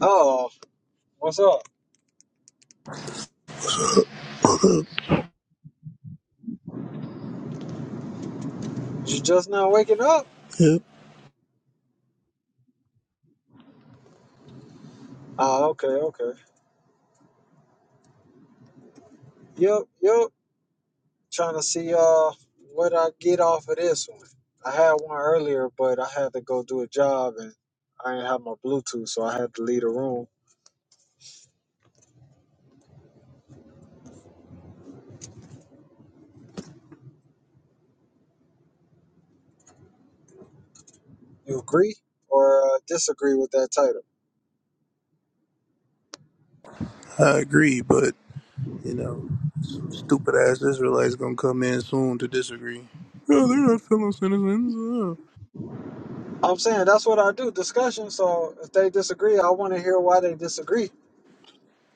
Oh, what's up? You just now waking up? Yep, Oh, okay, okay. Yep, yep. Trying to see uh what I get off of this one. I had one earlier, but I had to go do a job and I didn't have my Bluetooth, so I had to leave the room. You agree or uh, disagree with that title? I agree, but you know, some stupid ass Israelites gonna come in soon to disagree. Oh, they're not fellow citizens. Oh. I'm saying that's what I do, discussion. So if they disagree, I want to hear why they disagree.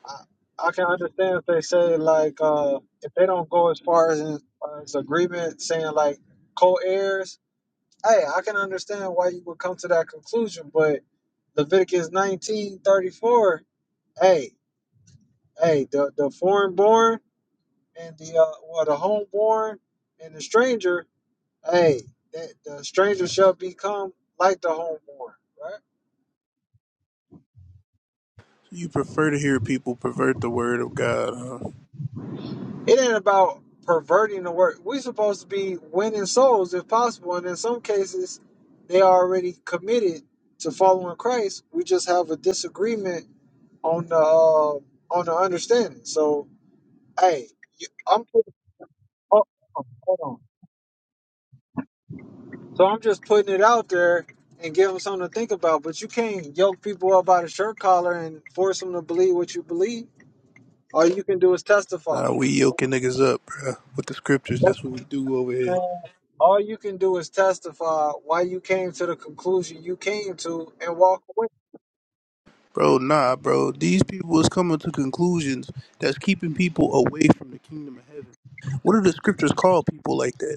I, I can understand if they say like uh if they don't go as far as, as agreement, saying like co-heirs hey, I can understand why you would come to that conclusion, but Leviticus nineteen thirty four, hey, hey, the, the foreign born and the uh, well, the homeborn and the stranger, hey, that the stranger shall become like the homeborn, right? So you prefer to hear people pervert the word of God, huh? It ain't about perverting the work. we supposed to be winning souls if possible, and in some cases, they are already committed to following Christ. We just have a disagreement on the uh, on the understanding. So Hey, you- I'm putting, oh, hold on. So I'm just putting it out there and give them something to think about. But you can't yoke people up by the shirt collar and force them to believe what you believe. All you can do is testify. Nah, we yoking niggas up, bruh, with the scriptures. That's what we do over here, Man, All you can do is testify why you came to the conclusion you came to and walk away. bro. Nah, bro, these people is coming to conclusions that's keeping people away from the kingdom of heaven. What do the scriptures call people like that?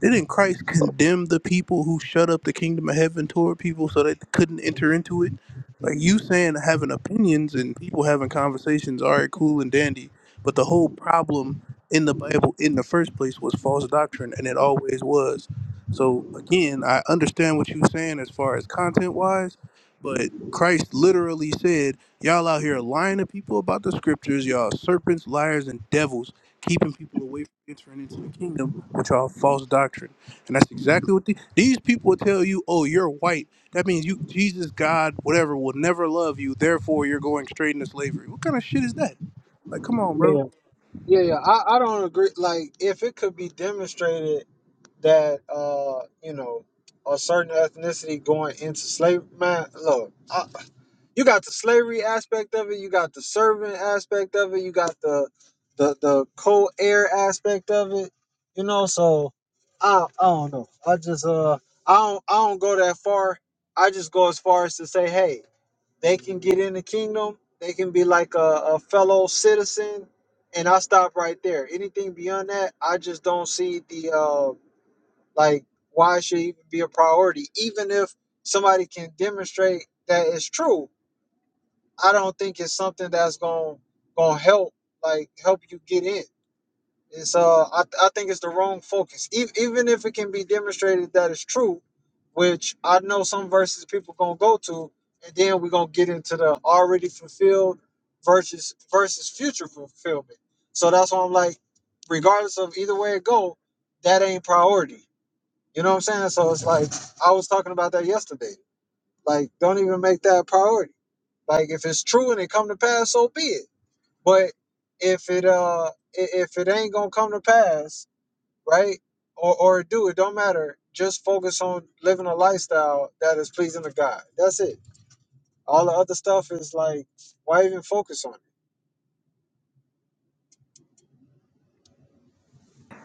Didn't Christ condemn the people who shut up the kingdom of heaven toward people so they couldn't enter into it? Like you saying having opinions and people having conversations, all right, cool and dandy. But the whole problem in the Bible in the first place was false doctrine, and it always was. So again, I understand what you're saying as far as content wise, but Christ literally said, Y'all out here lying to people about the scriptures, y'all serpents, liars, and devils keeping people away from entering into the kingdom, which are a false doctrine. And that's exactly what the, these people will tell you. Oh, you're white. That means you, Jesus, God, whatever, will never love you. Therefore, you're going straight into slavery. What kind of shit is that? Like, come on, bro. Yeah, yeah, yeah. I, I don't agree. Like, if it could be demonstrated that, uh, you know, a certain ethnicity going into slavery, man, look. you got the slavery aspect of it, you got the servant aspect of it, you got the the the co-heir aspect of it, you know. So I I don't know. I just uh I don't I don't go that far. I just go as far as to say, hey, they can get in the kingdom, they can be like a, a fellow citizen, and I stop right there. Anything beyond that, I just don't see the uh like why it should even be a priority, even if somebody can demonstrate that it's true I don't think it's something that's going to gonna help like help you get in. It's uh, I, I think it's the wrong focus. E- even if it can be demonstrated that it's true, which I know some verses people gonna go to, and then we're gonna get into the already fulfilled versus versus future fulfillment. So that's why I'm like, regardless of either way it go, that ain't priority. You know what I'm saying? So it's like I was talking about that yesterday. Like, don't even make that a priority. Like, if it's true and it come to pass, so be it. But if it uh, i- if it ain't gonna come to pass, right? Or or do, it don't matter. Just focus on living a lifestyle that is pleasing to God. That's it. All the other stuff is like, why even focus on it?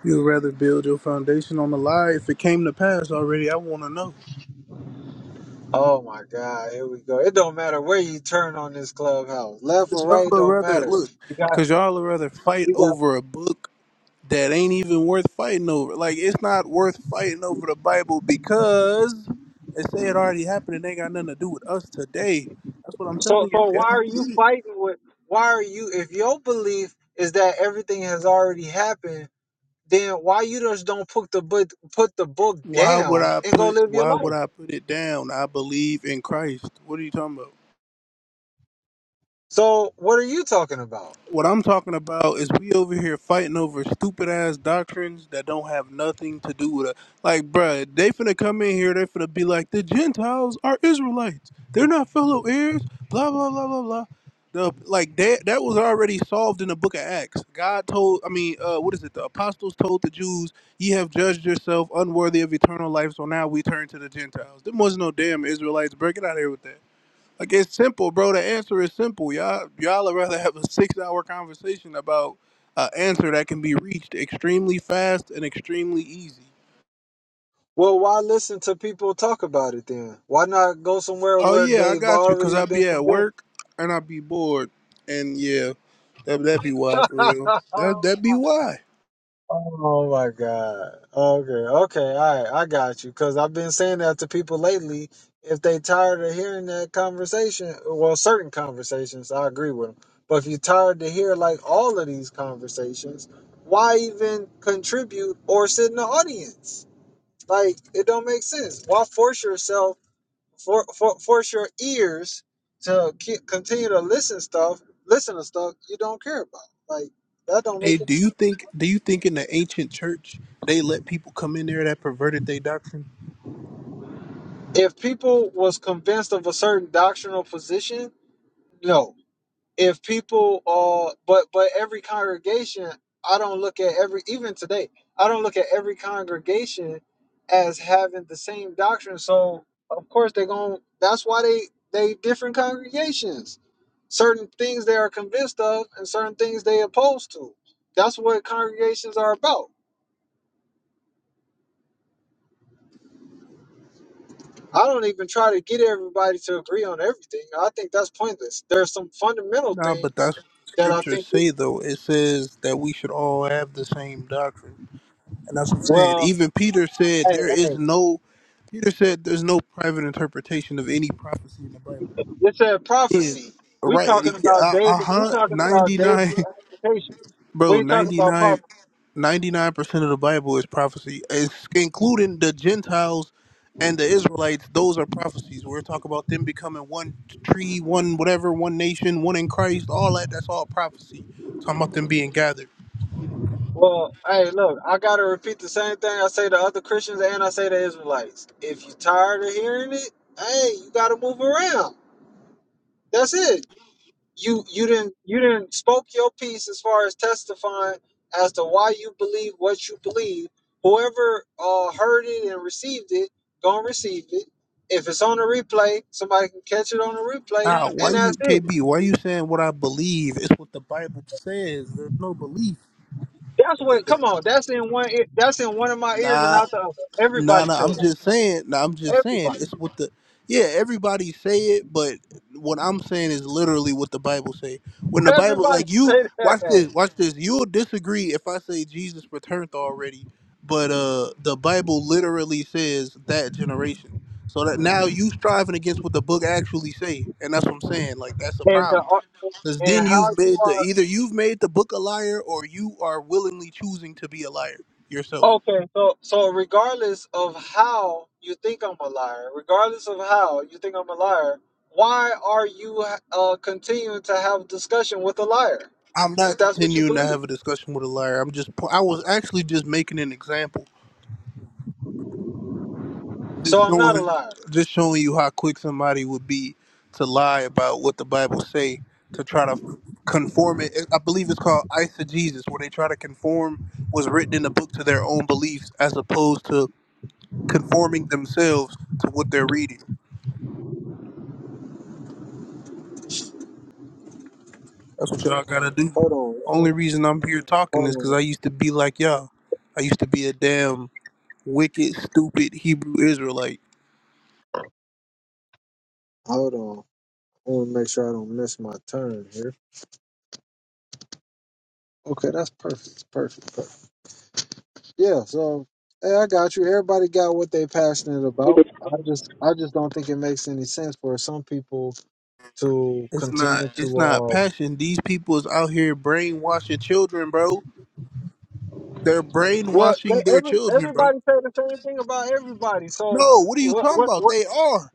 You'd rather build your foundation on a lie. If it came to pass already, I want to know. Oh my God, here we go. It don't matter where you turn on this clubhouse, left Cause or y'all right, would don't rather matter. look. You got Cause y'all would rather fight you got over a book that ain't even worth fighting over. Like it's not worth fighting over the Bible because they say it already happened and ain't got nothing to do with us today. That's what I'm So telling you. so I why are don't you get it. fighting with why are you if your belief is that everything has already happened, then why you just don't put the book put the book Why would down I and go put live your why would life? I put it down? I believe in Christ. What are you talking about? So what are you talking about? What I'm talking about is we over here fighting over stupid ass doctrines that don't have nothing to do with it. Like, bruh, they finna come in here, they finna be like, the Gentiles are Israelites. They're not fellow heirs, blah, blah, blah, blah, blah. The, like that that was already solved in the book of Acts. God told I mean, uh what is it? The apostles told the Jews, Ye have judged yourself unworthy of eternal life, so now we turn to the Gentiles. There was no damn Israelites, bro. Get out of here with that. Like it's simple, bro. The answer is simple. Y'all, y'all would rather have a six-hour conversation about an answer that can be reached extremely fast and extremely easy. Well, why listen to people talk about it then? Why not go somewhere Oh where yeah, I they've got you. Cause already I been be at convinced? work and I be bored, and yeah, that that be why for real. That that be why. Oh my God. Okay. Okay. All right. I got you. Cause I've been saying that to people lately. If they tired of hearing that conversation, well, certain conversations, I agree with them. But if you're tired to hear like all of these conversations, why even contribute or sit in the audience? Like it don't make sense. Why force yourself, for, for, force your ears to keep, continue to listen stuff, listen to stuff you don't care about? Like that don't make Hey, any do sense. you think do you think in the ancient church they let people come in there that perverted their doctrine? if people was convinced of a certain doctrinal position no if people uh but but every congregation i don't look at every even today i don't look at every congregation as having the same doctrine so of course they're going that's why they they different congregations certain things they are convinced of and certain things they opposed to that's what congregations are about I don't even try to get everybody to agree on everything. I think that's pointless. There are some fundamental Nah, but things that's what the that I scriptures think. We, say though. It says that we should all have the same doctrine. And that's what I'm saying. well, Even Peter said hey, there is hey, no Peter said there's no private interpretation of any prophecy in the Bible. it's a Yeah. prophecy. We Right. talking about Yeah, daily. Uh We huh. talking about daily 99, application. We bro, ain't talking Ninety about nine. pop. 99 99% of the Bible is prophecy. It's including the Gentiles and the Israelites, those are prophecies. We're talking about them becoming one tree, one whatever, one nation, one in Christ, all that that's all prophecy. Talking about them being gathered. Well, hey, look, I gotta repeat the same thing I say to other Christians and I say to Israelites. If you tired of hearing it, hey, you gotta move around. That's it. you you didn't you didn't spoke your piece as far as testifying as to why you believe what you believe. Whoever uh, heard it and received it, gonna receive it. If it's on a replay, somebody can catch it on the replay, Nah, why and that's you it. KB? Why you saying what I believe? It's what the Bible says. There's no belief. That's what. Come on, that's in one. ear- That's in one of my ears and Nah, out the other. nah, Everybody nah. I'm say that. just saying. Nah, I'm just saying. It's Everybody. what the yeah. Everybody say it, but what I'm saying is literally what the Bible say. When the Bible, Everybody like you, say watch that. this, watch this. You'll disagree if I say Jesus returned already, but uh, the Bible literally says that generation. So that now you striving against what the book actually say, and that's what I'm saying. Like that's a And the, problem. uh, Because and then how you've you made the are. either you've made the book a liar or you are willingly choosing to be a liar yourself. Okay, so so regardless of how you think I'm a liar, regardless of how you think I'm a liar, why are you uh, continuing to have discussion with a liar I'm not if that's what you continuing to believe? have a discussion with a liar. I'm just po- I was actually just making an example, So just I'm not a showing liar. just showing you how quick somebody would be to lie about what the Bible say to try to conform it. I believe it's called eisegesis, where they try to conform what's written in the book to their own beliefs as opposed to conforming themselves to what they're reading. That's what y'all gotta do. Hold on, Only reason I'm here talking hold is because I on, used to be like y'all. I used to be a damn wicked, stupid Hebrew Israelite. hold on. I want to make sure I don't miss my turn here. Okay, that's perfect, perfect, perfect. Yeah, so hey, I got you. Everybody got what they passionate about. I just, I just don't think it makes any sense for some people to It's not. continue It's to. not uh, passion. These people is out here brainwashing children, bro. They're Well, brainwashing they, their every, children, bro. everybody say the same thing about everybody. So No, what are you what? talking What? about? What? They are.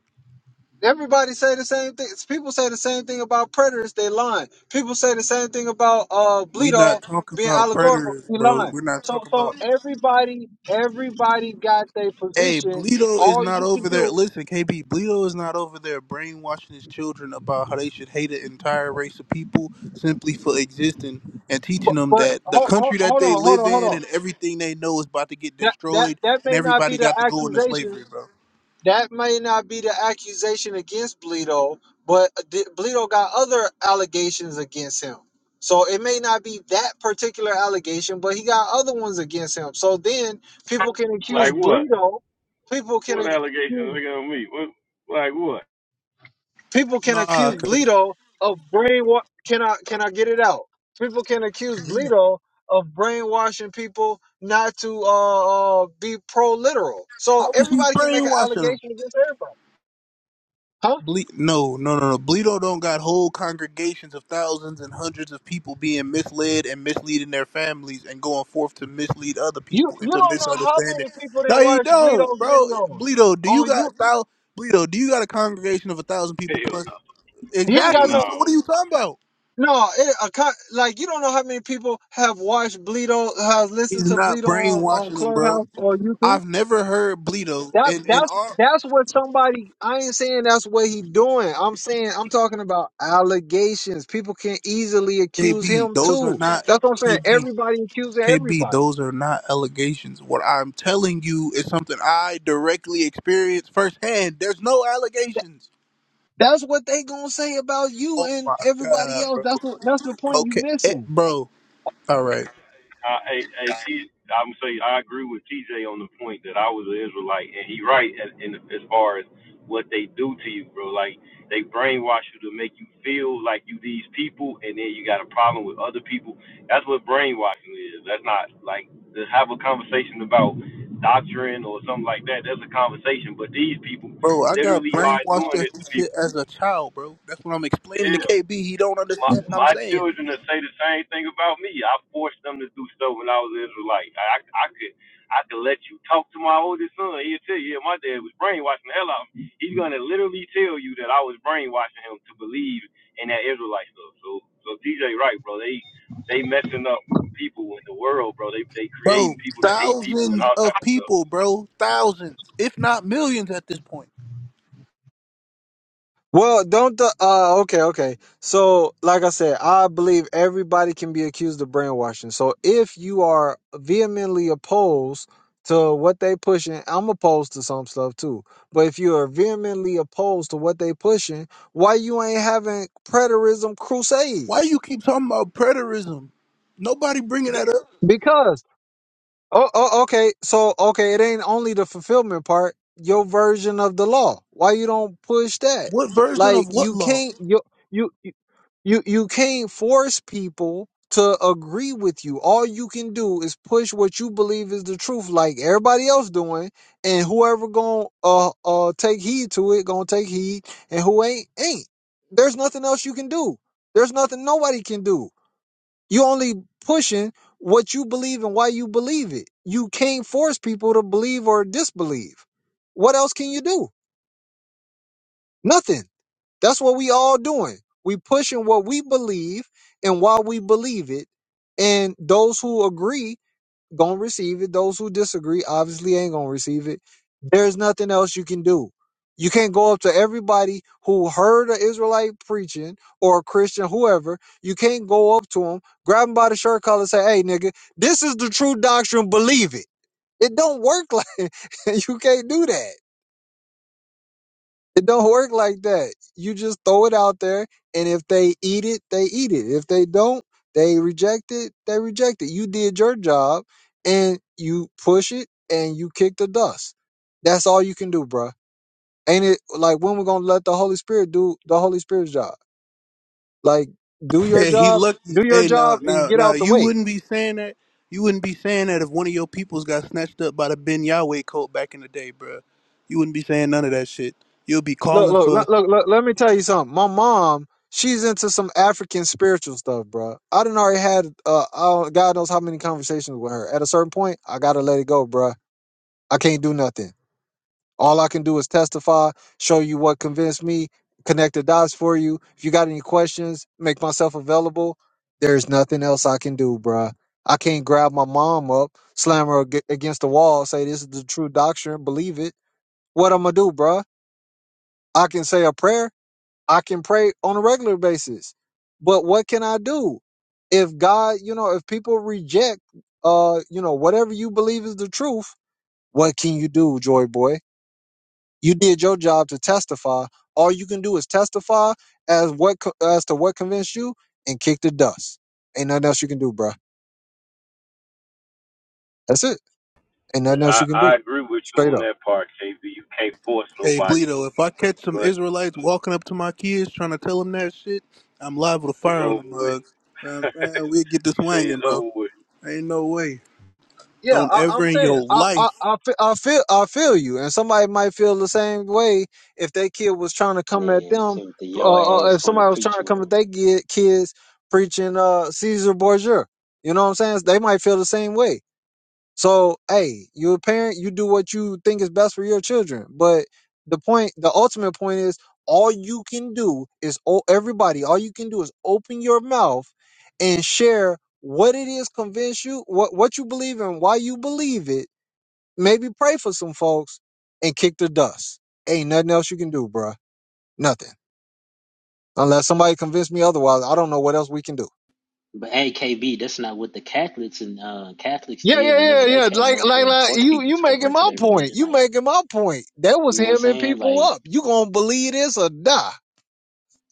Everybody say the same thing. People say the same thing about predators. They lying. People say the same thing about uh We not Bleedo talking being about allegorical. preterists, He bro. lying. We're not So talking so about. everybody everybody got their Hey, position. Bleedo is All not you can over there. do, Listen, KP, Bleedo is not over there brainwashing his children about how they should hate an entire race of people simply for existing and but teaching them but that the hold, hold country that they on hold live on hold in on. and everything they know is about to get That that destroyed that and may not everybody be the got to go into accusation slavery, bro. That may not be the accusation against Bleedo, but D- Bleedo got other allegations against him. So it may not be that particular allegation, but he got other ones against him. So then people can accuse Like what? Bleedo, people can What allegations accuse, they gonna meet? What? Like what? people can Nah, accuse 'cause Bleedo of brainwa Can I can I get it out? People can accuse Bleedo of brainwashing people not to uh, uh be pro literal. So how is he everybody can make an brainwashing 'em? allegation against everybody, huh? Ble- no, no, no, no. Bleedo don't got whole congregations of thousands and hundreds of people being misled and misleading their families and going forth to mislead other You people you into don't know how misunderstanding. many people that No, he watch don't, Bleedo's bro. videos Bleedo, do you on you. got thou? Bleedo, do you got a congregation of a thousand people plus? Hell, He ain't got no. Exactly. no So what are you talking about? no. It, a, co- like you don't know how many people have watched Bleedo, have listened He's to not Bleedo on, on brainwashing them, bro. Clubhouse or YouTube. I've never heard Bleedo That and and that's RKB. that's what somebody. I ain't saying that's what he doing. I'm saying I'm talking about allegations. People can easily accuse him Those are too. not That's what I'm saying. KB. Everybody accusing KB, everybody. those are not allegations. What I'm telling you is something I directly experienced firsthand. There's no allegations. That's what they gonna say about you Oh and my everybody god, else. bro. That's what that's the point you Okay, eh, missing. bro. All right, I, I, I, T, I'm saying I agree with TJ on the point that I was an Israelite, and he right as, in, as far as what they do to you, bro. Like they brainwash you to make you feel like you these people, and then you got a problem with other people. That's what brainwashing is. That's not like to have a conversation about doctrine or something like that. That's a conversation, but these people bro. I got literally are brainwashed doing it at to this shit people. as a child, bro. That's what I'm explaining to Yeah. KB. He don't my understand what I'm my saying, children to say the same thing about me. I forced them to do stuff when I was an Israelite. I, I could I could let you talk to my oldest son. He'll tell you, yeah, my dad was brainwashing the hell out of me. He's gonna literally tell you that I was brainwashing him to believe in that Israelite stuff. So so TJ right, bro. They they messing up people in the world, bro. They they bro. creating people that hate people and Thousands all of type of stuff. people, bro. Thousands, if not millions, at this point. Well, don't the uh okay, okay. So, like I said, I believe everybody can be accused of brainwashing. So, if you are vehemently opposed to what they pushing, I'm opposed to some stuff too. But if you are vehemently opposed to what they pushing, why you ain't having preterism Why crusades? you keep talking about preterism? Nobody bringing that up. Because oh, oh okay, so okay, it ain't only the fulfillment part, your version of the law. Why you don't push that? What version Like of what you law? can't you you You you can't force people to agree with you. All you can do is push what you believe is the truth, like everybody else doing, and whoever gonna uh uh take heed to it, gonna take heed, and who ain't ain't. There's nothing else you can do. There's nothing nobody can do. You only pushing what you believe and why you believe it. You can't force people to believe or disbelieve. What else can you do? Nothing. That's what we all doing. We pushing what we believe and why we believe it. And those who agree gonna receive it. Those who disagree obviously ain't gonna receive it. There's nothing else you can do. You can't go up to everybody who heard an Israelite preaching or a Christian, whoever. You can't go up to them, grab them by the shirt collar, and say, "Hey, nigga, this is the true doctrine. Believe it." It don't work like you can't do that. It don't work like that. You just throw it out there, and if they eat it, they eat it. If they don't, they reject it, they reject it. You did your job, and you push it, and you kick the dust. That's all you can do, bruh. Ain't it like when we're gonna let the Holy Spirit do the Holy Spirit's job? Like, do your Hey, he job, lucky. do your Hey, now, job, and now, get now, out the you way. wouldn't be saying that. You wouldn't be saying that if one of your peoples got snatched up by the Ben Yahweh cult back in the day, bruh. You wouldn't be saying none of that shit. You'll be Look, calling look, for, look, look, look, let me tell you something. My mom, she's into some African spiritual stuff, bro. I done already had, uh, I, don't- God knows how many conversations with her. At a certain point, I gotta let it go, bro. I can't do nothing. All I can do is testify, show you what convinced me, connect the dots for you. If you got any questions, make myself available. There's nothing else I can do, bro. I can't grab my mom up, slam her ag- against the wall, say this is the true doctrine, believe it. What I'm gonna do, bro? I can say a prayer I can pray on a regular basis. But what can I do? If God, you know, if people reject uh, you know, whatever you believe is the truth, what can you do, Joy Boy? You did your job to testify. All you can do is testify as what co- as to what convinced you and kick the dust. Ain't nothing else you can do, bruh. That's it. Ain't nothing Yeah, else you can do. I I agree with you Straight on up. that part, KB. You can't force hey, nobody, Bleedo, if I catch some but Israelites walking up to my kids trying to tell them that shit, I'm liable to it's fire on over them with. mugs. Man, man, we'll get this You say wanging, it's bro. over with. Ain't no way. Yeah, Don't I, ever I'm in saying your I, I life. I fe- I feel I feel you, and somebody might feel the same way if their kid was trying to come at Man, them. Timothy, your Uh, uh, ass if gonna somebody was trying preach to with come at him. their kid, kids preaching uh Caesar Borgia, you know what I'm saying? They might feel the same way. So, hey, you're a parent, you do what you think is best for your children. But the point, the ultimate point is all you can do is, o- everybody, all you can do is open your mouth and share what it is, convince you, what, what you believe in, why you believe it. Maybe pray for some folks and kick the dust. Ain't nothing else you can do, bruh. Nothing. Unless somebody convince me otherwise, I don't know what else we can do. But hey, KB, that's not what the Catholics and uh, Catholics Yeah, did yeah, yeah, whenever they yeah. came Like, over like, here and like forced you, people you to making convert to my their point. religion. You Like, making my point. That was you know what I'm hemming saying? people Like, up. You gonna believe this or die?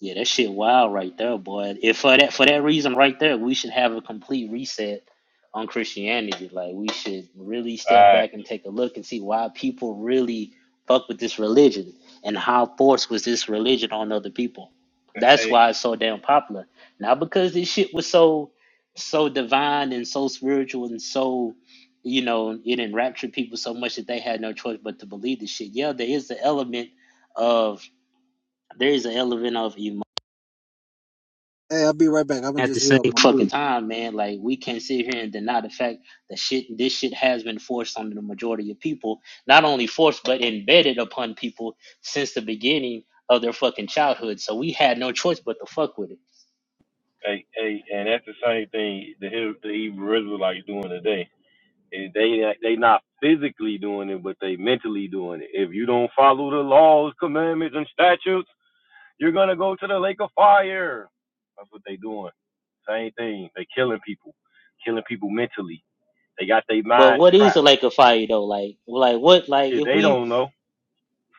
Yeah, that shit wild right there, boy. If for that for that reason right there, we should have a complete reset on Christianity. Like we should really All step right. back and take a look and see why people really fuck with this religion and how forced was this religion on other people. That's Hey, why it's so damn popular. Not because this shit was so so divine and so spiritual and so you know, it enraptured people so much that they had no choice but to believe this shit. Yeah, there is the element of there is an element of emotion Hey, I'll be right back. I'm gonna at the just heat same up my fucking food. time, man, like we can't sit here and deny the fact that shit, this shit has been forced on the majority of people. Not only forced, but embedded upon people since the beginning of their fucking childhood. So we had no choice but to fuck with it. hey, hey, and that's the same thing the Hebrew, the Hebrew Israelites doing today. And They they not physically doing it, but they mentally doing it. If you don't follow the laws, commandments, and statutes, you're gonna go to the lake of fire. That's what they doing. Same thing. They killing people, killing people mentally. They got their But minds what is trapped. a lake of fire though? Like, like what? Like Shit, if they we don't know.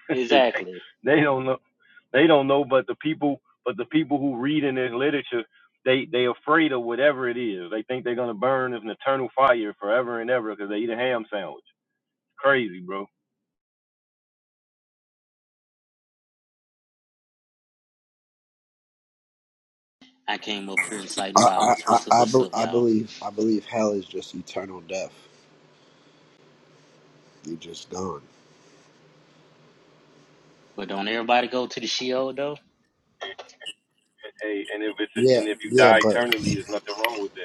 Shit, they, exactly, they don't know. They don't know, but the people, but the people who read in this literature, they they afraid of whatever it is. They think they're gonna burn in an eternal fire forever and ever because they eat a ham sandwich. Crazy, bro. I came up here I, inciting I, violence. What's up? I, I, What's be- up, I y'all? believe I believe hell is just eternal death. You're just gone. But don't everybody go to the Sheol though? Hey, and if it's Yeah, and if you yeah, die but eternally, there's nothing wrong with that.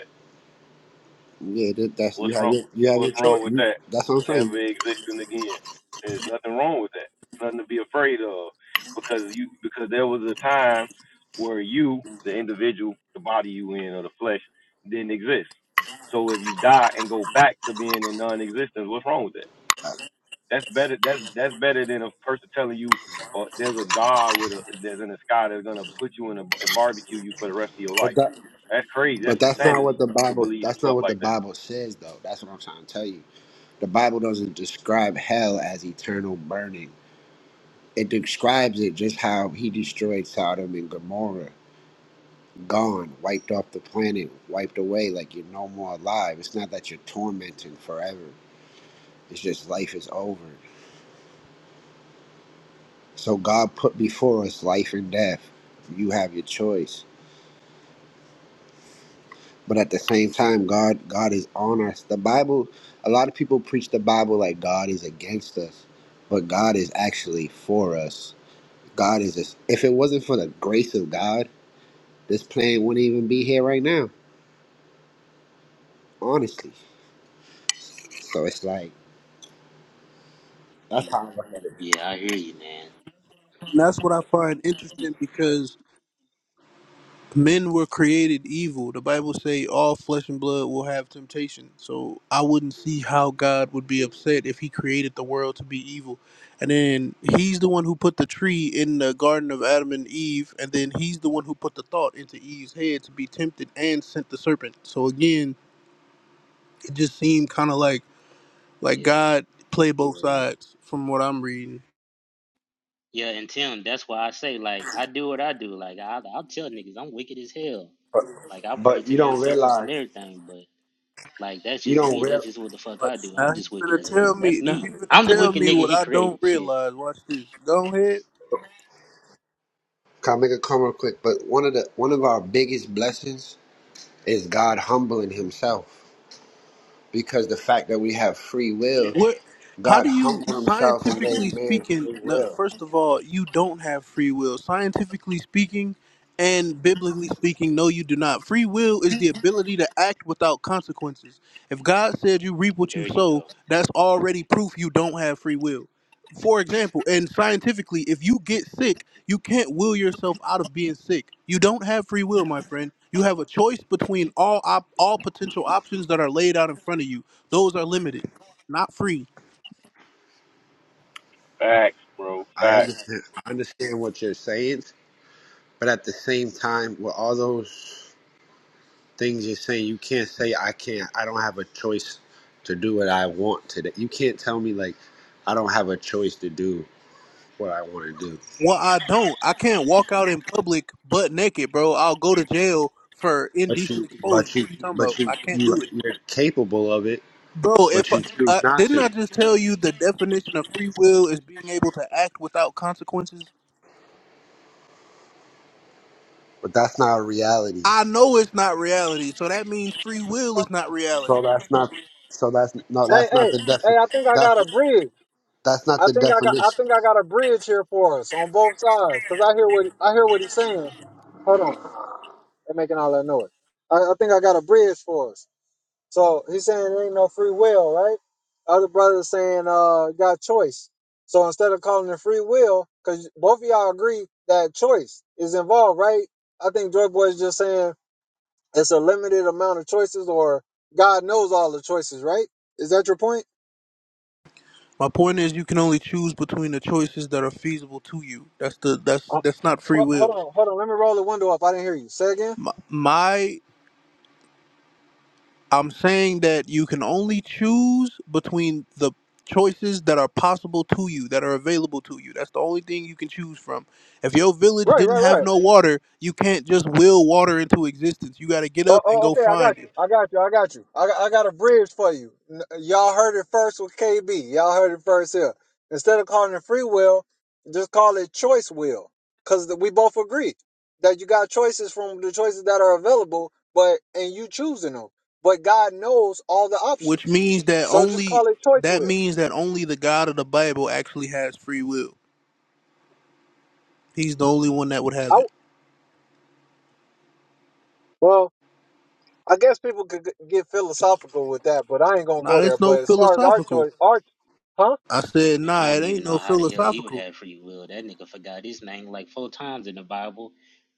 yeah, that, that's you What's have wrong? your you have your What's wrong choice. with You, that? that's what I'm Never saying. existing again. There's nothing wrong with that. It's nothing to be afraid of, because you because there was a time where you, the individual, the body you in or the flesh, didn't exist. So if you die and go back to being in non-existence, what's wrong with that? Uh, That's better. That's that's better than a person telling you, or there's a God with a there's in the sky that's gonna put you in a and barbecue you for the rest of your life. But that That's crazy. but That's that's not what insanity the to Bible believe some that's not stuff what the like that. Bible says though. That's what I'm trying to tell you. The Bible doesn't describe hell as eternal burning. It describes it just how he destroyed Sodom and Gomorrah, gone, wiped off the planet, wiped away, like you're no more alive. It's not that you're tormenting forever. It's just life is over. So God put before us life and death. You have your choice. But at the same time, God God is on us. The Bible, a lot of people preach the Bible like God is against us, but God is actually for us. God is this. If it wasn't for the grace of God, this plane wouldn't even be here right now, honestly. So it's like that's how I look at it. Yeah, I hear you, man. And that's what I find interesting because men were created evil. The Bible say all flesh and blood will have temptation. So I wouldn't see how God would be upset if he created the world to be evil. And then he's the one who put the tree in the garden of Adam and Eve, and then he's the one who put the thought into Eve's head to be tempted and sent the serpent. So again, it just seemed kind of like like Mhm. God play both sides from what I'm reading. Yeah, and Tim, that's why I say like I do what I do. Like I I'll tell niggas I'm wicked as hell. But, Like I pray but to you the don't ancestors and realize everything, but like that's you just don't me. real. That's just what the fuck But I do. now I'm just he's wicked gonna as tell hell. That's me. Now me. he's gonna I'm the tell wicked me nigga what he I don't created. Shit. realize. Watch this. Go ahead. Can I make a comment real quick? But one of the one of our biggest blessings is God humbling himself because the fact that we have free will, What? How God do humbled you, himself and scientifically gave man speaking? free no, will. First of all, you don't have free will. Scientifically speaking, and biblically speaking, no, you do not. Free will is the ability to act without consequences. If God said you reap what you There you sow, go. that's already proof you don't have free will. For example, and scientifically, if you get sick, you can't will yourself out of being sick. You don't have free will, my friend. You have a choice between all op- all potential options that are laid out in front of you. Those are limited not free. Facts, bro. I Facts. understand I understand what you're saying, but at the same time, with all those things you're saying, you can't say I can't I don't have a choice to do what I want today. You can't tell me like I don't have a choice to do what I want to do. Well, I don't. I can't walk out in public butt naked, bro. I'll go to jail for But indecent you exposure. but you What are you talking about? but you I can't you do it, you're capable of it, bro. but If I, you choose uh, not didn't to. I just tell you the definition of free will is being able to act without consequences? But that's not a reality. I know it's not reality, so that means free will is not reality. So that's not. So that's no. Hey, That's not hey, the hey, defi- I think I got that's, a bridge. not I the think I definition. got I think I got a bridge here for us on both sides. Cause I hear what I hear what he's saying. Hold on. They're making all that noise. I, I think I got a bridge for us. So he's saying there ain't no free will, right? Other brother's saying uh got choice. So instead of calling it free will, because both of y'all agree that choice is involved, right? I think Joy Boy is just saying it's a limited amount of choices, or God knows all the choices, right? Is that your point? My point is, you can only choose between the choices that are feasible to you. That's the that's Uh, that's not free ho- hold will. on, hold on. Let me roll the window up. I didn't hear you. Say again. My, my I'm saying that you can only choose between the choices that are possible to you, that are available to you. That's the only thing you can choose from. If your village Right, didn't right, have right. no water, you can't just will water into existence. You got to get Oh, up and oh, go okay, I find got it, you. I got you. I got you. I got, I got a bridge for you. N- Y'all heard it first with KB. Y'all heard it first here. Instead of calling it free will, just call it choice will. Because we both agree that you got choices from the choices that are available, but and you choosing them. But God knows all the which options. means that So just only call it choice that will. means that only the God of the Bible actually has free will. He's the only one that would I, have it. w well, I guess people could g- get philosophical with that, but I ain't going to Nah, go there. it's no But as far as our philosophical. choice, our, huh? I said, Now, I nah, it don't even ain't no know how the hell he would philosophical. have free will. That nigga forgot his name like four times in the Bible.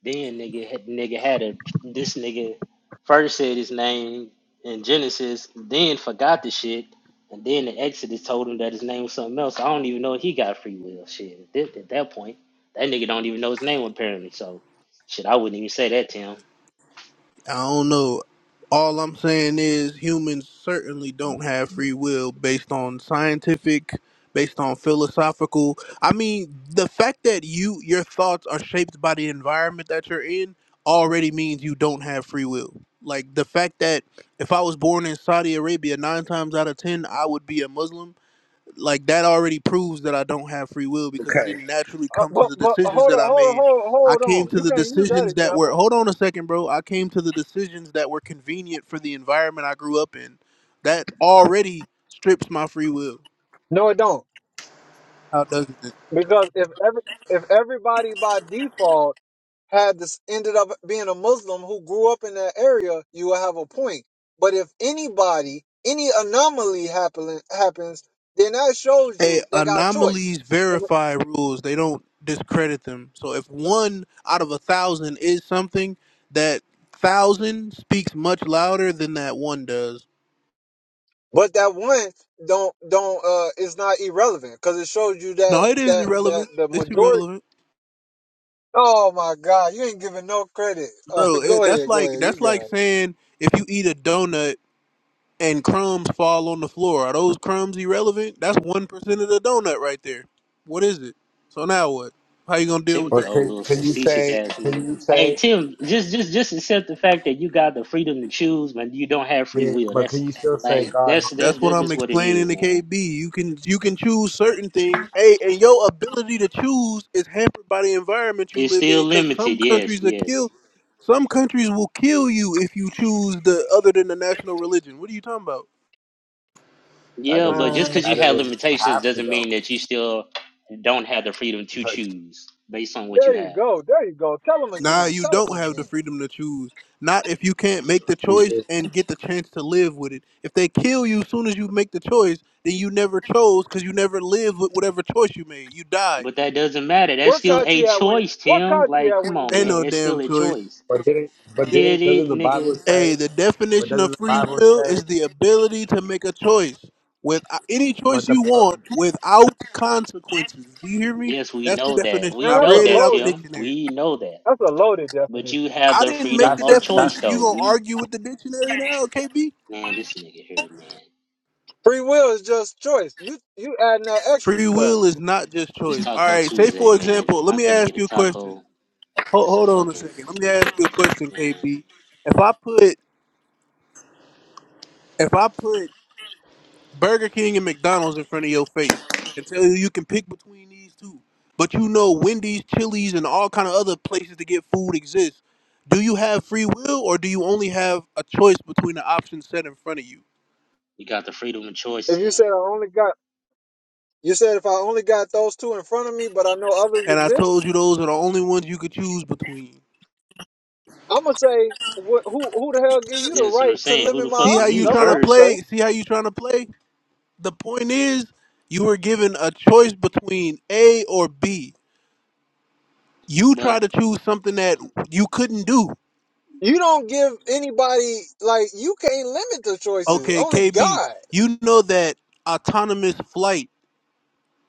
Then nigga had nigga had a this nigga first said his name in Genesis, then forgot the shit, and then the Exodus told him that his name was something else. I don't even know if he got free will. Shit, at that, at that point, that nigga don't even know his name apparently. So, shit, I wouldn't even say that to him. I don't know. All I'm saying is humans certainly don't have free will based on scientific, based on philosophical. I mean, the fact that you your thoughts are shaped by the environment that you're in already means you don't have free will. Like the fact that if I was born in Saudi Arabia, 9 times out of 10 I would be a Muslim like that already proves that I don't have free will because I Okay. didn't naturally Uh, come to but the but decisions hold that on, I hold on, made. hold on, I hold came on. to You the can't use that decisions that were example. hold on a second, bro. I came to the decisions that were convenient for the environment I grew up in. That already strips my free will. No, it don't. How doesn't it? Because if every if everybody by default had this ended up being a Muslim who grew up in that area, you will have a point. But if anybody, any anomaly happen, happens, then that shows Hey, you they got choice. anomalies verify rules. They don't discredit them. So if one out of a thousand is something, that thousand speaks much louder than that one does. But that one don't don't uh is not irrelevant because it shows you No, that it is that that irrelevant. the It's majority. irrelevant. Oh my God, you ain't giving no credit. Uh, bro. It, go that's ahead, go like ahead, you that's got like it. saying if you eat a donut and crumbs fall on the floor, are those crumbs irrelevant? That's one percent of the donut right there. What is it? So now what? How you gonna deal Tim, with the But that, old KB? can, little can you facetious say? ass Can nigga. you Hey say? Tim, just just just accept the fact that you got the freedom to choose, but you don't have free Yeah. will. But can That's you still say like God? that's that's That's what that's I'm just what it explaining is, to man. KB. You can you can choose certain things. Hey, and your ability to choose is hampered by the environment you It's live still in. Cause some limited. Yes, countries will yes, kill. Some countries will kill you if you choose the other than the national religion. What are you talking about? That yeah. doesn't. But just Man, because That you have doesn't. limitations You doesn't know. mean that you still don't have the freedom It's to like, choose based on what you there you have. go. There you go. Tell him Nah, again. you Tell him don't have the again. freedom to choose. Not if you can't make the you choice did- and get the chance to live with it. If they kill you as soon as you make the choice, then you never chose because you never lived with whatever choice you made. You died. But that doesn't matter. That's Where still a Kachi at when choice, where Tim. Kachi Like, at come when you on, need Ain't man. him? no It's still damn a choice. choice. but didn't. But It, didn't. Doesn't it, the Bible nigga. say? Hey, the But definition doesn't of the free Bible will say? is the ability to make a choice with uh, any But choice the. you But want without consequences. Do you hear me? Yes, we That's the know that. definition. Man, We I that's a know read it that, out the loaded Tim. dictionary. We know that. that's a loaded But you definition. have I the didn't make freedom the that's of choice, that's. definition. You though. gonna We, argue with the dictionary now, KB? man, this nigga here, man. Free will is just choice. You you adding that extra Free stuff. will is not just It's choice. All Taco right. Say Tuesday, for man. example, let I'm me finna get ask a you a question. taco. Hold, That's a hold on a fucking, second. Let me ask you a question, man. KB. If I put if I put Burger King and McDonald's in front of your face and tell you you can pick between these two, but you know Wendy's, Chili's, and all kind of other places to get food exist, do you have free will or do you only have a choice between the options set in front of you? You got the freedom of choice, If you Tim. said I only got you said if I only got those two in front of me, but I know others And I exist, told you those are the only ones you could choose between. I'ma say wh- who who the hell give you the That's what I'm right to saying. Who limit the my See fuck is how options? you you That's trying what to I'ma first? say. play? See how you trying to play? The point is, you were given a choice between A or B. You try But to choose something that you couldn't do. You don't give anybody like you can't limit the choices. Okay, Only KB, God. you know that autonomous flight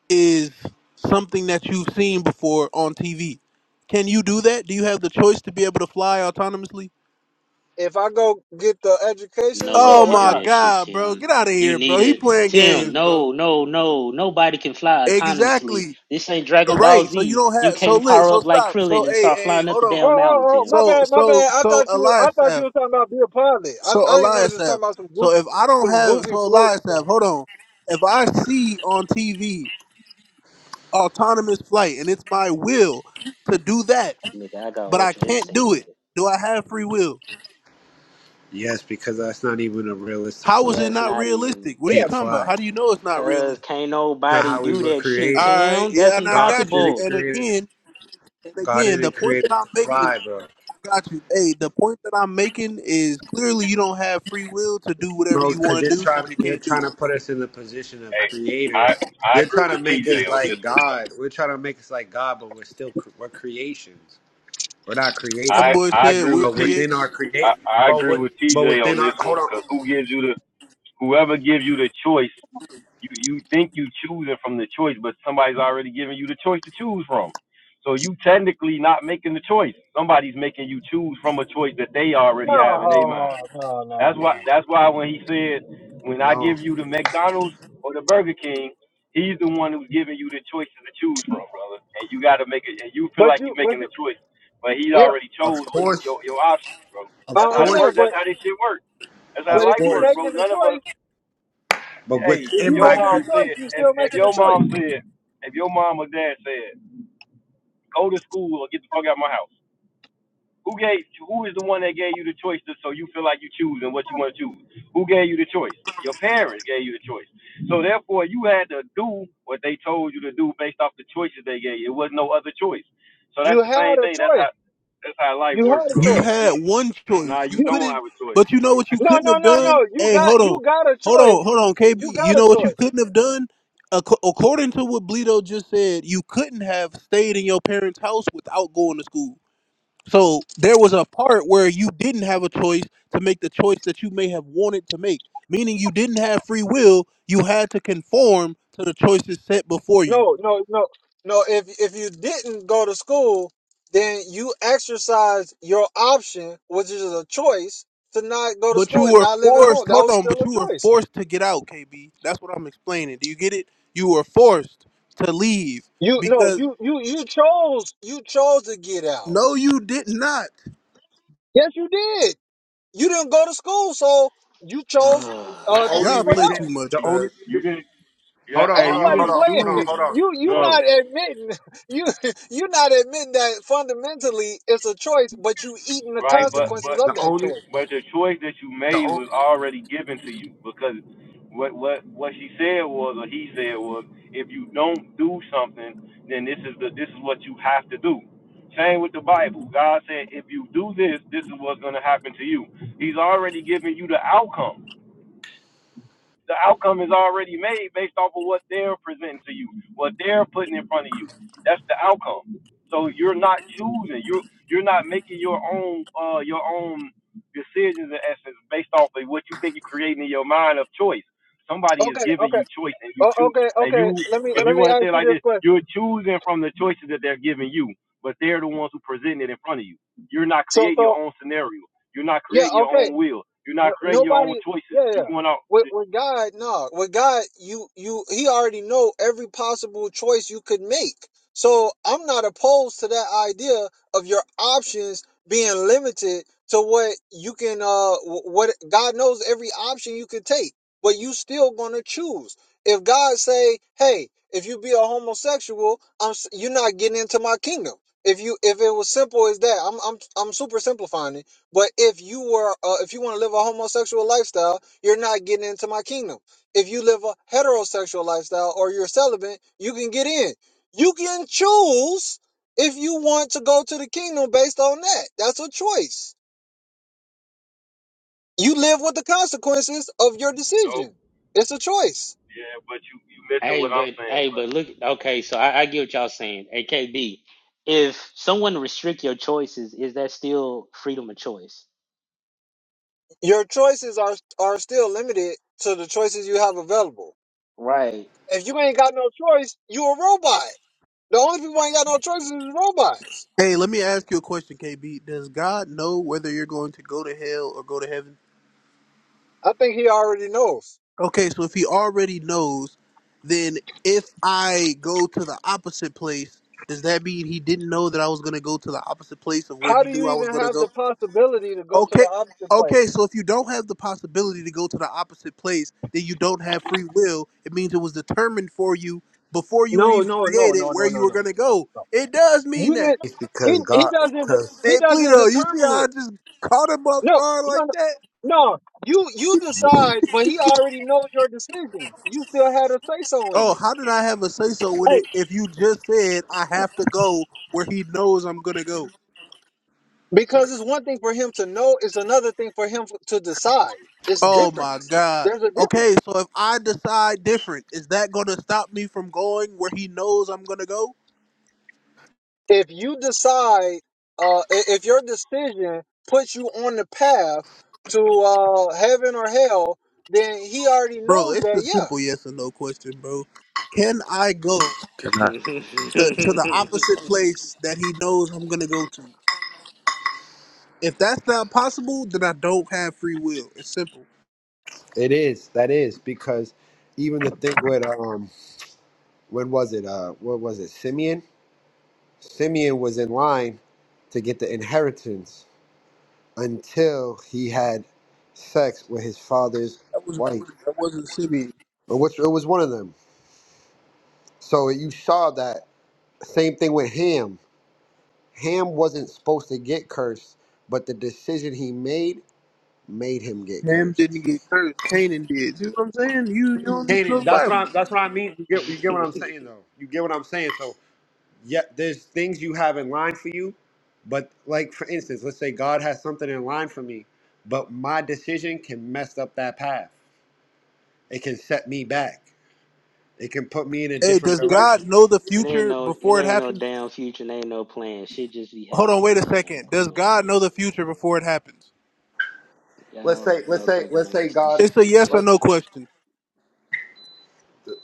is something that you've seen before on TV. Can you do that? Do you have the choice to be able to fly autonomously? if I go get the education, no one sure, Oh can why my do not? that shit, god, bro. Get Tim. out of You here, need bro. He a playing Tim. games, bro. No, no, no. Nobody can fly autonomously. Exactly. This ain't Dragon Ball Right. So you Z. don't have You so can't lit power so up like stop. So Krillin and hey, start hey, hey, flying up hold the on. Oh, damn oh, mountain, oh, Tim. my So bad, my so bad. I so thought you, I thought Elias you were talking about be a I, So I didn't know you was Eliasaph. talking about some So if goofy, I don't some have goofy so float Eliasaph, though. hold on. If I see on TV autonomous flight and it's my will to do that, Nigga, I got but I ultra can't instinct, do it, nigga. do I have free will? Yes, because that's not even a realistic. How is Yeah, it it's not not even. realistic? What Yeah, are you Can't talking about? fly. How do It's you know it's not Cause realistic? can't not nobody how we do were that shit, All created. right, Tim. yeah, That's and I God got you. didn't impossible. And create. again, and God again, the didn't point create that us I'm to making, fly, bro. I got you. Hey, the point that I'm making is clearly you don't have free will to do whatever No, you want because you're to do trying because you you're can't do trying it. to put us in the position of Hey, creators. I I You're agree trying to with make us TJ on this like one. God. We're trying to make us like God, but we're still cr- we're creations. We're not That I creators, boy I said agree we're with but T within creation. our I, create, I but agree with with but TJ on within this our one hold on. because who gives you the whoever gives you the choice, you you think you choosing from the choice, but somebody's already giving you the choice to choose from. So you technically not making the choice. Somebody's making you choose from a choice that they already have in their mind. no, no, no, That's why. no. That's why when he said, "When I No, give you the McDonald's or the Burger King," he's the one who's giving you the choices to choose from, brother. And you got to make it. And you feel But like you, you're but making a you, choice, but he yeah. already of chose what course, your your options, bro. of That's I- I'm how it saying, works. course, but, That's how this shit works. That's how of but if life you works, course, bro. making a None of choice, us. but Hey, if if within you your my making a cre- mom choice, said, you if, still if making a your choice. mom said, if your mom or dad said, go to school or get the fuck out of my house. Who gave? Who is the one that gave you the choice to, so you feel like you choosing what you want to choose? Who gave you the choice? Your parents gave you the choice. So therefore, you had to do what they told you to do based off the choices they gave you. It was no other choice. So that's You the had same a thing. That's choice. how that's how life You works, had a You bro. It, choice. we, had one nah, choice. you You You, don't couldn't, have a but choice. you know what you no, couldn't no, have no, done? no. You Hey, got, hold on. you got a Hold choice. on, hold on, KB. You You got a know what choice. you couldn't have done? Ac- According to what Bleedo just said, you couldn't have stayed in your parents' house without going to school. So there was a part where you didn't have a choice to make the choice that you may have wanted to make, meaning you didn't have free will. You had to conform to the choices set before you. No, no, no, no. If if you didn't go to school, then you exercise your option, which is a choice to not go to But you school and were not live at home. forced. That Hold was on. But still you were a choice. forced to get out, KB. That's what I'm explaining. Do you get it? You were forced to leave You no, because you you you chose you chose to get out. no, you did not. Yes, you did. You didn't go to school, so you chose the uh, to be Y'all only put play reason out. too the much, bro. only you you reason, didn't. Yeah, hold on, Ain't hey, hold you on, hold nobody didn't on, hold on, playing. choose, hold on, You you hold bro. not on. admitting you you not admitting that fundamentally it's a choice, but you eating the Right? But consequences but The of that only choice. But the choice that you the made only was already given to you because what what what she said was or he said was if you don't do something, then this is the this is what you have to do. Same with the Bible. God said if you do this, this is what's gonna happen to you. He's already given you the outcome the outcome is already made based off of what they're presenting to you, what they're putting in front of you. That's the outcome. So you're not choosing. You you're not making your own uh your own decisions in essence based off of what you think you're creating in your mind of choice. Somebody is Okay, giving okay. you choice and you Oh, choose okay, and okay. you Let me if let you me want to ask say it you like this this, question. you're choosing from the choices that they're giving you, but they're the ones who present it in front of you. You're not So creating your so own scenario. You're not yeah, creating your okay. own will. You're not No, creating your own nobody. choices. Yeah, yeah. You're going With, out. with God, no. With God, you you he already know every possible choice you could make. So I'm not opposed to that idea of your options being limited to what you can. Uh, wh- what God knows every option you could take, but you still gonna choose. If God say, "Hey, if you be a homosexual, I'm s- you're not getting into my kingdom." If you if it was simple as that, I'm I'm I'm super simplifying it but if you were, uh, if you want to live a homosexual lifestyle, you're not getting into my kingdom. If you live a heterosexual lifestyle or you're celibate, you can get in. You can choose if you want to go to the kingdom based on that. That's a choice. You live with the consequences of your Nope. decision. It's a choice. Yeah, but you you missing Hey, what I'm but saying, hey, but but look. Okay, so I, I get what y'all saying. Hey, K.B., if someone restrict your choices, is that still freedom of choice? Your choices are are still limited to the choices you have available. right? If you ain't got no choice, you a robot. The only people who ain't got no choices is robots. Hey, let me ask you a question, KB. Does God know whether you're going to go to hell or go to heaven? I think he already knows. Okay, so if He already knows, then if I go to the opposite place, does that mean He didn't know that I was going to go to the opposite place of where How He do you knew I was even going to have go? the possibility to go to the Okay. opposite place? Okay, so if you don't have the possibility to go to the opposite place, then you don't have free will. It means it was determined for you before you were No, even no, no, created no, where no, you no, were no. gonna go. no. It does You mean that. didn't. it's He because he God doesn't de- because. Hey, he doesn't Bleedo, you see determine how I it. just caught him off No, guard no, like no. that? no. You you decide, but he already knows your decision. You still had a say so in Oh, it. how did I have a say so when it? Hey, If you just said I have to go where he knows I'm gonna go. because it's one thing for him to know, it's another thing for him to decide. It's Oh different. my God. There's a difference. Okay, so if I decide different, is that gonna stop me from going where he knows I'm gonna go? if you decide uh i- if your decision puts you on the path to uh heaven or hell then he already Bro, knows it's a that yeah simple yes or no question, bro. Can I go Can I? it the, to the opposite place that he knows I'm gonna go to? If that's not possible, then I don't have free will. It's simple. It is. That is because even the thing with um, when was it? Uh, what was it? Simeon. Simeon was in line to get the inheritance until he had sex with his father's That was wife, Reuben. That wasn't Simeon. or which it was one of them. So you saw that same thing with Ham. Ham wasn't supposed to get cursed, but the decision he made made him get Ham didn't cursed. get cursed. Canaan did. You know what I'm saying? You you don't need to know Canaan. the That's what Bible. I. That's what I mean. You get. You get what I'm saying, though. You get what I'm saying. So. yeah, there's things you have in line for you, but like for instance, let's say God has something in line for me, but my decision can mess up that path. It can set me back. It can put me in a Hey, different does direction. God know the ain't future no, it before it ain't no happens? damn future. and ain't no plan. Shit just be Hold on, wait happening, a man. Like, second. Does come on, God man. know the future before it happens? Like, Let's Y'all, say, let's y'all say, talking let's like say this God, It's shit a yes or let's, no predestined. question.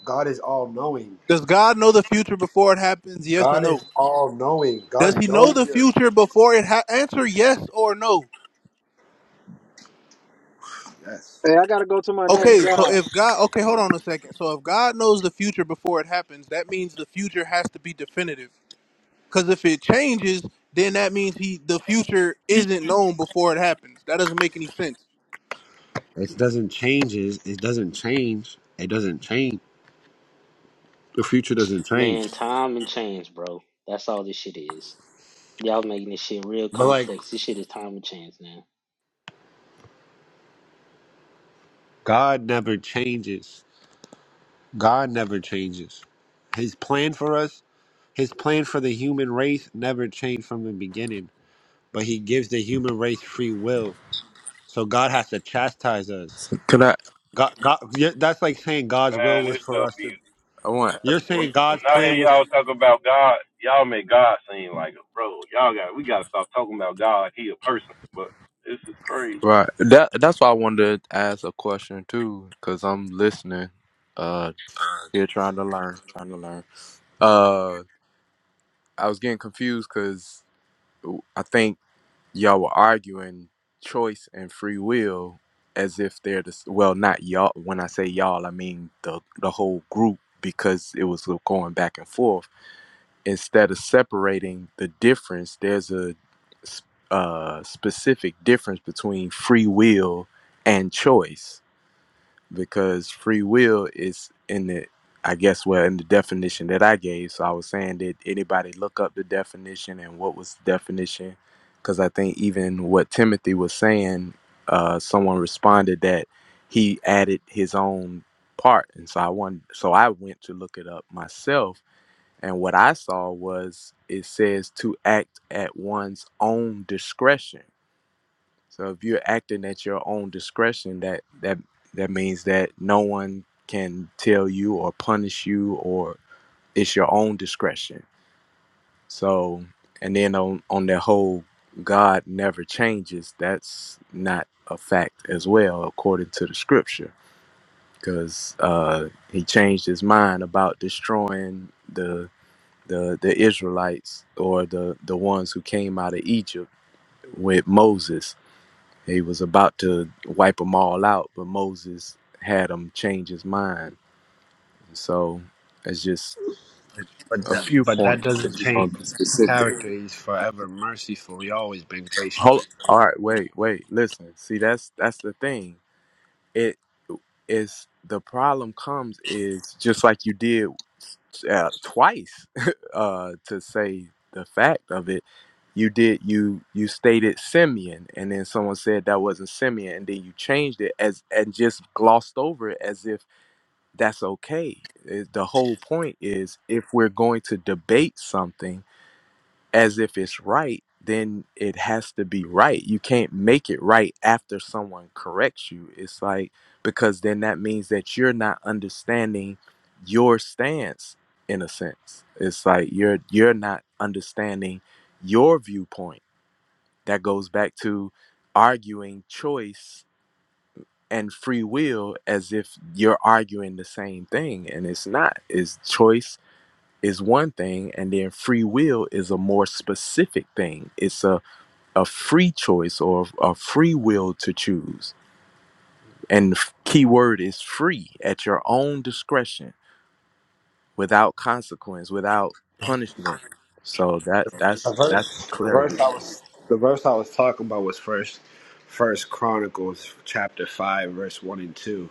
God is all knowing. Does God know the future before it happens? Yes or God no? is all knowing. Does he God know knows the you. future before it ha- answer yes or no? yes. hey i gotta go to my next Okay, Hey. so job if God okay, hold on a second. So if God knows the future before it happens, that means the future has to be definitive. Cuz if it changes, then that means he the future isn't known before it happens. That doesn't make any sense. It doesn't change. It it doesn't change. It doesn't change. The future doesn't change. Man, time and chance, bro. That's all this shit is. Y'all making this shit real But like complex. This shit is time and chance now. God never changes. God never changes. His plan for us, his plan for the human race never changed from the beginning, but he gives the human race free will. So God has to chastise us. Can I? God, God yeah, that's like saying God's will man, was this for stuff us to is I want to ask You're a saying question. when God's I plan hear was y'all talk about God, y'all make God seem like a bro. Y'all got we gotta stop talking about God like he a person. But this is crazy. Right. That that's why I wanted to ask a question too, cause I'm listening. Uh, here trying to learn, trying to learn. Uh, I was getting confused because I think y'all were arguing choice and free will as if they're the s- well, not y'all. When I say y'all, I mean the the whole group because it was going back and forth instead of separating the difference, there's a s- uh, specific difference between free will and choice because free will is in the I guess well in the definition that I gave. So I was saying that anybody look up the definition and what was the definition because I think even what Timothy was saying, uh, someone responded that he added his own part, and so I wanted, so I went to look it up myself and what I saw was it says to act at one's own discretion. So if you're acting at your own discretion, that that that means that no one can tell you or punish you or it's your own discretion. So and then on on the whole God never changes, that's not a fact as well according to the scripture because uh he changed his mind about destroying the the the Israelites or the the ones who came out of Egypt with Moses. He was about to wipe them all out, but Moses had him change his mind. So it's just but a that, few but that points if doesn't you change want to be specific. character. He's forever merciful. He always been gracious. Hold, all right, wait, wait, listen. See, that's that's the thing. It is the problem comes is just like you did uh, twice uh, to say the fact of it. You did you you stated Simeon, and then someone said that wasn't Simeon, and then you changed it as and just glossed over it as if that's okay. It- the whole point is if we're going to debate something as if it's right, then it has to be right. You can't make it right after someone corrects you. It's like, because then that means that you're not understanding your stance in a sense. It's like you're you're not understanding your viewpoint. That goes back to arguing choice and free will as if you're arguing the same thing and it's not. It's choice is one thing and then free will is a more specific thing it's a, a free choice or a free will to choose and the f- key word is free at your own discretion without consequence without punishment so that The that's that's verse, the verse clarity I was the verse I was talking about was first First Chronicles chapter 5 verse 1 and 2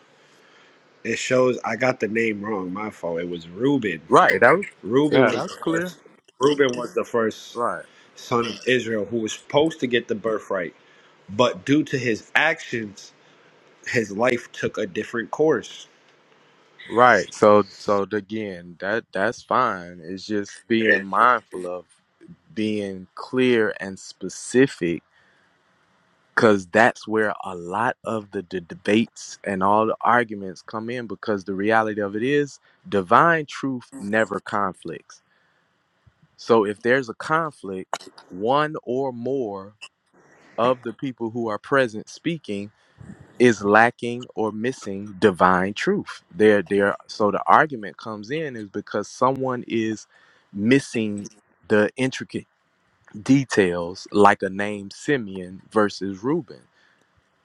It shows I got the name wrong. My fault. It was Reuben. right that was, Reuben yeah was that's the clear first. Reuben was the first right son of Israel who was supposed to get the birthright, but due to his actions, his life took a different course. right so so again that that's fine it's just being mindful of being clear and specific because that's where a lot of the, the debates and all the arguments come in because the reality of it is divine truth never conflicts so if there's a conflict one or more of the people who are present speaking is lacking or missing divine truth there there so the argument comes in is because someone is missing the intricate details like a name Simeon versus Reuben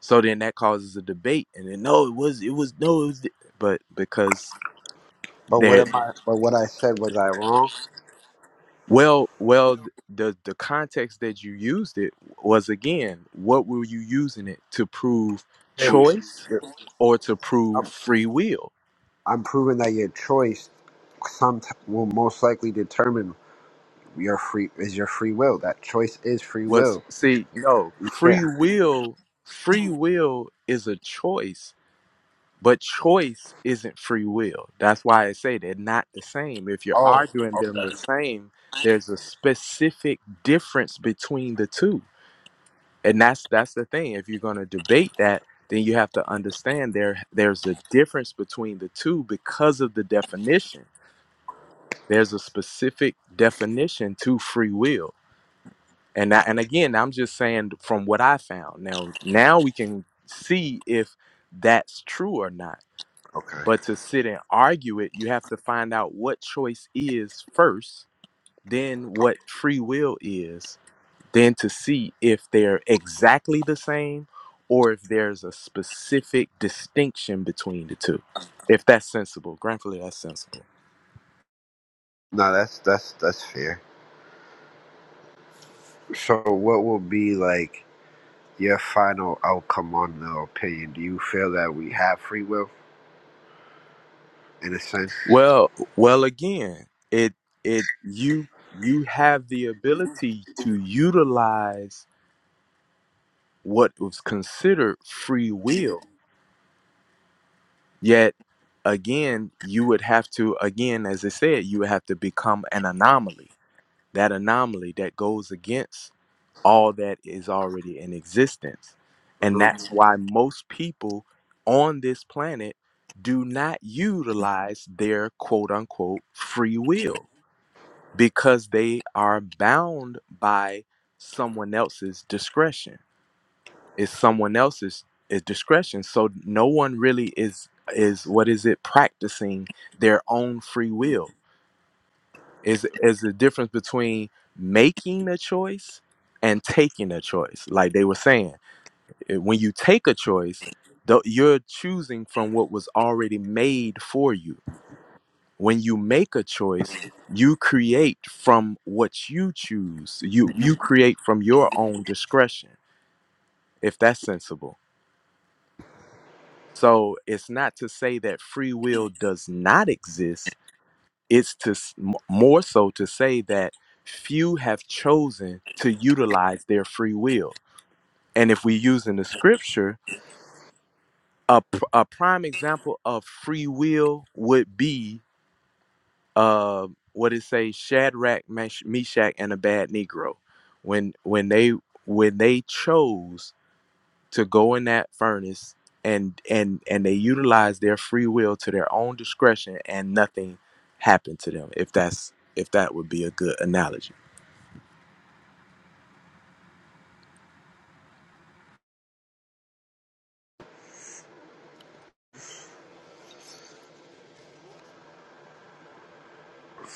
so then that causes a debate, and then no, it was, it was, no, it was, th-" but because But what that, am I? But what I said was I wrong? well, well, th- the the context that you used it was again, what were you using it to prove Hey, choice you're- or to prove I'm, free will? I'm proving that your choice some will most likely determine your free is your free will. That choice is free What's will. see, no, Yeah. free will, free will is a choice But choice isn't free will. That's why I say they're not the same. If you're Oh. arguing them the same, there's a specific difference between the two. And that's that's the thing. If you're going to debate that, then you have to understand there there's a difference between the two because of the definition. There's a specific definition to free will. And that, and again, I'm just saying from what I found. Now now we can see if that's true or not Okay. But to sit and argue it, you have to find out what choice is first, then what free will is, then to see if they're exactly the same or if there's a specific distinction between the two. If that's sensible, gratefully that's sensible. No, that's that's that's fair. So, what will be like your final outcome on the opinion? Do you feel that we have free will in a sense? Well, well again, it it you you have the ability to utilize what was considered free will Yet again, you would have to, again, as I said, you would have to become an anomaly. That anomaly that goes against all that is already in existence. And hmm that's why most people on this planet do not utilize their quote unquote free will because they are bound by someone else's discretion. It's someone else's is discretion. So no one really is is what is it practicing their own free will. Is is the difference between making a choice and taking a choice. Like they were saying, eh, when you take a choice, tho- you're choosing from what was already made for you. When you make a choice, you create from what you choose. You you create from your own discretion, if that's sensible. So it's not to say that free will does not exist. It's to s- m- more so to say that few have chosen to utilize their free will. And if we use in the scripture, a, pr- a prime example of free will would be uh, what it says Shadrach, Mesh- Meshach, and a bad Negro. When when they when they chose to go in that furnace and and and they utilize their free will to their own discretion and nothing happened to them if that's if that would be a good analogy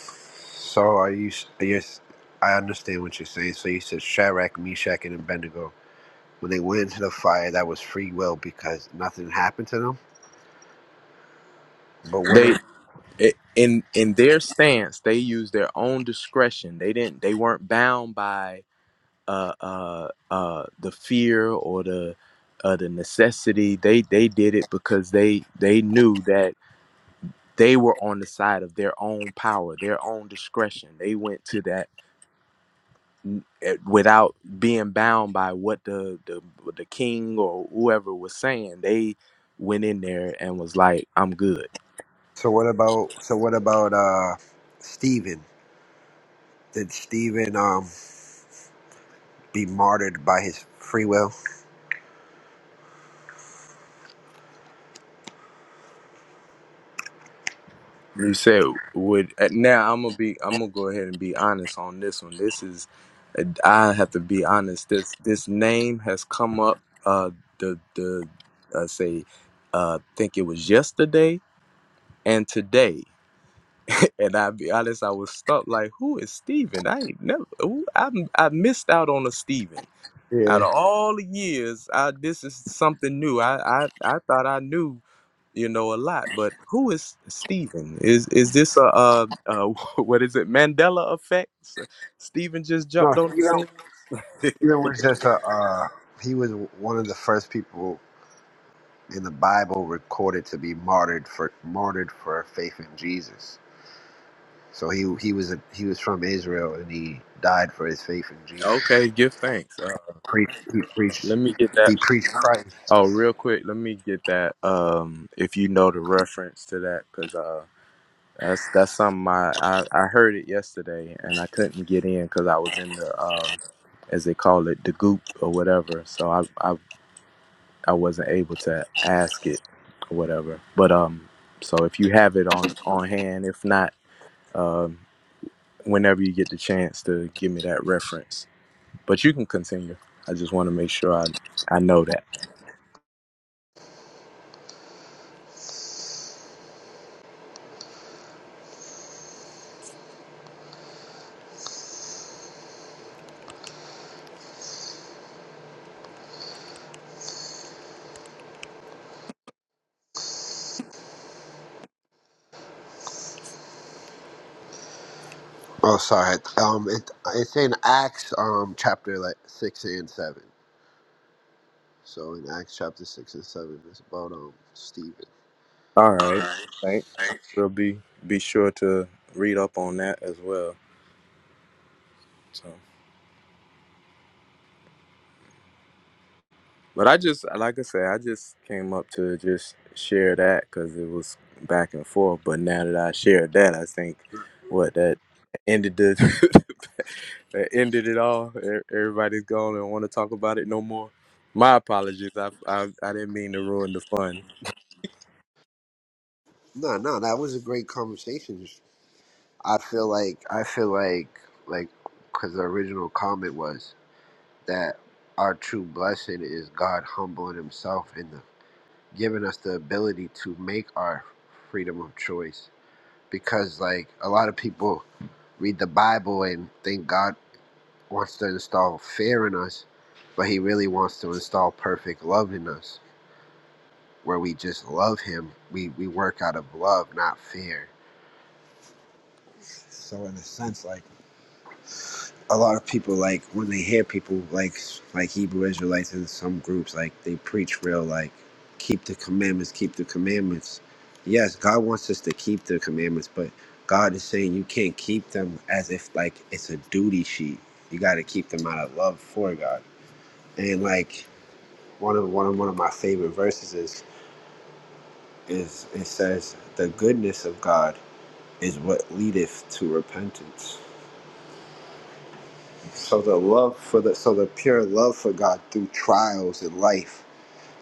So, are you? s- Are you s- I understand what you're saying. So, you said Shadrach, Meshach, and Abednego when they went into the fire, that was free will because nothing happened to them. But what? they If, i- in in their stance they used their own discretion they didn't they weren't bound by uh uh uh the fear or the uh the necessity they they did it because they they knew that they were on the side of their own power their own discretion they went to that eh, without being bound by what the, the the king or whoever was saying they went in there and was like i'm good so, what about? So, what about uh Stephen? Did Stephen um be martyred by his free will? you said would eh, now i'm gonna be i'm gonna go ahead and be honest on this one this is eh, i have to be honest this this name has come up uh the the uh, say uh think it was yesterday and today and i'll be honest i was stuck like who is steven i ain't never who- I, I missed out on a steven Out Yeah. of all the years, I this is something new. I I, I thought I knew you know a lot, but who is Stephen? Is is this a, uh uh what is it Mandela effect? So Stephen just No, jumped on the Stephen. scene. It was just a. Uh, he was one of the first people in the Bible recorded to be martyred for martyred for faith in Jesus. So he he was a, he was from Israel and he died for his faith in Jesus. Okay, give thanks. Uh, Preached he preached let me get that. he preached Christ. Oh, real quick, let me get that. Um, if you know the reference to that, because uh. That's that's something I, I, I heard it yesterday and I couldn't get in because I was in the um as they call it the goop or whatever. So I I I wasn't able to ask it or whatever. But um, so if you have it on on hand, if not, um, whenever you get the chance to give me that reference, but you can continue. I just want to make sure I I know that. Oh, sorry. Um, it, it's in Acts um chapter like six and seven. So in Acts chapter six and seven, it's about um Stephen. All All right, right. thanks. I will be be sure to read up on that as well. So. But I just, like I said, I just came up to just share that because it was back and forth. But now that I shared that, I think what that ended the that ended it all. E- Everybody's gone and want to talk about it no more. My apologies. I, I I didn't mean to ruin the fun. No, no, that was a great conversation. I feel like I feel like like because the original comment was that our true blessing is God humbling Himself and the, giving us the ability to make our freedom of choice. Because like a lot of people read the Bible and think God wants to install fear in us, but He really wants to install perfect love in us, where we just love Him. We we work out of love, not fear. So in a sense, like a lot of people like when they hear people like like Hebrew Israelites in some groups like they preach real like keep the commandments, keep the commandments. Yes, God wants us to keep the commandments, but God is saying you can't keep them as if like it's a duty sheet. You got to keep them out of love for God. And like one of one of one of my favorite verses is is it says the goodness of God is what leadeth to repentance So the love for the so the pure love for God through trials in life,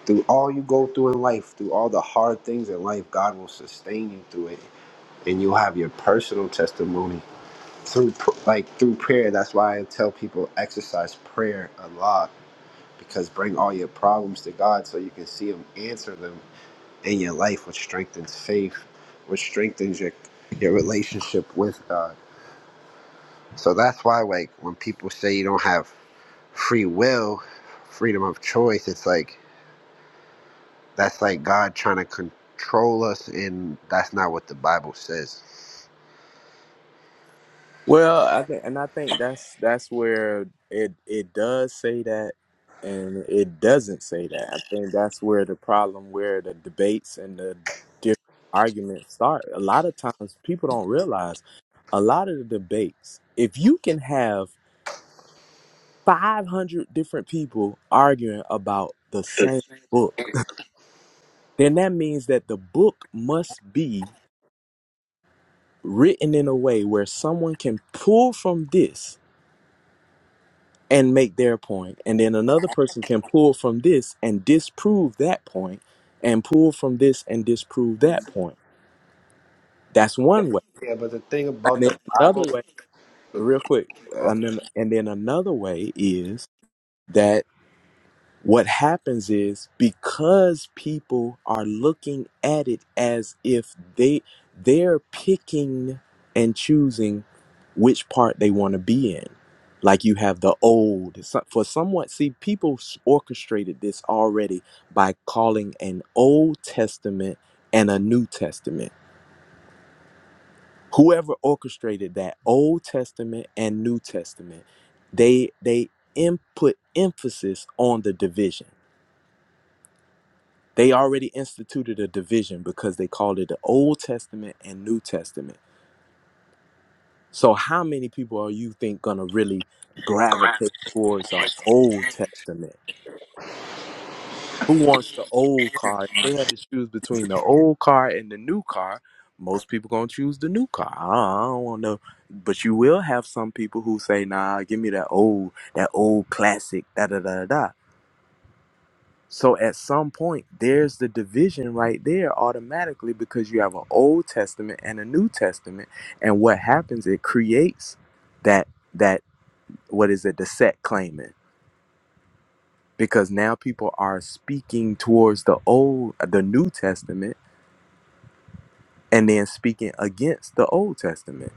through all you go through in life, through all the hard things in life, God will sustain you through it, and you'll have your personal testimony through pr- like through prayer. That's why I tell people exercise prayer a lot because bring all your problems to God so you can see Him answer them in your life, which strengthens faith, which strengthens your your relationship with God. So that's why like when people say you don't have free will, freedom of choice, it's like that's like God trying to control us, and that's not what the Bible says. Well, I think, and I think that's that's where it it does say that, and it doesn't say that. I think that's where the problem, where the debates and the different arguments start. A lot of times, people don't realize a lot of the debates. If you can have five hundred different people arguing about the same book, then that means that the book must be written in a way where someone can pull from this and make their point and then another person can pull from this and disprove that point and pull from this and disprove that point that's one way Yeah, but the thing and about then the another Bible, way real quick and okay. then and then another way is that What happens is because people are looking at it as if they they're picking and choosing which part they want to be in. Like you have the old so- for somewhat see people s- orchestrated this already by calling an Old Testament and a New Testament. Whoever orchestrated that Old Testament and New Testament, they they input emphasis on the division They already instituted a division because they called it the Old Testament and New Testament. So how many people are you think gonna really gravitate towards the Old Testament? Who wants the old car? If they had to choose between the old car and the new car, most people gonna choose the new car. I don't want no but you will have some people who say, nah, give me that old, that old classic, da da da da. So at some point, there's the division right there automatically because you have an Old Testament and a New Testament, and what happens? It creates that that what is it? The set claiming because now people are speaking towards the old, the New Testament, and then speaking against the Old Testament.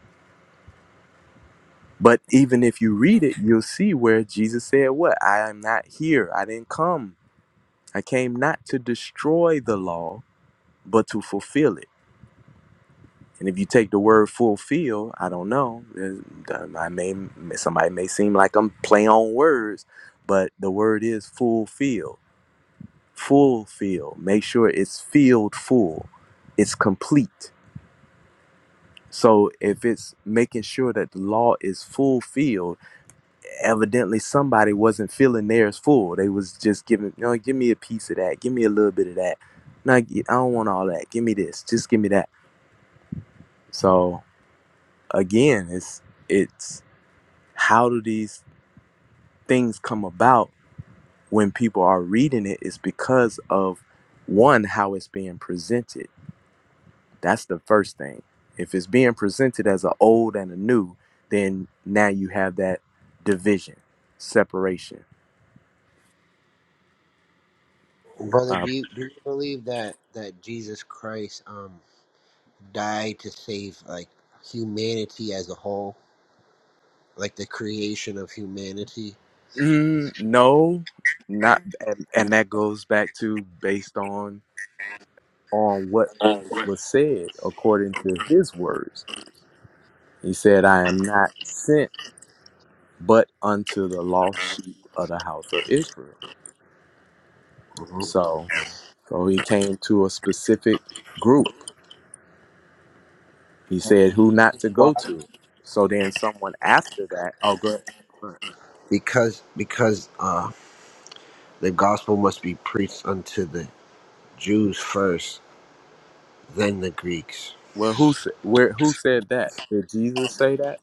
But even if you read it, you'll see where Jesus said, "What I am not here. I didn't come. I came not to destroy the law, but to fulfill it." And if you take the word fulfill, I don't know. uh, I may somebody may seem like I'm playing on words, but the word is fulfill. Fulfill. Make sure it's filled full. It's complete. So if it's making sure that the law is fulfilled, evidently somebody wasn't feeling theirs full. They was just giving, you know, give me a piece of that, give me a little bit of that. No, I don't want all that. Give me this. Just give me that. So again, it's it's how do these things come about when people are reading it? it is because of one how it's being presented that's the first thing if it's being presented as an old and a new then now you have that division separation brother, uh, do you, do you believe that that Jesus Christ um died to save like humanity as a whole, like the creation of humanity? mm, no not and, and that goes back to based on on what what was said according to his words he said i am not sent but unto the lost sheep of the house of Israel. hmm So, so he came to a specific group. He said who not to Why? go to. So then someone after that, oh, good. Because because uh the gospel must be preached unto the Jews first, then the Greeks. Well, who said where? Who said that? Did Jesus say that?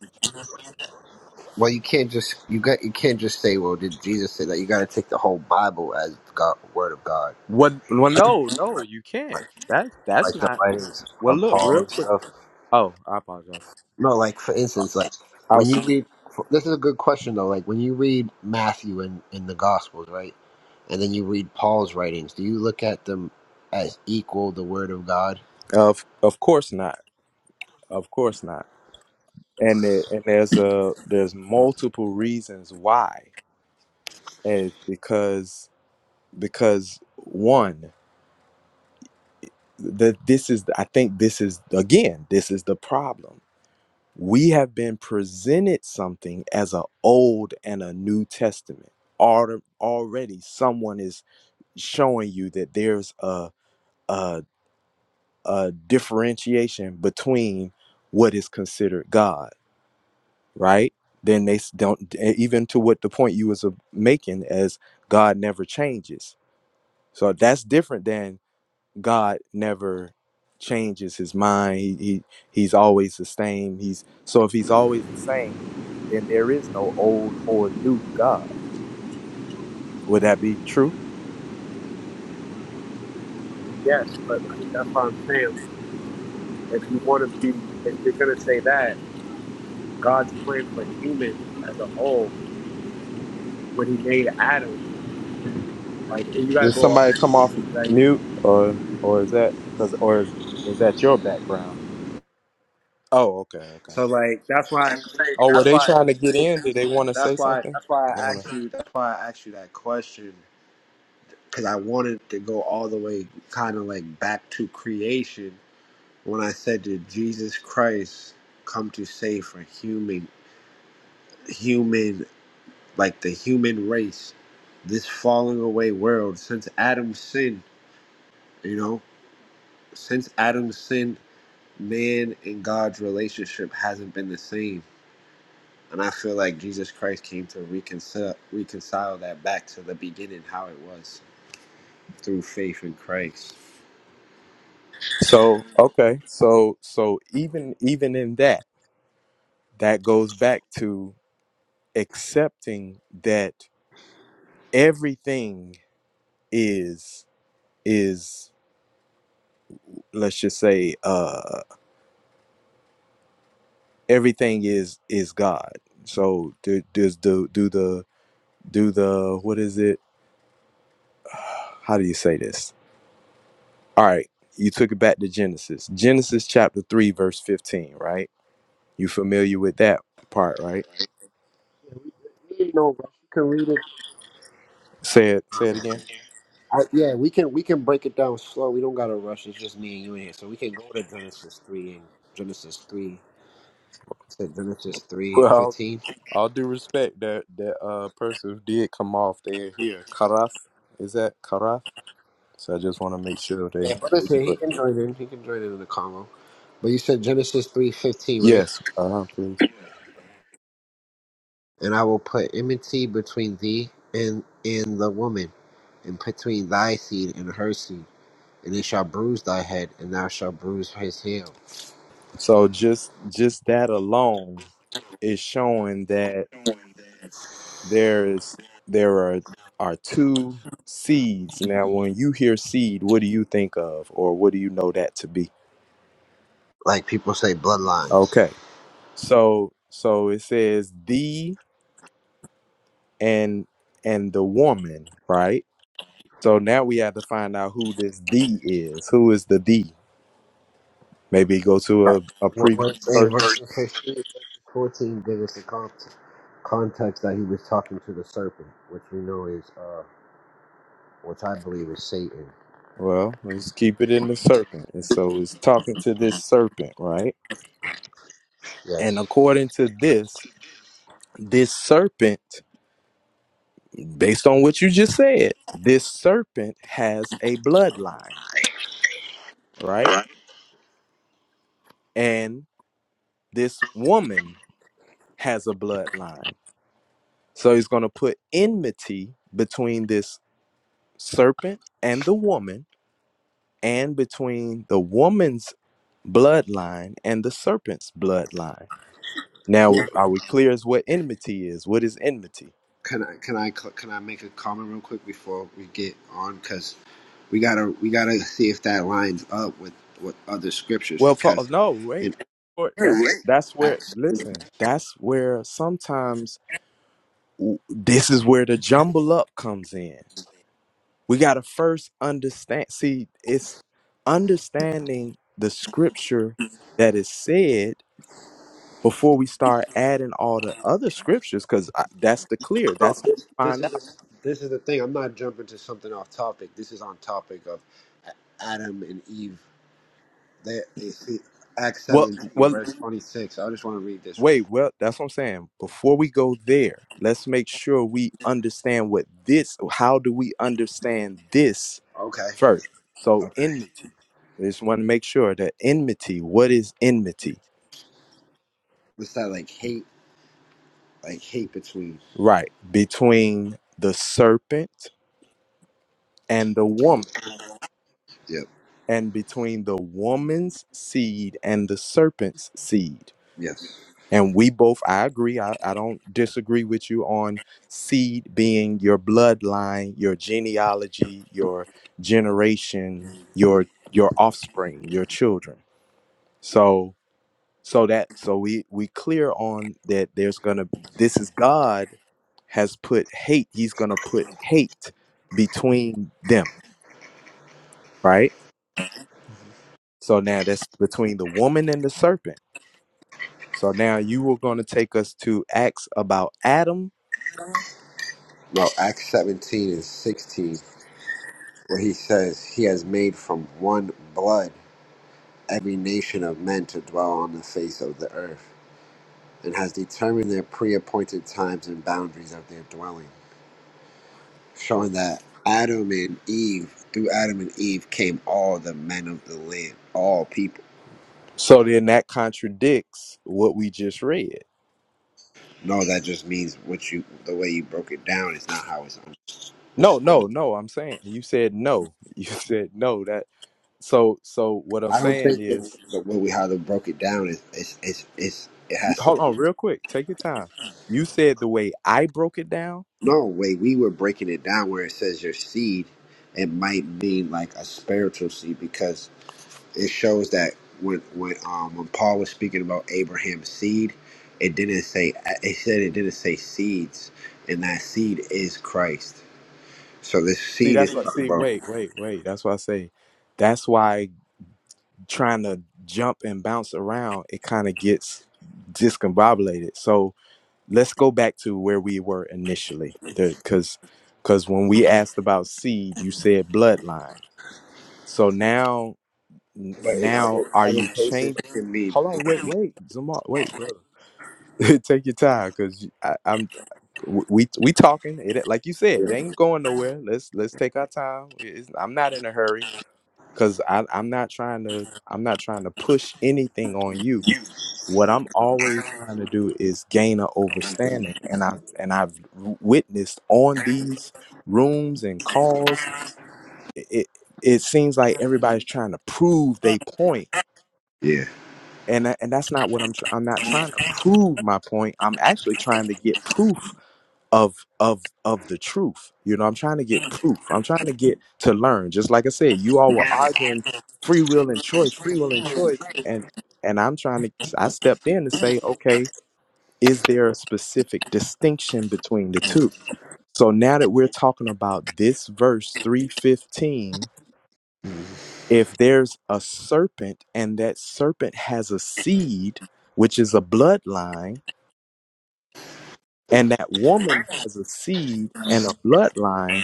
Well, you can't just you got you can't just say, "Well, did Jesus say that?" You got to take the whole Bible as God, word of God, What? Well, no, no, you can't. That's that's like the not. writings Well, of look Paul. real quick. Stuff. Oh, I apologize. No, like for instance, like I when was, you read. This is a good question though. Like when you read Matthew in in the Gospels, right, and then you read Paul's writings, do you look at them as equal the word of God? of of course not. Of course not. And there, and there's a there's multiple reasons why and it's because because one that this is i think this is again this is the problem we have been presented something as an old and a new testament Alre- already someone is showing you that there's a, a a differentiation between what is considered god right then they s- don't eh, even to what the point you was uh, making as god never changes so that's different than. God never changes his mind. He, he he's always the same. He's so if he's always the same, then there is no old or new God. Would that be true? Yes, but like that's what I'm saying. Like, it's that God, like you gotta Did go. off. somebody come off Like mute or or is that cause or is, is that your background? Oh, okay, okay. so, like that's why I'm saying. Oh, were That's they why trying to get in? Did they want to say That's why. something? That's why I I wanna- asked you. That's why I asked you that question because I wanted to go all the way, kind of like back to creation. When I said, "Did Jesus Christ come to save for human, human, like the human race, this falling away world since Adam's sin? You know, since Adam's sin, man and God's relationship hasn't been the same." And I feel like Jesus Christ came to reconcile reconcile that back to the beginning, how it was. through faith in Christ. So okay, so so even even in that, that goes back to accepting that everything is is let's just say uh everything is is god so do does do do the do the what is it how do you say this all right you took it back to genesis genesis chapter 3 verse 15 right you familiar with that part right Yeah, we, we ain't no rush. You can read say it say it it. again I, yeah, we can we can break it down slow. We don't gotta rush. It's just me and you in here, so we can go to Genesis three and Genesis three. Said Genesis three Well, all fifteen. all due respect, that that uh person who did come off there here. Karaf, is that Karaf? So I just want to make sure they. Yeah, brother we can said he can put- join in. He can join in in the Congo. But you said Genesis three fifteen, right? Yes. Uh huh. please. And I will put enmity between thee and and the woman, and between thy seed and her seed, and it shall bruise thy head, and thou shalt bruise his heel. So just just that alone is showing that there is there are are two seeds. Now when you hear seed, what do you think of or what do you know that to be? Like people say, bloodlines. Okay. So so it says the and and the woman, right? So now we have to find out who this the is. Who is the the? Maybe go to a, a What, previous what, in verse. verse 15, verse 14 gave us the con- context that he was talking to the serpent, which we know is, uh, which I believe is Satan. Well, let's keep it in the serpent. And so it's talking to this serpent, right? And Yes. according to this, this serpent, based on what you just said, this serpent has a bloodline, right? And this woman has a bloodline. So he's going to put enmity between this serpent and the woman, and between the woman's bloodline and the serpent's bloodline. Yeah. Now, are we clear as what enmity is? What is enmity? Can I can I cl- can I make a comment real quick before we get on? Because we gotta we gotta see if that lines up with with other scriptures. Well, for, oh, Because no, in wait. For- That's that's where. Acts, Listen, that's where sometimes w- this is where the jumble up comes in. We gotta first understand. See, it's understanding the scripture that is said before we start adding all the other scriptures, because that's the clear. No, That's how this, you this find is out. the- this is the thing. I'm not jumping to something off topic. This is on topic of A- Adam and Eve They, they see, Acts Well, 17, well, verse 26. I just want to read this real wait. Well, that's what I'm saying. Before we go there, let's make sure we understand what this. How do we understand this? quick. Okay. first. So Okay. enmity. I just want to make sure that enmity, what is enmity? What's that like hate? Like hate between. Right. Between the serpent and the woman, Yep. and between the woman's seed and the serpent's seed. Yes. And we both, I agree, I, I don't disagree with you on seed being your bloodline, your genealogy, your generation, your your offspring, your children. So so that so we we clear on that there's gonna this is god has put hate he's gonna put hate between them right so now that's between the woman and the serpent so now you were gonna take us to acts about adam No, Acts 17 and 16, where he says, He has made from one blood every nation of men to dwell on the face of the earth, and has determined their pre appointed times and boundaries of their dwelling, showing that Adam and Eve, through Adam and Eve came all the men of the land, all people so then that contradicts what we just read No, that just means what you the way you broke it down is not how it's. Un- no it's un- no no i'm saying you said no you said no that so so what i'm I don't saying think that is the way we how they broke it down is it's it's it's it you has to. hold on Be, real quick take your time you said the way i broke it down no way we were breaking it down where it says your seed, it might mean like a spiritual seed because it shows that when when um when Paul was speaking about Abraham's seed, it didn't say it said it didn't say seeds, and that seed is Christ. So this See, seed that's is what. talking See, about. wait, wait, wait. That's why I say. That's why trying to jump and bounce around, it kind of gets discombobulated. So let's go back to where we were initially, because because when we asked about seed, you said bloodline. So now, n- But in other now are Other you cases changing? can be, Hold on, wait, wait, Zamal, wait, brother. Take your time, cause I, I'm we we talking. It like you said, it ain't going nowhere. Let's let's take our time. It's, I'm not in a hurry, cause I I'm not trying to I'm not trying to push anything on you. What I'm always trying to do is gain an overstanding, and I and I've witnessed on these rooms and calls. It it, it seems like everybody's trying to prove they point, Yeah. and tha- and that's not what I'm. Tr- I'm not trying to prove my point. I'm actually trying to get proof of of of the truth. You know, I'm trying to get proof. I'm trying to get to learn. Just like I said, you all were arguing free will and choice, free will and choice, and and I'm trying to. I stepped in to say, okay, is there a specific distinction between the two? So now that we're talking about this verse 315, if there's a serpent and that serpent has a seed, which is a bloodline, and that woman has a seed and a bloodline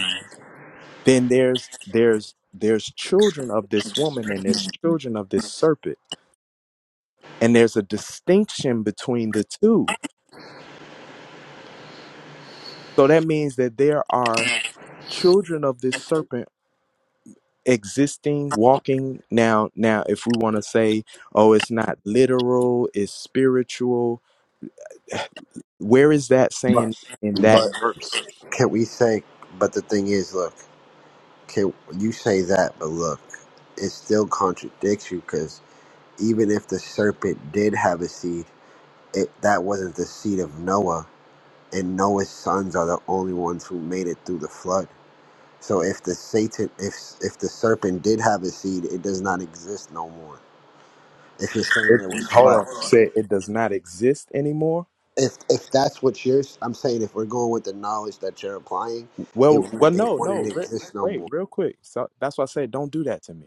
then there's there's there's children of this woman and there's children of this serpent and there's a distinction between the two so that means that there are children of this serpent existing walking now now if we want to say oh it's not literal it's spiritual where is that But, saying in that but verse can we say? But the thing is, look, can you say that? But look, it still contradicts you because even if the serpent did have a seed, it that wasn't the seed of Noah, and Noah's sons are the only ones who made it through the flood. So if the Satan, if if the serpent did have a seed, it does not exist no more. If you're saying it, hold on say it does not exist anymore if if that's what you're i'm saying if we're going with the knowledge that you're applying it well well no no re- works no wait more real quick so that's why i said don't do that to me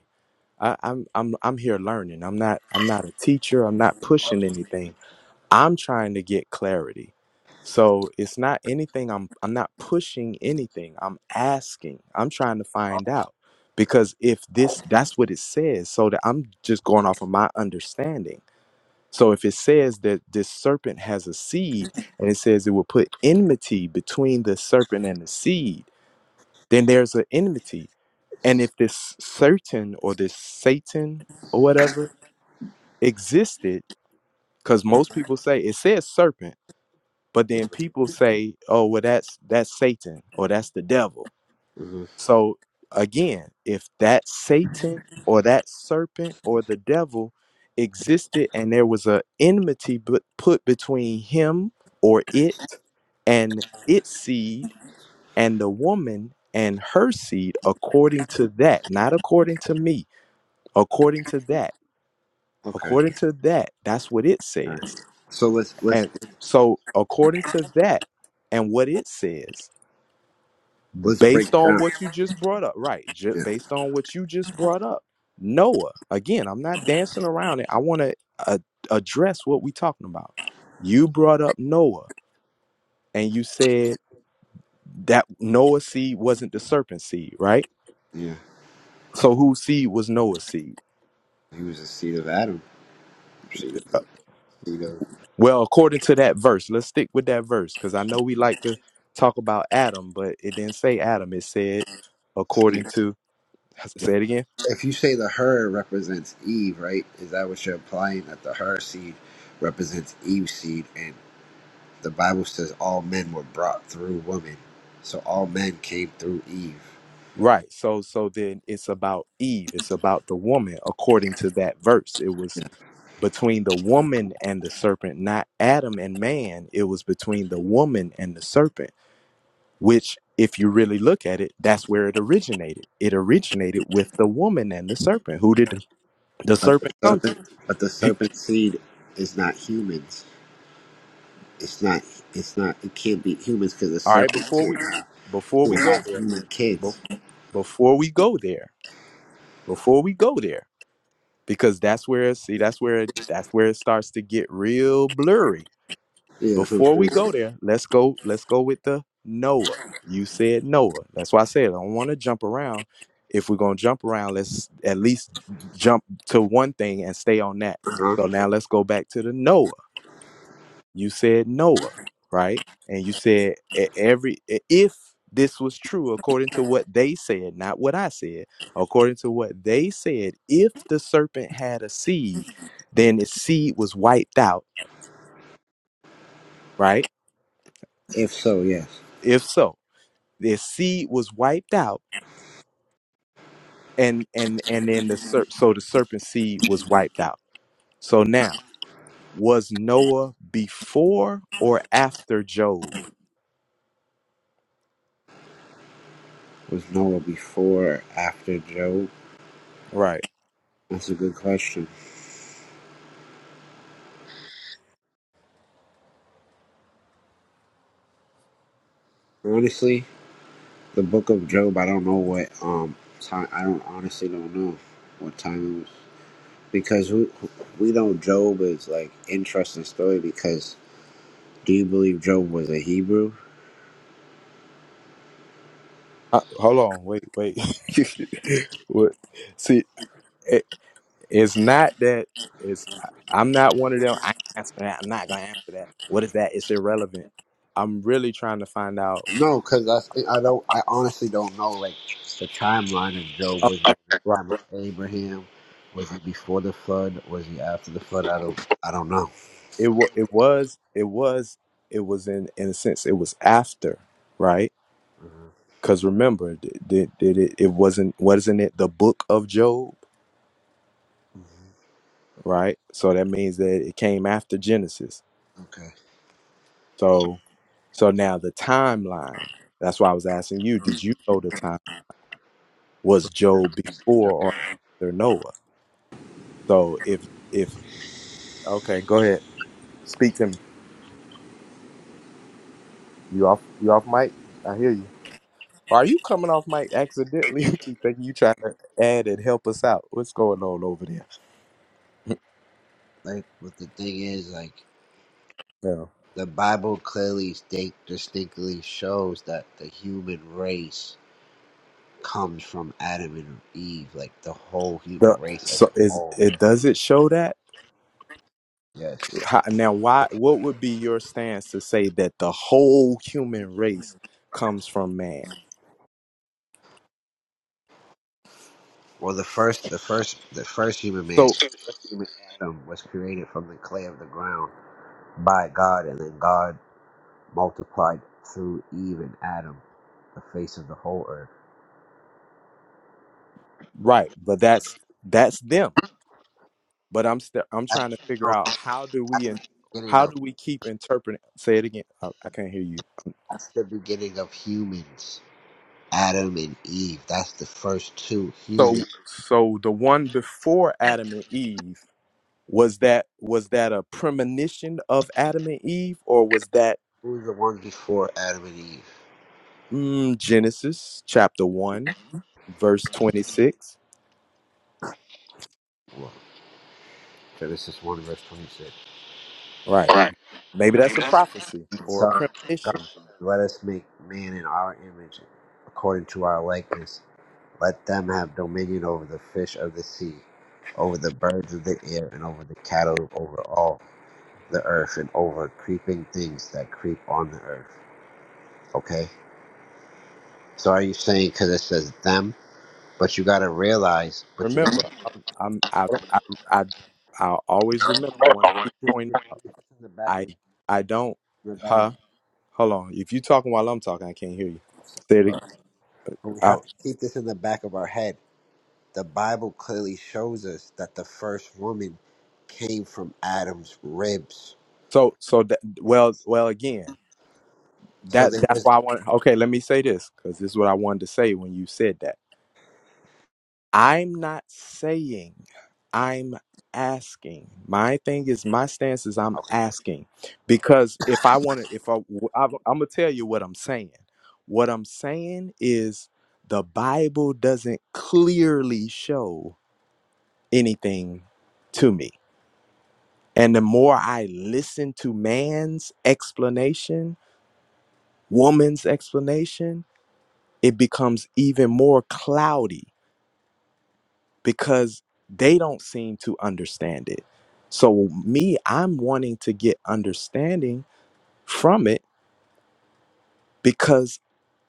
I, I'm I'm I'm here learning. I'm not I'm not a teacher. I'm not pushing anything. I'm trying to get clarity. So it's not anything. I'm I'm not pushing anything. I'm asking. I'm trying to find out because if this that's what it says. So that I'm just going off of my understanding. So if it says that this serpent has a seed and it says it will put enmity between the serpent and the seed, then there's an enmity and if this certain or this Satan or whatever existed, because most people say it says serpent, but then people say, oh, well, that's that's Satan or that's the devil. hmm So again, if that Satan or that serpent or the devil existed and there was a enmity bu- put between him or it and its seed and the woman and her seed according to that not according to me according to that okay according to that that's what it all right says so let's let's and so according to that and what it says let's break based it on down what you just brought up right ju- yeah based on what you just brought up noah again i'm not dancing around it i want to uh, address what we talking about you brought up noah and you said that noah's seed wasn't the serpent seed right yeah so whose seed was noah's seed he was the seed of adam seed of the seed of Well, according to that verse, let's stick with that verse because I know we like to talk about Adam, but it didn't say Adam. It said seed. according to say it again. if you say the her represents eve right is that what you're implying that the her seed represents eve's seed and the bible says all men were brought through woman so all men came through eve Right. So so then it's about Eve. It's about the woman according to that verse. It was between the woman and the serpent, not Adam and man. It was between the woman and the serpent, which if you really look at it, that's where it originated. It originated with the woman and the serpent. Who did the the serpent come to? serpent, but the serpent seed is not humans It's not. It's not. It can't be humans because the All right, serpent before we before we can't go there, human be- kids. before we go there, before we go there, because that's where see that's where that's where it starts to get real blurry. Yeah, that's what I'm Before saying. we go there, let's go let's go with the Noah. You said Noah. That's why I said I don't want to jump around. If we're gonna jump around, let's at least jump to one thing and stay on that. Huh? So now let's go back to the Noah. you said Noah, right? And you said e- every e-, if this was true according to what they said, not what I said, according to what they said, if the serpent had a seed, then its seed was wiped out, right? If so, yes. If so, the seed was wiped out and and and then the ser- so the serpent seed was wiped out. So now, was Noah before or after Job? Was Noah before, or after Job? Right. That's a good question. Honestly, the Book of Job. I don't know what um time. I don't honestly don't know what time it was because we we know Job is like interesting story because do you believe Job was a Hebrew? Uh, hold on, wait, wait. what? See, it, it's not that. It's I'm not one of them. I ain't answer that. I'm not gonna answer that. What is that? It's irrelevant. I'm really trying to find out. No, because I I don't. I honestly don't know like the timeline of Job. was. Okay, right. time of Abraham. Was he before the flood? Was he after the flood? I don't. I don't know. It wa it was it was it was in in a sense it was after right hmm because remember did, did, did it it wasn't wasn't it the book of Job right so that means that it came after Genesis Okay. So so now the timeline. That's why I was asking you, did you know the time was Job before Yep. or after Noah? So if if okay, go ahead. Speak to me. You off you off mic? I hear you. Are you coming off mic accidentally? I keep thinking you trying to add and help us out. What's going on over there? Like, but the thing is, like, Yeah. the Bible clearly state, distinctly shows that the human race comes from Adam and Eve, like the whole The, human race as so a is whole. it does it show that? Yes. How, now why what would be your stance to say that the whole human race comes from man? Well, the first, the first, the first human man, So the first human Adam, was created from the clay of the ground by God, and then God multiplied through Eve and Adam, the face of the whole earth. Right, but that's that's them. But I'm still I'm At, trying to figure no, out how do at we the in, beginning how of do we keep interpreting? Say it again. I, I can't hear you. that's the beginning of humans. Adam and Eve. That's the first two So humans. so the one before Adam and Eve was that was that a premonition of Adam and Eve or was that Who were the ones before Adam and Eve? mm, Genesis chapter one verse twenty six? Well, Genesis one verse twenty six. Right. Maybe that's a prophecy or a So God, premonition. let us make man in our image, according to our likeness. Let them have dominion over the fish of the sea, over the birds of the air, and over the cattle, over all the earth and over creeping things that creep on the earth. Okay? So are you saying because it says them, but you got to realize, but you got Remember, I'm, I'm I to I I i always remember. I want to keep in pointing. the back of I I don't in the back huh hold on. If you talking while I'm talking, I can't hear you. Say of it our- but we have out. to keep this in the back of our head. The Bible clearly shows us that the first woman came from Adam's ribs. So so that well well again. So That there that's was why I want okay, let me say this cuz this is what I wanted to say when you said that. I'm not saying I'm asking. My thing is my stance is I'm okay. asking because if I want to if I I'm going to tell you what I'm saying. What I'm saying is the Bible doesn't clearly show anything to me. And the more I listen to man's explanation, woman's explanation, it becomes even more cloudy because they don't seem to understand it. So, me, I'm wanting to get understanding from it because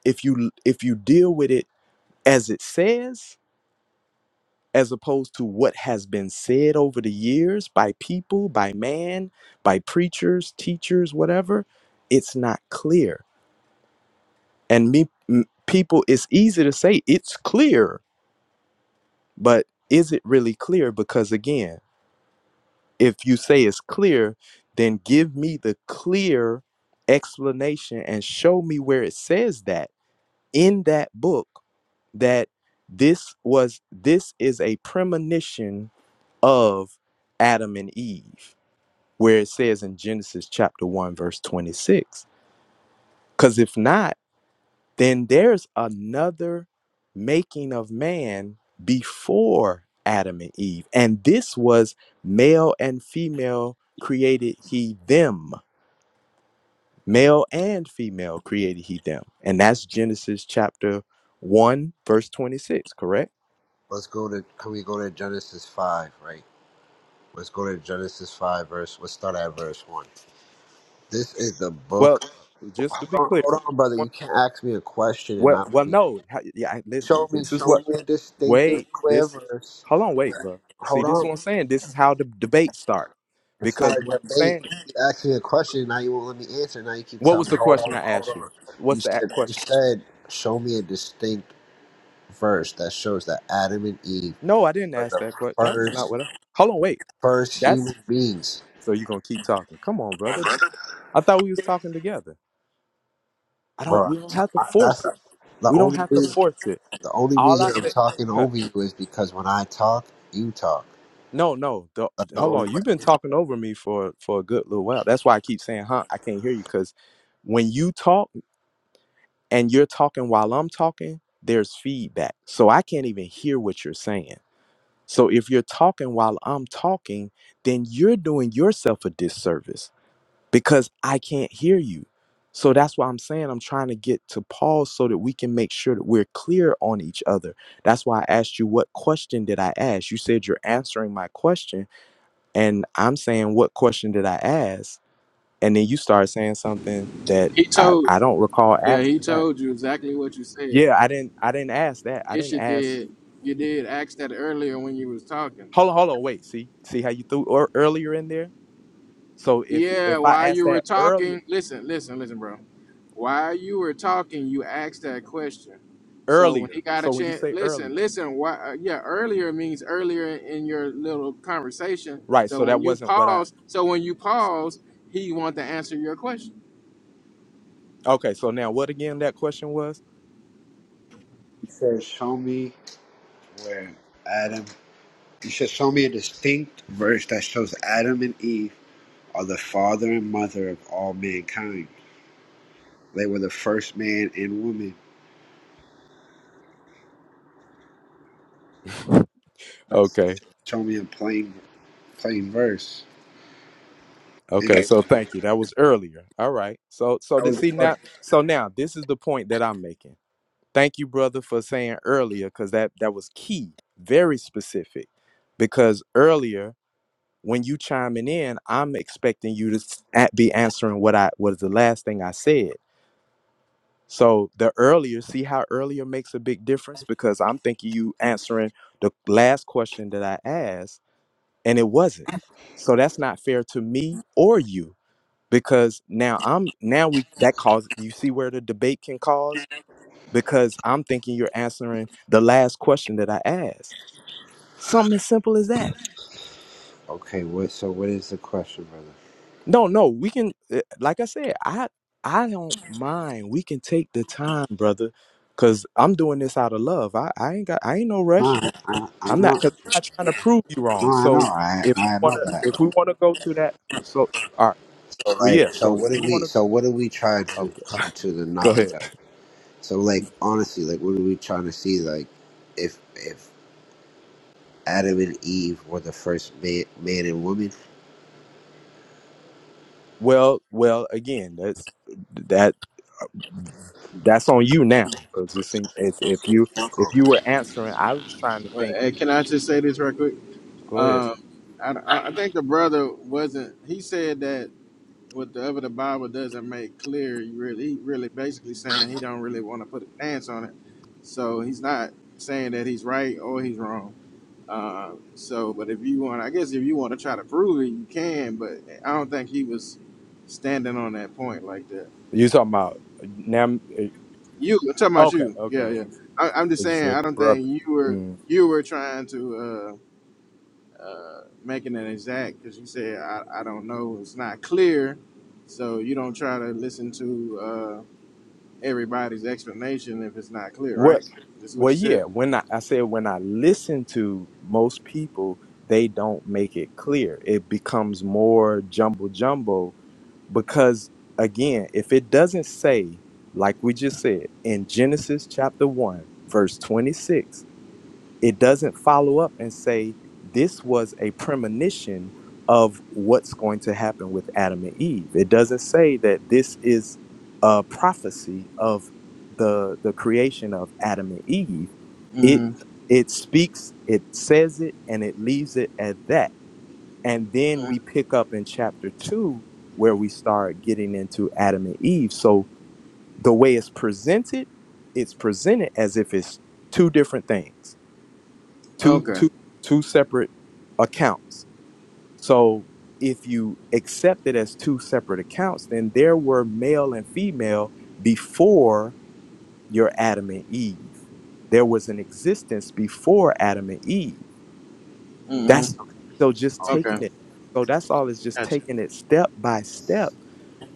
if you if you deal with it as it says as opposed to what has been said over the years by people, by man, by preachers, teachers, whatever, it's not clear. And me, m- people, it's easy to say it's clear, but is it really clear? Because again, if you say it's clear, then give me the clear explanation and show me where it says that in that book that this was this is a premonition of Adam and Eve, where it says in Genesis chapter 1, verse 26. Because if not, then there's another making of man before Adam and Eve. And this was male and female created he them. Male and female created he them. And that's Genesis chapter 1, verse 26, correct? Let's go to can we go to Genesis five, right? Let's go to Genesis five verse let's start at verse one. This is the book Well, just to be Hold on, clear, hold on, brother. You can't ask me a question and well, not well, be- no. ha- Yeah, I- listen. show me, This is show what me a distinctive Wait, clear this verse. hold on, wait, where- bro. See, Hold this is on, what I'm saying. This is how the debate start. it's not Because a what I'm debate. saying, You asked me a question, now you won't let me answer. Now you keep what telling was me, the hold question on, I hold asked you? on. You What's the a- said, you question? said, show me a distinct verse that shows that Adam and Eve No, I didn't are ask the that question. That was not first, what I. Hold on, wait. first That's human beings, so you're gonna keep talking. Come on, brother. I thought we was talking together. I don't. bro. We don't So have to I, that's force it. the We don't only have to reason. force it. The only All I reason I'm said. talking uh, over you is because when I talk, you talk. No, no. The, That's the hold only on. way. You've been talking over me for for a good little while. That's why I keep saying, "Huh?" I can't hear you because when you talk. and you're talking while I'm talking, there's feedback. So I can't even hear what you're saying. So if you're talking while I'm talking, then you're doing yourself a disservice because I can't hear you. So that's why I'm saying I'm trying to get to pause so that we can make sure that we're clear on each other. That's why I asked you what question did I ask? You said you're answering my question and I'm saying what question did I ask? And then you started saying something that He I, told I you. don't recall Yeah, he asking that. told you exactly what you said. Yeah, I didn't. I didn't ask that. I Yes, didn't you ask. did. You did ask that earlier when you was talking. Hold on, hold on. Wait. See, see how you threw or, earlier in there. So if Yeah, if I while asked you were that earlier, talking, listen, listen, listen, bro. While you were talking, you asked that question. So when he earlier. got a So when you chance, say listen, earlier, listen. Why? Uh, yeah, earlier means earlier in your little conversation. right? So So that when you wasn't what I. pause, so when you pause, he want to answer your question. Okay. So now what again? That question was. He says, Show me where Adam. He says, Show me a distinct verse that shows Adam and Eve are the father and mother of all mankind. They were the first man and woman. Okay. Show me a plain, plain verse. And Okay. that So thank you. That was earlier. All right. So so th- was see the now. question. So now this is the point that I'm making. Thank you, brother, for saying earlier because that that was key, very specific, because earlier when you chiming in, I'm expecting you to s- a- be answering what I was the last thing I said. So the earlier, see how earlier makes a big difference because I'm thinking you answering the last question that I asked and it wasn't. So that's not fair to me or you because now I'm now we that cause you see where the debate can cause because I'm thinking you're answering the last question that I asked. Something as simple as that. Okay, what, so what is the question, brother? No, no, we can. uh, Like I said, I I don't mind. We can take the time, brother, because I'm doing this out of love. I, I ain't got. I ain't no rush. No, I, I I'm not. know, Cause I'm not trying to prove you wrong. no, I know, So I, if we I know wanna, if we that. wanna go to that, so all right, So well, like, yeah. so So if what do we we, wanna, so what do we try to okay, come to the go knowledge ahead. of? So like, honestly, like, what are we trying to see? Like, if if Adam and Eve were the first man, man and woman. Well, well, again, that's that that's on you now, because this thing is if you if you were answering, I was trying to Well, think. hey, can I just say this right quick? Go ahead. Um, I, I I think the brother wasn't. He said that what the other the Bible doesn't make clear, you really he really basically saying he don't really want to put a stance on it. So he's not saying that he's right or he's wrong. Uh, so, but if you want, I guess if you want to try to prove it, you can. But I don't think he was standing on that point like that. You talking about now? eh, You I'm talking about Okay, you? Yeah, okay, yeah. I, I'm just But you saying I said don't think brother. you were Mm. you were trying to uh, uh, making an exact because you said I, I don't know it's not clear. So you don't try to listen to. uh, everybody's explanation if it's not clear, right? What? This is what Well, you yeah. said? When I, I said when I listen to most people, they don't make it clear. It becomes more jumble jumbo because again, if it doesn't say like we just said in Genesis chapter one verse twenty six it doesn't follow up and say this was a premonition of what's going to happen with Adam and Eve. It doesn't say that this is a prophecy of the the creation of Adam and Eve. It Mm-hmm. it speaks, it says it and it leaves it at that. And then we pick up in chapter 2 where we start getting into Adam and Eve. So the way it's presented, it's presented as if it's two different things two Okay. two two separate accounts so if you accept it as two separate accounts then there were male and female before your adam and eve there was an existence before adam and eve Mm-hmm. that's so just Okay. Okay. taking it so that's all is just Gotcha. taking it step by step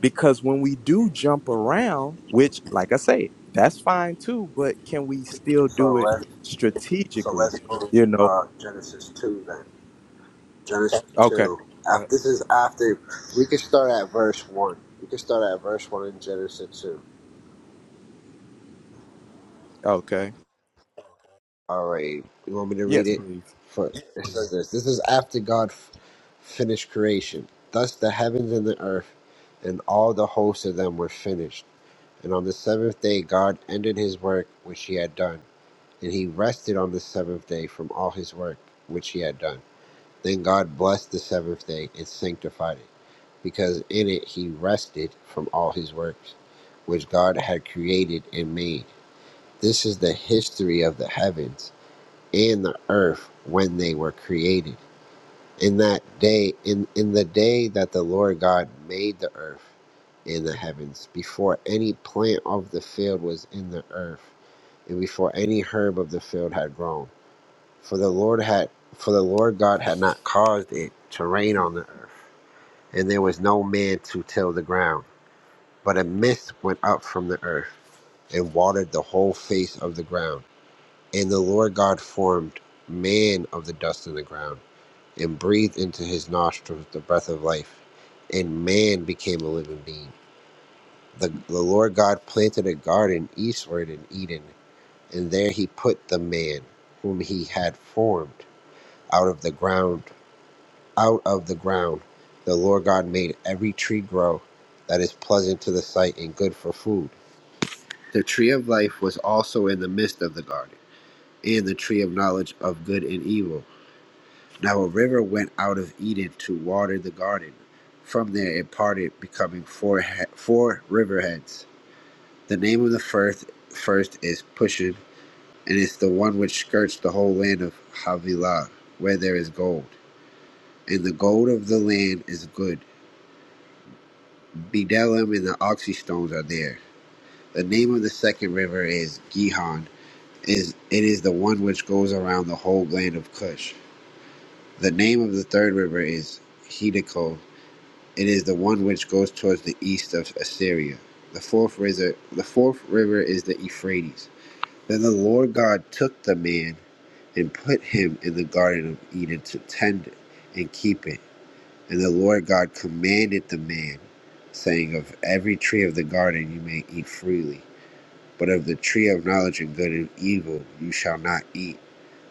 because when we do jump around which like i say that's fine too but can we still do So it let's so strategically let's go you to know uh, Genesis two then. Genesis okay two. Go After, ahead. this is after we can start at verse one. We can start at verse one in Genesis two. Okay. All right. You want me to read Yes, it? please. For it says this. This is after God f- finished creation. Thus the heavens and the earth, and all the hosts of them were finished. And on the seventh day God ended His work which He had done and he rested on the seventh day from all his work which he had done. Then God blessed the seventh day and sanctified it, because in it he rested from all his works which God had created and made. This is the history of the heavens and the earth when they were created. In that day, in, in the day that the Lord God made the earth and the heavens, before any plant of the field was in the earth, and before any herb of the field had grown for the Lord had for the Lord God had not caused it to rain on the earth, and there was no man to till the ground. But a mist went up from the earth and watered the whole face of the ground. And the Lord God formed man of the dust of the ground, and breathed into his nostrils the breath of life, and man became a living being. The, the Lord God planted a garden eastward in Eden, and there he put the man whom he had formed out of the ground out of the ground the Lord God made every tree grow that is pleasant to the sight and good for food. The tree of life was also in the midst of the garden, and the tree of knowledge of good and evil. Now a river went out of Eden to water the garden. From there it parted, becoming four, he- four riverheads. The name of the first, first is Pushon, and it's the one which skirts the whole land of Havilah, where there is gold. And the gold of the land is good Bdelem and the Oxy stones are there. The name of the second river is Gihon. Is it is the one which goes around the whole land of Cush. The name of the third river is Hiddekel. It is the one which goes towards the east of Assyria. The fourth river, the fourth river is the Euphrates. Then the Lord God took the man and put him in the garden of Eden to tend it and keep it. And the Lord God commanded the man, saying, Of every tree of the garden you may eat freely, but of the tree of knowledge of good and evil you shall not eat,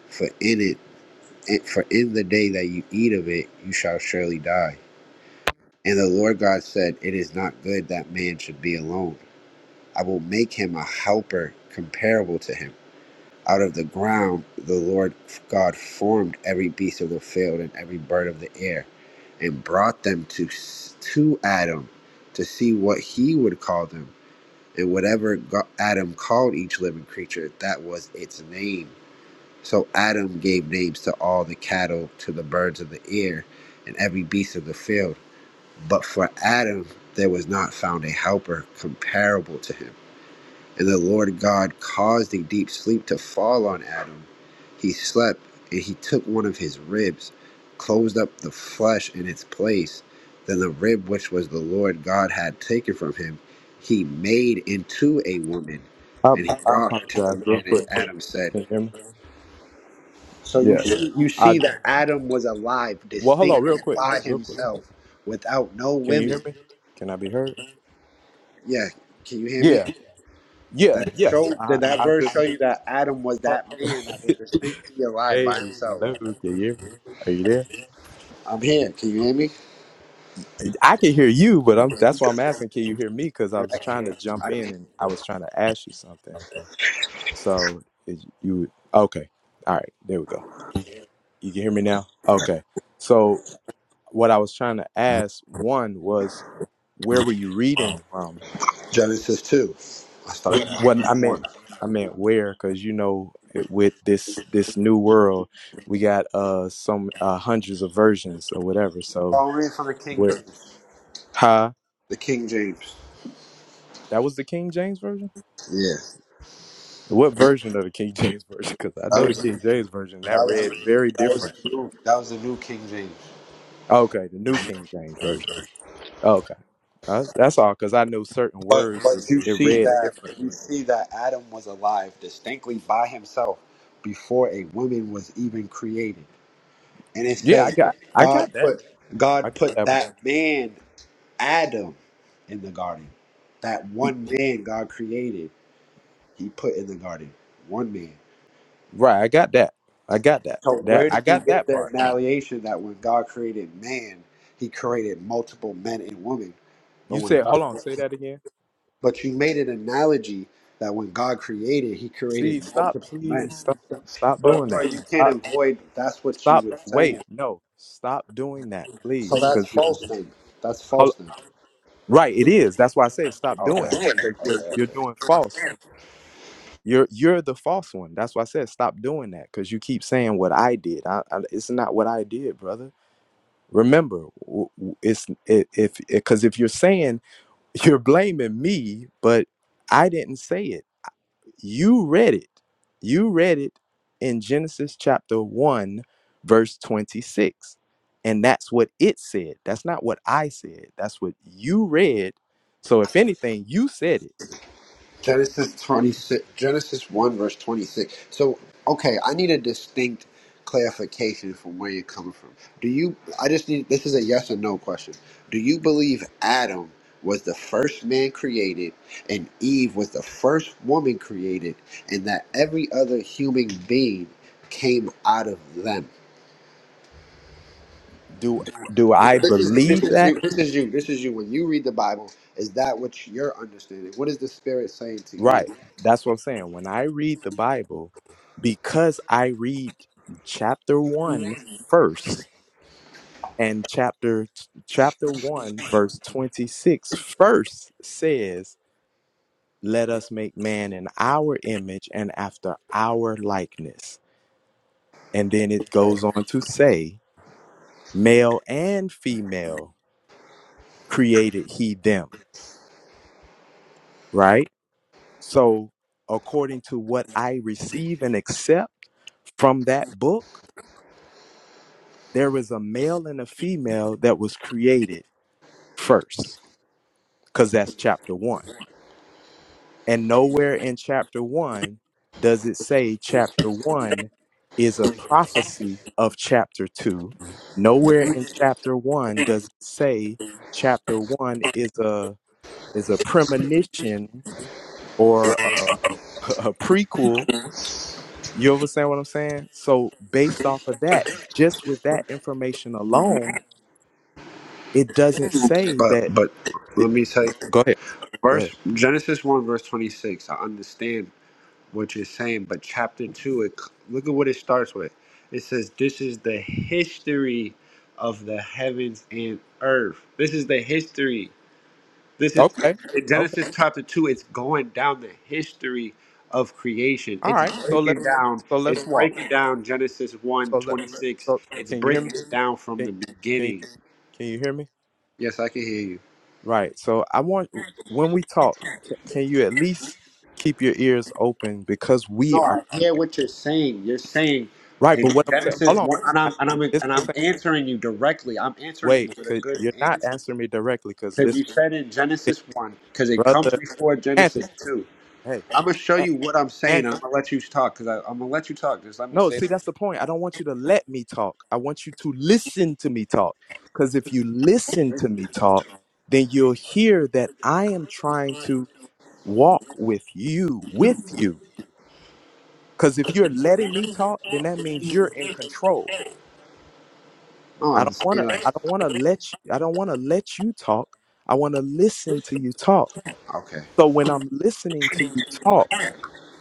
for in it it- for in the day that you eat of it you shall surely die. And the Lord God said, It is not good that man should be alone. I will make him a helper comparable to him. Out of the ground the Lord God formed every beast of the field and every bird of the air, and brought them to to Adam to see what he would call them. And whatever Go- Adam called each living creature, that was its name. So Adam gave names to all the cattle, to the birds of the air, and every beast of the field. But for Adam, there was not found a helper comparable to him. And the Lord God caused a deep sleep to fall on Adam. He slept, and he took one of his ribs, closed up the flesh in its place. Then the rib which was the Lord God had taken from him, he made into a woman. I, And I apologize real quick. Adam said, Can you hear me? So you, Yeah. you see, I Adam was alive, well, distinct, hello, real quick, real quick. without no Can you women. hear me? Can I be heard? Yeah, can you hear me? Yeah. Yeah. That, Yes. I I just. that Adam was ho- that man that was distinctly alive hey, by himself. hello. Can you hear me? Are you there? I'm here. Can you hear me? I can hear you, but I'm. That's why I'm asking. Can you hear me? Because I I was trying to can. I jump in can and I was trying to ask you something. So is you okay? All right. There we go. You can hear me now. Okay. So what I was trying to ask one was where were you reading from? Genesis 2. I started Yeah. at Well, I verse meant 1. I meant where, because you know, it- with this this new world, we got uh some uh, hundreds of versions or whatever. So I'll read from the King where? James. Huh? The King James. That was the King James version. Yeah. What version of the King James version? Because I That know the was, King James version that read very that was, the, different. new, that was the new King James. Okay, the new King James version. Okay, that's, that's all. Because I know certain But words was you it see read that, you differently. see that Adam was alive distinctly by himself before a woman was even created. And it Yeah, I says got I God got that. put I God got put that. Part. that man, Adam, in the garden. That one man God created, he put in the garden. One man. Right, I got that. I got that. So That where I did you got get that the part. annihilation that when God created man, he created multiple men and women? But You when said, God, hold on, say that again. but you made an analogy that when God created, he See, created stop, multiple men. please, stop, stop But doing bro, that. you can't Stop, avoid that's what stop. you were Wait, saying. no, stop doing that, So please, that's because false then. That's false right, it is. That's why I say stop then. doing that because you're you're doing false. You're you're the false one. That's why I said stop doing that because you keep saying what I did. I, I, it's not what I did, brother. Remember, w- w- it's it, if because if you're saying you're blaming me, but I didn't say it. You read it. You read it in Genesis chapter 1, verse 26. And that's what it said. That's not what I said. That's what you read. So if anything, you said it. Genesis 26, Genesis 1, verse 26. So, okay, I need a distinct clarification from where you're coming from. Do you, I just need, this is a yes or no question. Do you believe Adam was the first man created and Eve was the first woman created and that every other human being came out of them? Do do I This is this believe is that? you. This is you. This is you. When you read the Bible, is that what you're understanding? What is the Spirit saying to Right. you? That's what I'm saying. When I read the Bible, because I read chapter one first, and chapter chapter 1 verse 26 first says let us make man in our image and after our likeness. And then it goes on to say, male and female created he them, right? So, according to what I receive and accept from that book, there is a male and a female that was created first, because that's chapter one And nowhere in chapter one does it say chapter one is a prophecy of chapter two. Nowhere in chapter one does it say chapter one is a is a premonition or a, a prequel. You understand what I'm saying? So based off of that, just with that information alone, it doesn't say But that. but let me say. go ahead. Go ahead. Verse Genesis one verse twenty six. I understand what you're saying, but chapter two, it look at what it starts with. It says, "This is the history of the heavens and earth. This is the history. This is Okay. in Okay. Genesis chapter two. It's going down the history of creation. All It's right. So breaking let's down. so It's let's walk. down Genesis one so let twenty six. so It's can you breaking hear me down from can, the can you beginning. can you hear me Yes, I can hear you. right so i want when we talk can, can you at least keep your ears open because we No, are I hear what you're saying. You're saying right in but what i'm saying hold Genesis on one, this, and I, I'm and I'm this and i'm I'm saying answering you directly. I'm answering you wait with a could good you're not answer answering me directly because because this you said in Genesis one because it comes brother before anthony Genesis two. hey I'm gonna show A- you what I'm saying, and Anthony. I'm gonna let you talk because I'm gonna let you talk. Just let me No, say. see, that's the point. I don't want you to let me talk. I want you to listen to me talk. Because if you listen to me talk, then you'll hear that I am trying to. walk with you, with you. Because if you're letting me talk, then that means you're in control. No, I I'm don't saying wanna I like don't wanna let you I don't wanna let you talk. I wanna listen to you talk. okay, So when I'm listening to you talk,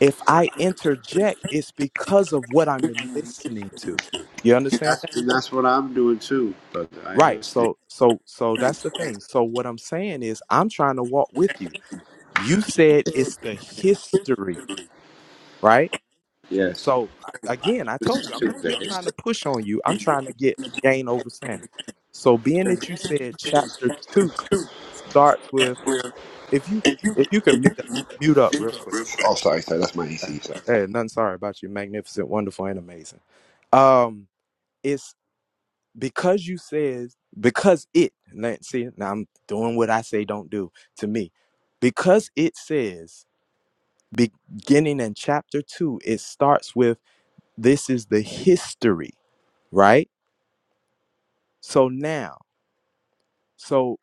if I interject, it's because of what I'm listening to. You understand that? and that's what I'm doing too. But I Right. understand. So so so that's the thing. So what I'm saying is I'm trying to walk with you. You said it's the history, right? Yes. So again, I This told is you, I'm not here trying Tuesday. to push on you. I'm trying to get gain over sanity. So being that you said chapter two starts with if you c- if you can meet up, mute up real quick. Oh, sorry, sorry. That's my Hey, AC. Sorry. hey, nothing sorry about you. Magnificent, wonderful, and amazing. Um, it's because you says because it. now- See, now I'm doing what I say don't do to me. Because it says beginning in chapter two, it starts with this is the history, right? So now, so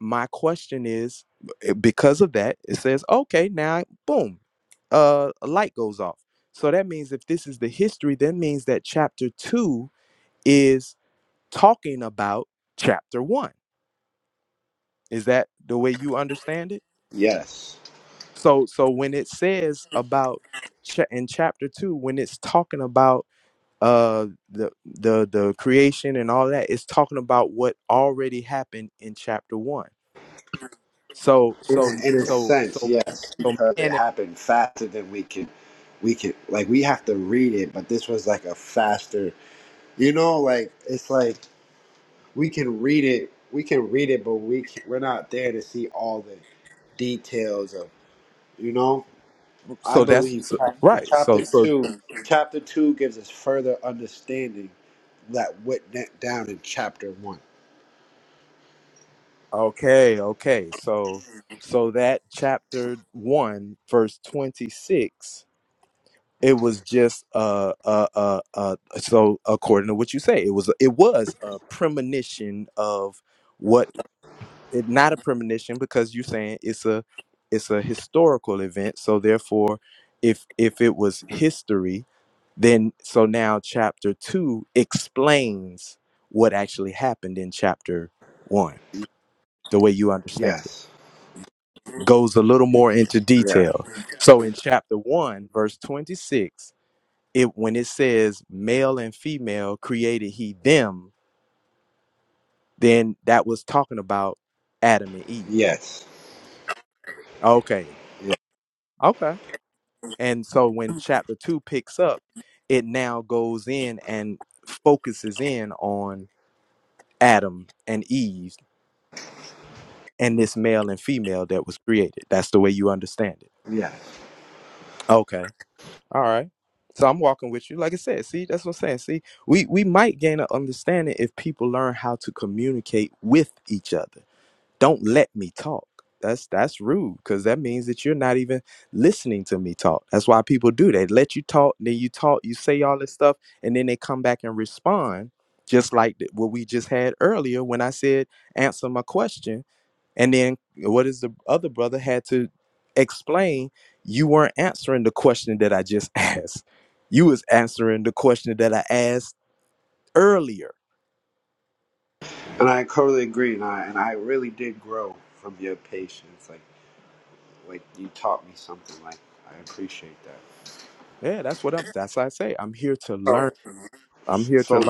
my question is eh, because of that, it says, okay, now boom, uh, a light goes off. So that means if this is the history, that means that chapter two is talking about chapter one. Is that the way you understand it? Yes. So, so when it says about cha- in chapter two, when it's talking about uh the the the creation and all that, it's talking about what already happened in chapter one So in, so a- in a so sense, so yes, so because it man happened faster than we can, We can like we have to read it, but this was like a faster. You know, like it's like we can read it. We can read it, but we c we're not there to see all the details of. You know, I so that's believe so, chap- the right. So chapter so two. Chapter two gives us further understanding that went da- down in chapter one. okay, okay. So so that chapter 1 verse 26 it was just uh uh uh, uh so according to what you say it was it was a premonition of what it not a premonition because you're saying it's a it's a historical event so therefore if if it was history then so now chapter 2 explains what actually happened in chapter 1 the way you understand it Yes. goes a little more into Yeah. detail so in chapter 1 verse 26 it when it says male and female created he them then that was talking about adam and eve Yes. okay Yeah. Okay. And so when chapter two picks up, it now goes in and focuses in on Adam and Eve and this male and female that was created. That's the way you understand it. Yes. Okay. All right. So I'm walking with you. Like I said, see, that's what I'm saying. See, we, we might gain an understanding if people learn how to communicate with each other don't let me talk that's that's rude because that means that you're not even listening to me talk that's why people do they let you talk then you talk you say all this stuff and then they come back and respond just like th- what we just had earlier when i said answer my question and then what is the other brother had to explain you weren't answering the question that i just asked you was answering the question that i asked earlier And I totally agree, and I and I really did grow from your patience. Like like you taught me something. Like I appreciate that. yeah that's what i'm that's what i say i'm here to learn i'm here to So learn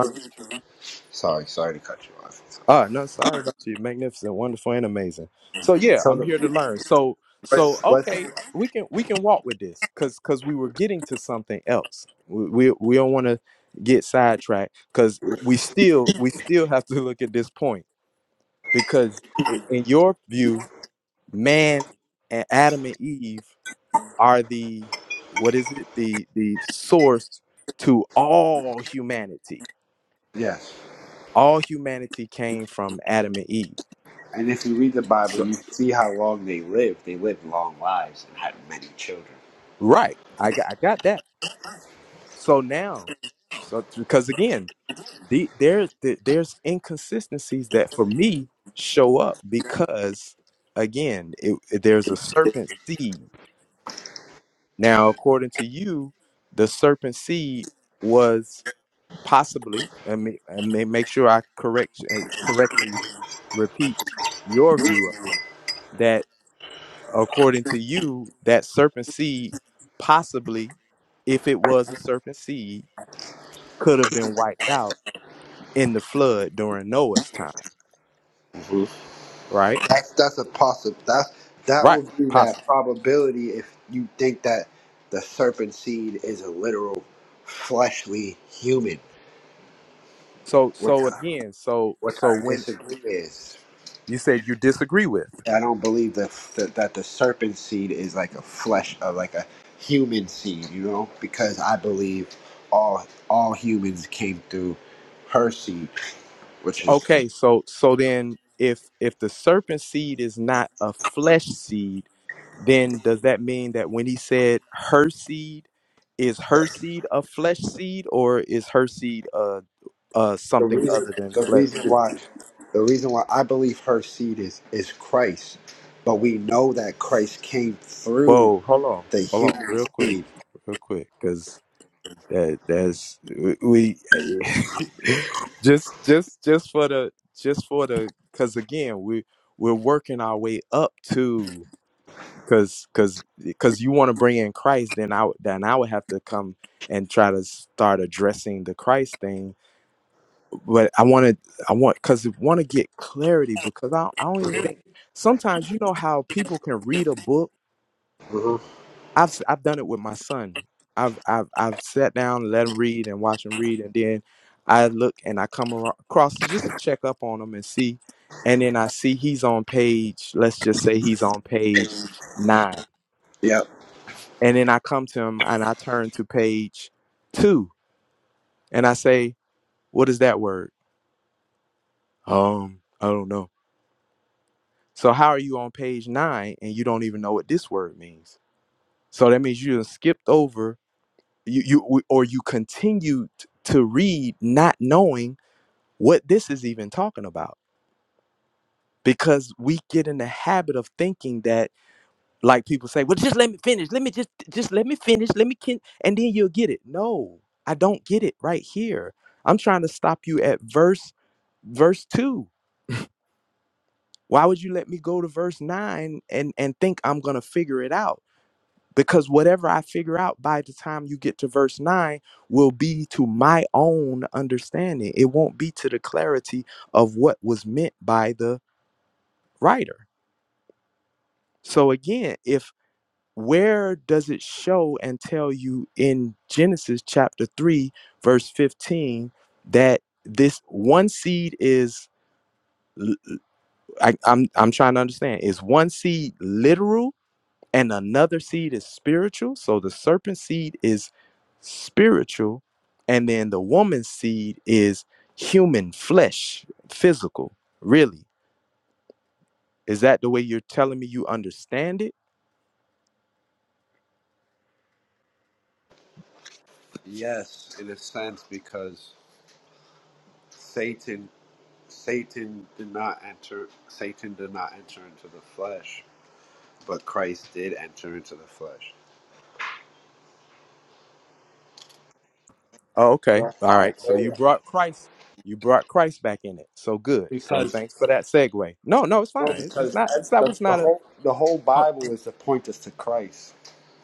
sorry, sorry to cut you off. Ah, no, sorry about you. Magnificent, wonderful, and amazing. So yeah, So I'm here to the learn. So so let's, let's okay, we can we can walk with this because because we were getting to something else. We we, we don't want to get sidetracked because we still we still have to look at this point because i- in your view, man and Adam and Eve are the what is it the the source to all humanity. yes. All humanity came from Adam and Eve. And if you read the So. Bible, you see how long they lived. They lived long lives and had many children. Right. I got, I got that. So now, so because again, the, there, the, there's inconsistencies that for me show up because again, it, it- there's a serpent seed. Now, according to you, the serpent seed was possibly, and may, I may make sure I correct and correctly repeat your view of it, that according to you, that serpent seed possibly, if it was a serpent seed could have been wiped out in the flood during Noah's time, hmm right? That's that's a possible. That that Right, would be that possibly. probability if you think that the serpent seed is a literal fleshly human. So What? so again, so What so I when disagree is, you said you disagree with. I don't believe that that, that the serpent seed is like a flesh of like a human seed, you know, because I believe all all humans came through her seed, which is Okay, so so then if if the serpent seed is not a flesh seed, then does that mean that when he said her seed is her seed a flesh seed or is her seed uh uh the something reason other than the flesh reason too? why the reason why I believe her seed is is Christ, but we know that Christ came through Whoa, hold on. the Hold on human real quick. seed. Real quick cuz That that's we just just just for the just for the because again we we're working our way up to because because because you want to bring in Christ then I would- then I would have to come and try to start addressing the Christ thing but I want to I want because want to get clarity because I I don't even think sometimes you know how people can read a book Mhm. I've s- I've done it with my son. I've I've I've sat down, let him read and watch him read, and then I look and I come aro- across it just to check up on him and see, and then I see he's on page. Let's just say he's on page nine, Yep. and then I come to him and I turn to page two, and I say, "What is that word?" Um, I don't know. So how are you on page nine and you don't even know what this word means? So that means you have skipped over you, you or you continue t- to read not knowing what this is even talking about because we get in the habit of thinking that like people say well just let me finish let me just just let me finish let me kin-, and then you'll get it no i don't get it right here i'm trying to stop you at verse verse 2 why would you let me go to verse 9 and and think i'm gonna figure it out because whatever I figure out by the time you get to verse 9 will be to my own understanding. It won't be to the clarity of what was meant by the writer. So again, if where does it show and tell you in Genesis chapter 3 verse 15 that this one seed is l- I, am I'm I'm trying to understand is one seed literal and another seed is spiritual. So the serpent seed is spiritual, and then the woman's seed is human flesh, physical. Really, is that the way you're telling me you understand it? Yes, in a sense, because Satan. Satan did not enter Satan did not enter into the flesh, but Christ did enter into the flesh. Oh, okay, That's all why I right. So say you that. brought Christ, you brought Christ back in it. So good. So Because thanks for that segue. No, no, it's no, fine. It's, it's because not. ev- It's not. the, It's the not a. whole the whole oh, Bible is to point us to Christ.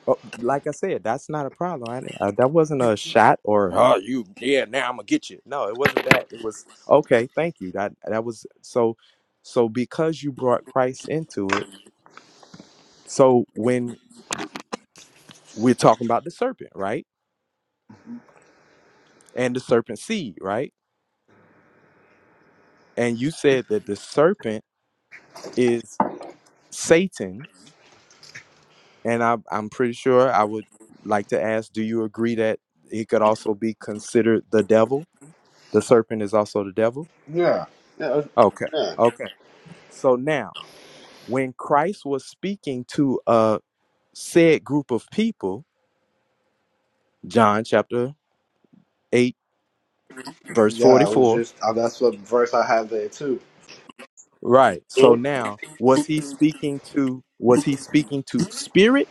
Oh, like I said, that's not a problem. I, didn't- uh that wasn't a shot or oh you yeah now I'm gonna get you. No, it wasn't that. It was okay. Thank you. That that was so so because you brought Christ into it. So when we're talking about the serpent, right, and the serpent seed, right, and you said that the serpent is Satan, and I, I'm pretty sure I would like to ask, do you agree that it could also be considered the devil? The serpent is also the devil. Yeah. Yeah, uh, Okay. yeah, okay. So now, when Christ was speaking to a said group of people, John chapter 8 verse yeah. I was 44, just uh, that's what verse I have there too. right. So now, was he speaking to was he speaking to spirit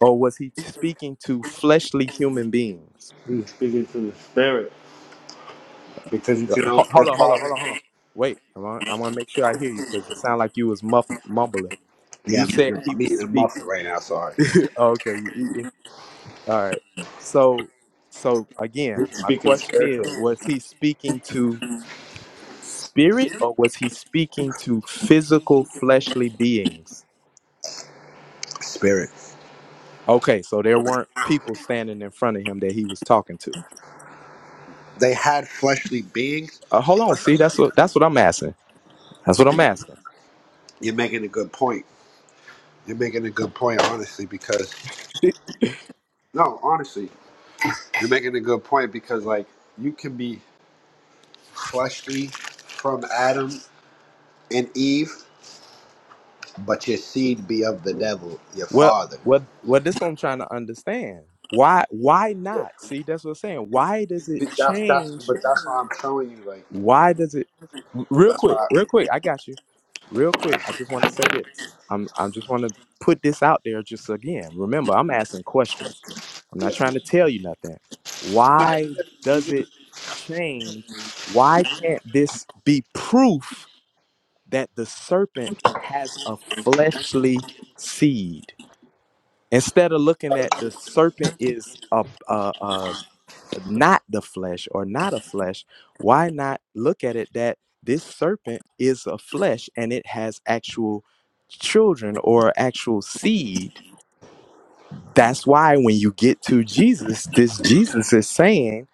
or was he speaking to fleshly human beings? He's speaking to the spirit because you can only Ho- Hold the on, hold on, hold father. on, hold on. Wait, I want, I want to make sure I hear you because it sounded like you was muff, mumbling. You Yeah, I'm said eating he I'm was eating a speak. muffin right now. Sorry, okay, you eating. All right. So so again, He's my speaking question is spiritually. was he speaking to spirit or was he speaking to physical fleshly beings? Spirit. Okay, so there weren't people standing in front of him that he was talking to. They had fleshly beings, Uh, hold on, see that's what that's what I'm asking. That's what I'm asking. You're making a good point. You're making a good point, honestly, because no, honestly, you're making a good point because like you can be fleshly from Adam and Eve, but your seed be of the devil, your Well, father. what what this one I'm trying to understand. Why why See, not? See, that's what I'm saying. Why does it That's that's change but that's why I'm telling you, like Why does it? Real that's quick, why. I, real quick. I got you. Real quick. I just want to say this. I'm. I just want to put this out there. Just again, remember, I'm asking questions. I'm not trying yeah, to tell you nothing. Why does it change? Why can't this be proof that the serpent has a fleshly seed? Instead of looking at the serpent is a, a, a not the flesh or not a flesh, why not look at it that this serpent is a flesh and it has actual children or actual seed? That's why when you get to Jesus, this Jesus is saying,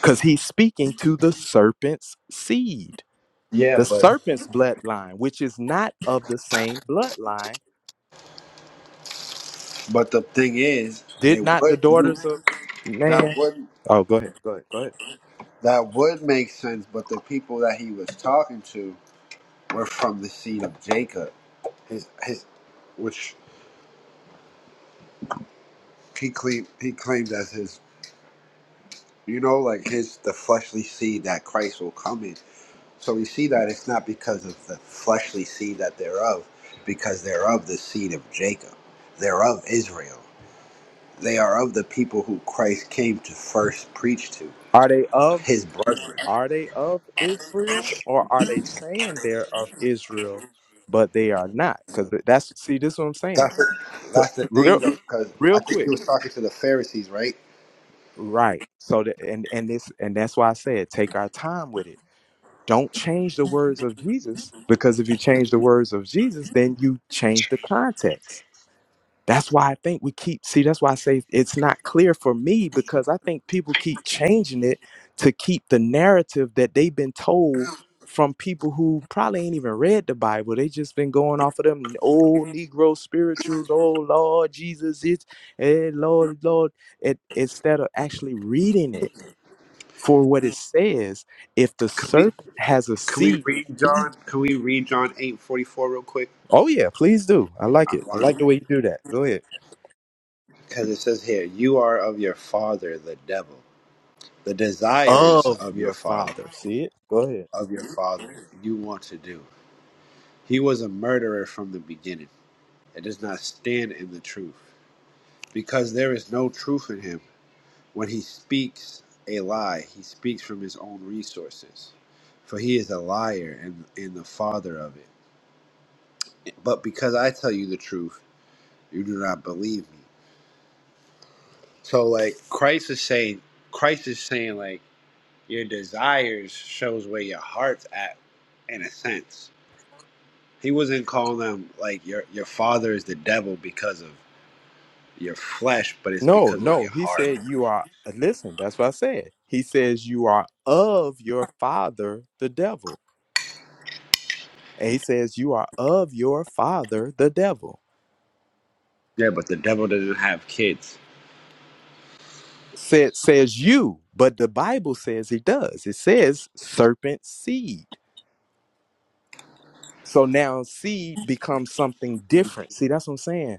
because he's speaking to the serpent's seed, yeah, the but serpent's bloodline, which is not of the same bloodline. but the thing is, Did it not the would you daughters of that man? would Oh, go ahead. Go ahead. Go ahead. that would make sense, but the people that he was talking to were from the seed of Jacob. his his which he claimed he claimed as his you know like his the fleshly seed that Christ will come in. So we see that it's not because of the fleshly seed that they're of, because they're of the seed of Jacob, they're of Israel. They are of the people who Christ came to first preach to, Are they of? his brethren. Are they of Israel or are they saying they're of Israel, but they are not? Because that's see, this is what I'm saying. That's the, To- that's the thing, Real though, because real I think he quick. was talking to the Pharisees, right? Right. So the, and and this and that's why I said take our time with it. Don't change the words of Jesus because if you change the words of Jesus, then you change the context. That's why I think we keep see. That's why I say it's not clear for me because I think people keep changing it to keep the narrative that they've been told from people who probably ain't even read the Bible. They just been going off of them old Negro spirituals. Oh Lord Jesus, it's eh, Lord Lord. It, instead of actually reading it for what it says, if the Can we serpent has a can we seed. read John? Can we read John eight forty four real quick? Oh yeah, please do. I like I it. I want to. like the way you do that. Go ahead. Because it says here, you are of your father, the devil. The desires Of of your your father, father. See it. Go ahead. of your father, you want to do. He was a murderer from the beginning and does not stand in the truth, because there is no truth in him. When he speaks a lie, he speaks from his own resources, for he is a liar and, and the father of it. But because I tell you the truth, you do not believe me. So, like Christ is saying, Christ is saying, like Your desires shows where your heart's at, in a sense. He wasn't calling them like your your father is the devil because of your flesh, but it's No, because of no. your He heart. said you are listen, that's what I said. He says you are of your father the devil. And he says you are of your father the devil. Yeah, but the devil doesn't have kids. Said says you, but the Bible says he does. It says serpent seed. So now seed becomes something different. See, that's what I'm saying.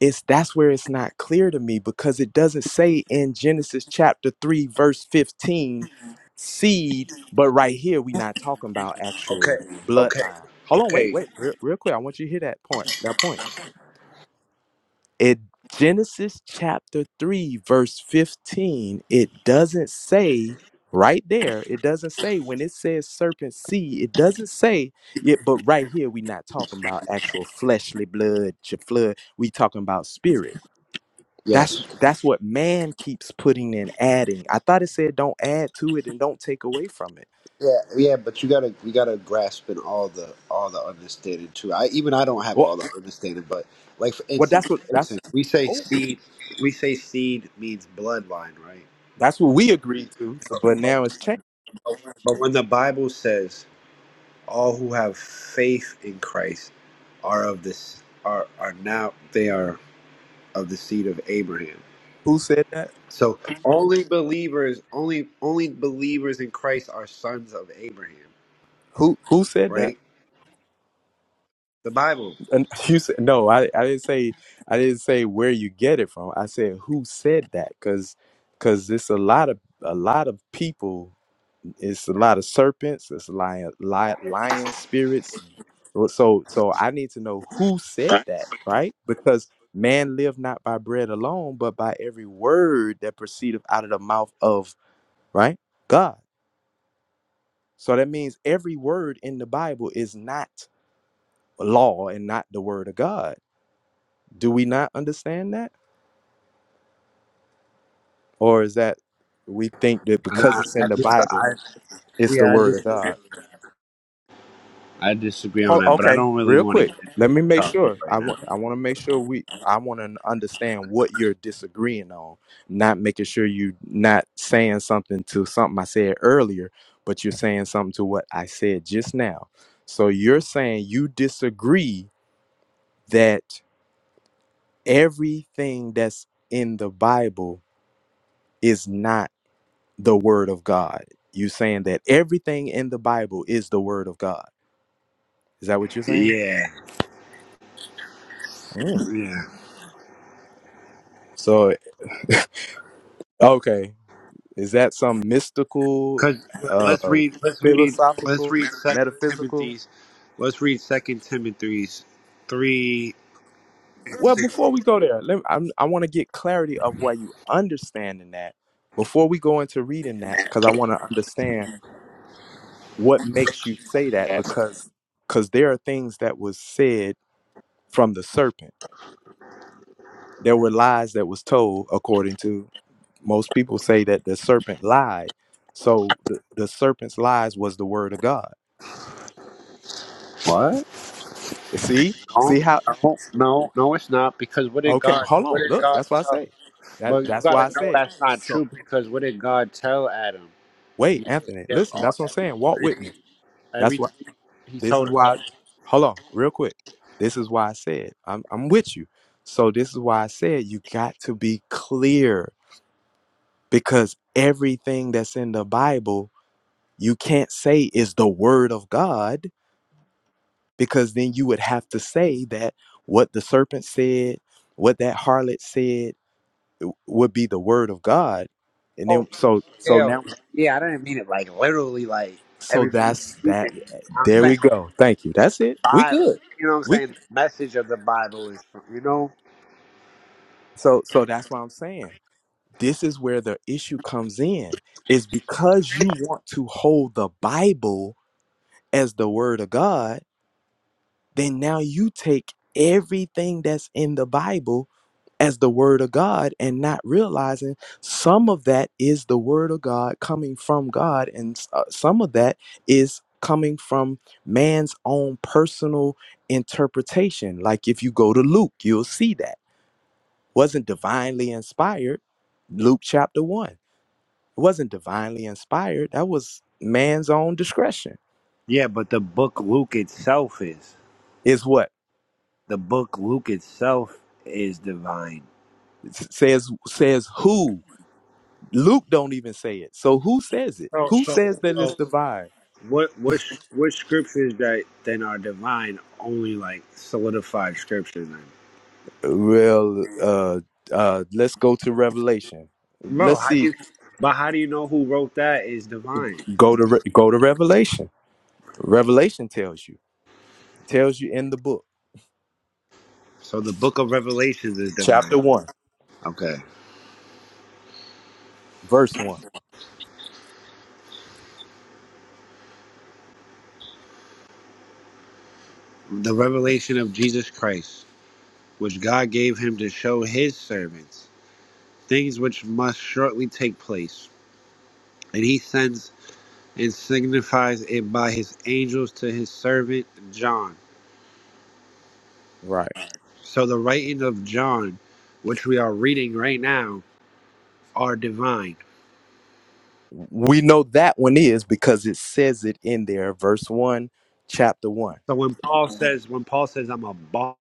it's that's where it's not clear to me because it doesn't say in Genesis chapter 3 verse 15 seed but right here we're not talking about actual Okay, okay, bloodline hold on wait okay. wait real, real quick i want you to hear that point that point it genesis chapter 3 verse 15 it doesn't say right there it doesn't say when it says serpent seed it doesn't say it but right here we're not talking about actual fleshly blood ch- flood we talking about spirit that's Yes. that's what man keeps putting in, adding. I thought it said don't add to it and don't take away from it. Yeah, yeah, but you gotta you gotta grasp in all the all the understanding too. I even I don't have Well, all the understanding, but like for well, that's instance, what for that's instance, we say oh, seed we say seed means bloodline, right? that's what we agreed to. So, but now it's changed. But when the Bible says all who have faith in Christ are of this are are now they are of the seed of Abraham. Who said that? So only believers, only only believers in Christ are sons of Abraham, Who who said that? right? The Bible. And you said no. I, I didn't say I didn't say where you get it from. I said who said that because because it's a lot of a lot of people It's a lot of serpents. It's lion, lion, lion spirits. Well, So, so I need to know who said that, right? Because man live not by bread alone, but by every word that proceedeth out of the mouth of right God. So that means every word in the Bible is not law and not the word of God. Do we not understand that, or is that we think that And I, because it's I, in the dis- I Bible, it's the yeah, I, word of dis- God? I disagree on Hold, that, but I okay, don't really real want to quick. get into Let me that make topic sure. right I now. want. I want to make sure we. I want to understand what you're disagreeing on. Not making sure you not saying something to something I said earlier, but you're saying something to what I said just now. So you're saying you disagree that everything that's in the Bible is not the Word of God. You saying that everything in the Bible is the Word of God. Is that what you're saying? Yeah, Mm. yeah. So Okay. Is that some mystical, Cause uh, let's read, let's read, let's philosophical, read Second metaphysical? Timothy's, let's read Second Timothy's three. Well, before we go there, let I'm, I want to get clarity of why you understand in that before we go into reading that, because I want to understand what makes you say that because because there are things that was said from the serpent. There were lies that was told, according to most people say that the serpent lied. So the, the serpent's lies was the word of God. What? See, see No, how. no, no, no, it's not. Because what did Okay, God? hold What on. did Look, God that's why I tell? say. That But you that's why gotta I know said. that's not So true. Because what did God tell Adam? wait, You, Anthony, they listen. all- That's what I'm saying. Walk with me. That's why. everything he This is told why. Adam. Hold on, real quick. This is why I said I'm I'm with you. So this is why I said you got to be clear because everything that's in the Bible you can't say is the word of God because then you would have to say that what the serpent said, what that harlot said would be the word of God. And Oh, then so so yeah, now yeah. I didn't mean it like literally, like So everything. that's You can, that. I'm There saying we go. Thank you. That's it. We Bible. good. You know what I'm We saying? The message of the Bible is, you know. so so that's why I'm saying this is where the issue comes in is because you want to hold the Bible as the word of God then now you take everything that's in the Bible as the word of God and not realizing some of that is the word of God coming from God and uh, some of that is coming from man's own personal interpretation. Like if you go to Luke, you'll see that wasn't divinely inspired. Luke chapter 1. It wasn't divinely inspired. That was man's own discretion. Yeah, but the book Luke itself is Is what the book Luke itself is divine. S- says says who Luke don't even say it. So who says it? So, Who so, says that it's so, the vine? What what sh- what scriptures that then are divine only like solidified scriptures then? Well, uh, uh, let's go to Revelation. Bro, Let's how do see. you but how do you know who wrote that is divine? Go to Re- go to Revelation. Revelation tells you tells you in the book, So the book of Revelations is chapter divine. one, Okay. verse one. The revelation of Jesus Christ, which God gave him to show his servants, things which must shortly take place. And he sends and signifies it by his angels to his servant John. Right. So the writing of John, which we are reading right now, are divine. We know that one is because it says it in there, verse one, chapter one. So when Paul says, when Paul says, I'm a boss,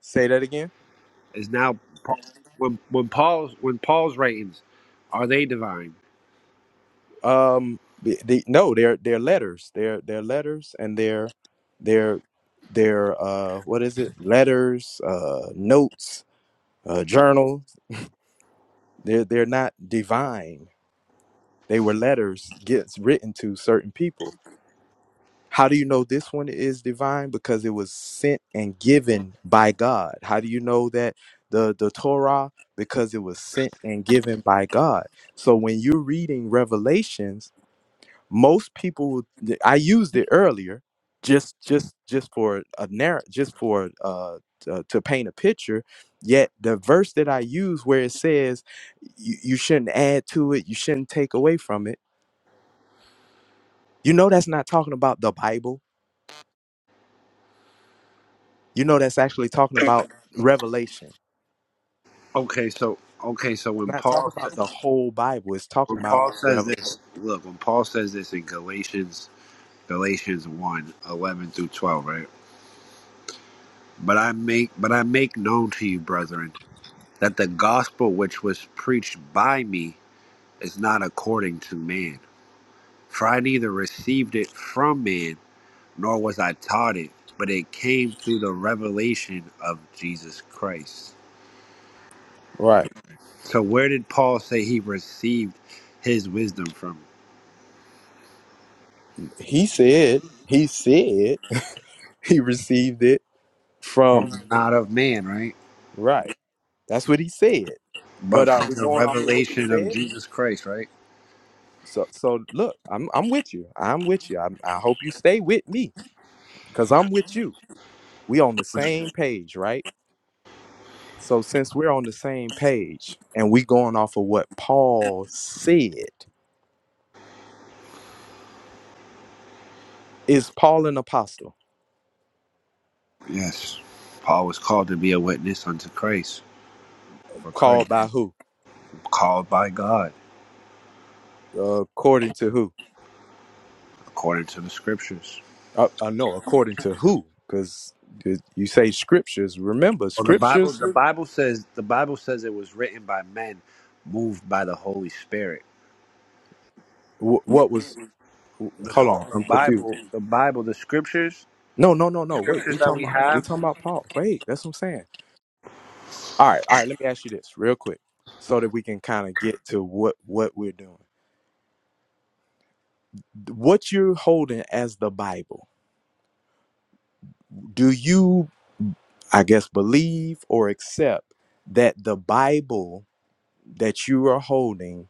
Say that again. is now Paul- when when Paul's when Paul's writings are they divine? Um, the, the, no, they're they're letters. They're they're letters, and they're they're they're uh, what is it? Letters, uh, notes, uh, journals. They're they're not divine. They were letters gets written to certain people. How do you know this one is divine? Because it was sent and given by God. How do you know that the the Torah? Because it was sent and given by God. So when you're reading Revelations most people i used it earlier just just just for a narrative just for uh to, to paint a picture yet the verse that i use where it says you, you shouldn't add to it you shouldn't take away from it you know that's not talking about the bible you know that's actually talking about revelation it's Okay, so okay, so when not talking Paul about the sa- whole bible it's talking when about Paul says revelation this, look, when Paul says this in Galatians Galatians one 11 through twelve, right? But I make but I make known to you, brethren, that the gospel which was preached by me is not according to man, for I neither received it from man nor was I taught it, but it came through the revelation of Jesus Christ. right So, where did Paul say he received his wisdom from? he said he said he received it From from not of man, right? right That's what he said. But But are from we the going off of what he revelation of said? Jesus Christ, right? So so look, I'm I'm with you. I'm with you. I'm, I hope you stay with me because I'm with you. We on the same page, right? So since we're on the same page and we going off of what Paul said, is Paul an apostle? Yes. Paul was called to be a witness unto Christ, for Christ, Called by who? called by God, according to who? according to the scriptures. Uh, uh, no, according to who? Because you say scriptures. Remember, Well, the Bible, scriptures. the Bible says, the Bible says it was written by men, moved by the Holy Spirit. wh- what was? Hold The, on, I'm confused. the Bible, the scriptures. No, no, no, no. Wait, we talking about we talking about Paul. Wait, that's what I'm saying. All right, all right. Let me ask you this real quick, so that we can kind of get to what what we're doing. What you're holding as the Bible. Do you, I guess, believe or accept that the Bible that you are holding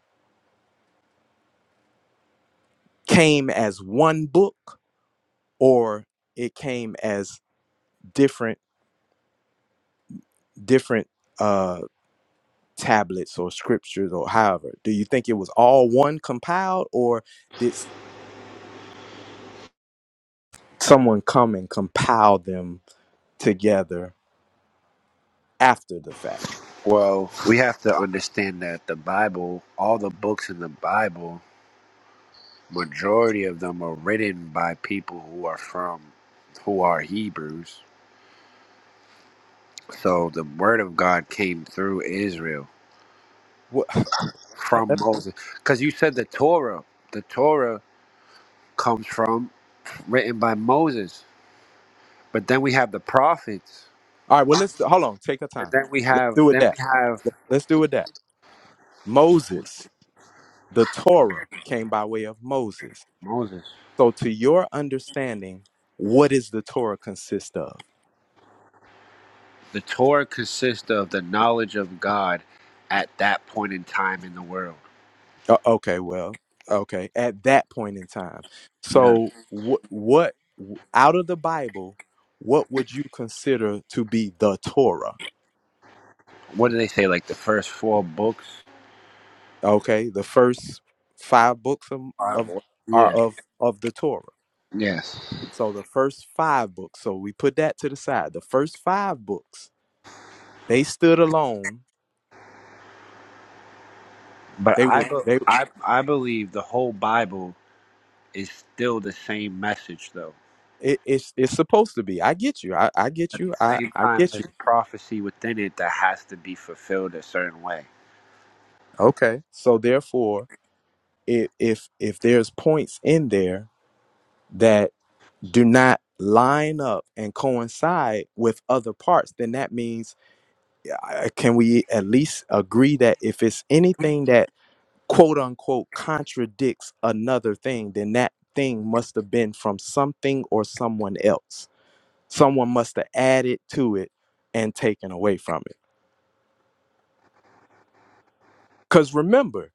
came as one book, or it came as different different uh tablets or scriptures or however? Do you think it was all one compiled, or did someone come and compile them together after the fact. Well, we have to understand that the Bible, all the books in the Bible, majority of them are written by people who are from, who are Hebrews. So the word of God came through Israel What, all from Moses. Because you said the Torah, the Torah comes from, written by Moses. But then we have the prophets. right, well, let's hold on. Take your But time. then we Let's have, do with then we that. have Let's do with that. Moses, the Torah came by way of Moses. Moses. So, to your understanding, what does the Torah consist of? The Torah consists of the knowledge of God at that point in time in the world. Uh, okay, well, okay, at that point in time. Yeah. So, what, what w- out of the Bible, what would you consider to be the Torah? what do they say like the first four books Okay, the first five books of, of are yeah of of the Torah. yes So the first five books. So we put that to the side. The first five books they stood alone. but They were i be- they. i i believe the whole bible is still the same message though It, it's it's supposed to be. I get you. I, I get at you. the I same I time get you. there's prophecy within it that has to be fulfilled a certain way Okay. So therefore, if if if there's points in there that do not line up and coincide with other parts, then that means uh, can we at least agree that if it's anything that quote unquote contradicts another thing, then that thing must have been from something or someone else. Someone must have added to it and taken away from it. Because remember,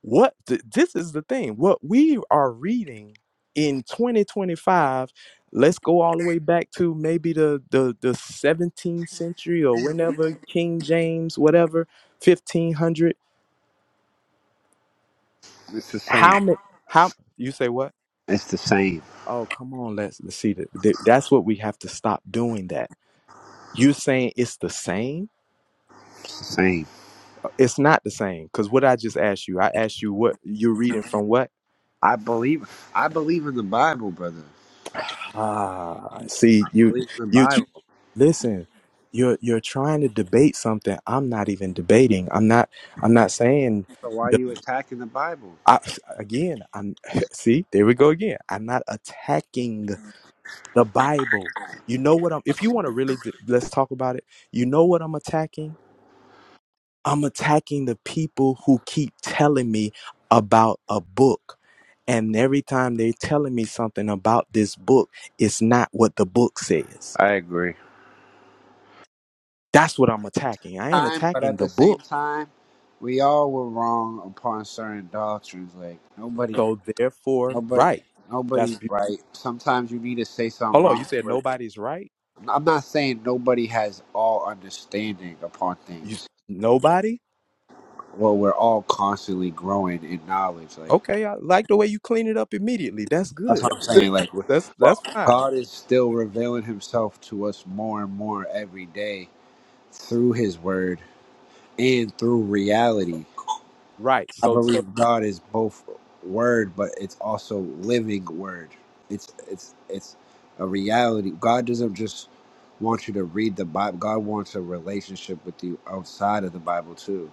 what th- this is the thing, what we are reading in 2025, let's go all the way back to maybe the, the, the 17th century or whenever King James, whatever, 1500. it's the same How many, how, you say what? it's the same Oh, come on, let's, let's see. That that- that's what we have to stop doing. That you're saying it's the same. it's the same It's not the same because what I just asked you, I asked you what you're reading from what. i believe i believe in the bible brother Ah, see, I you believe in the you tr- bible listen. You're you're trying to debate something. I'm not even debating. I'm not. I'm not saying. so why are The, you attacking the bible I, again, I'm see. There we go again. I'm not attacking the Bible. You know what I'm. If you want to really, d- let's talk about it. You know what I'm attacking I'm attacking the people who keep telling me about a book. And every time they're telling me something about this book, it's not what the book says. i agree That's what I'm attacking. I ain't time but attacking at the the book. same time we all were wrong upon certain doctrines like nobody So therefore, Nobody, right. That's nobody's be- right. Sometimes you need to say something hold on. You wrong. said But nobody's right. I'm not saying nobody has all understanding upon You things. nobody. Well, we're all constantly growing in knowledge. Like Okay, I like the way you clean it up immediately. That's that's good. what I'm saying. Like, we're, That's that's well, fine. God is still revealing Himself to us more and more every day through His Word and through reality. Right. I So so believe God is both word, but it's also living word. It's it's it's a reality. God doesn't just want you to read the Bible. God wants a relationship with you outside of the Bible too.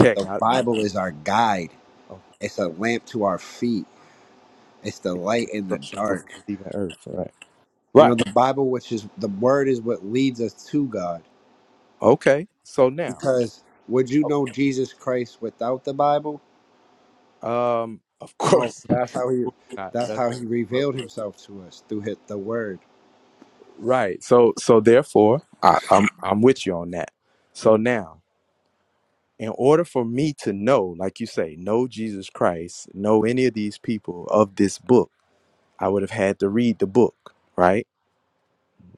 But the I, I Bible is our guide. okay. It's a lamp to our feet. It's the light in the Instructions before dark. leaving Earth. Right. You know, Right. the Bible, which is the word, is what leads us to God. Okay. So now. Because would you Oh, know Jesus Christ without the Bible? Um, of No, course, of that's how he. course not. That's That's how he revealed himself to us through his, the word. right. So, so therefore, I, I'm I'm with you on that. So now, in order for me to know, like you say, know Jesus Christ, know any of these people of this book, I would have had to read the book, right?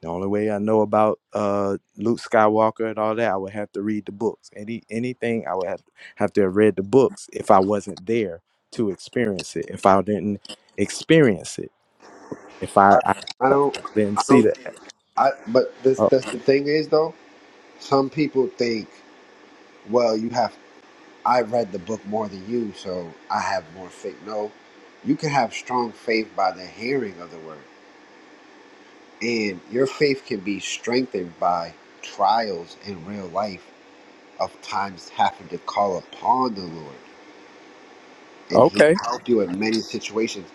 The only way I know about uh Luke Skywalker and all that, I would have to read the books. Any anything, I would have have to have read the books if I wasn't there to experience it. If I didn't experience it if I, I, I I don't. didn't see that. I but this Oh, that's the thing is though. Some people think, well, you have. I read the book more than you, so I have more faith. No, you can have strong faith by the hearing of the word, and your faith can be strengthened by trials in real life of times having to call upon the Lord. and he okay. will help you in many situations.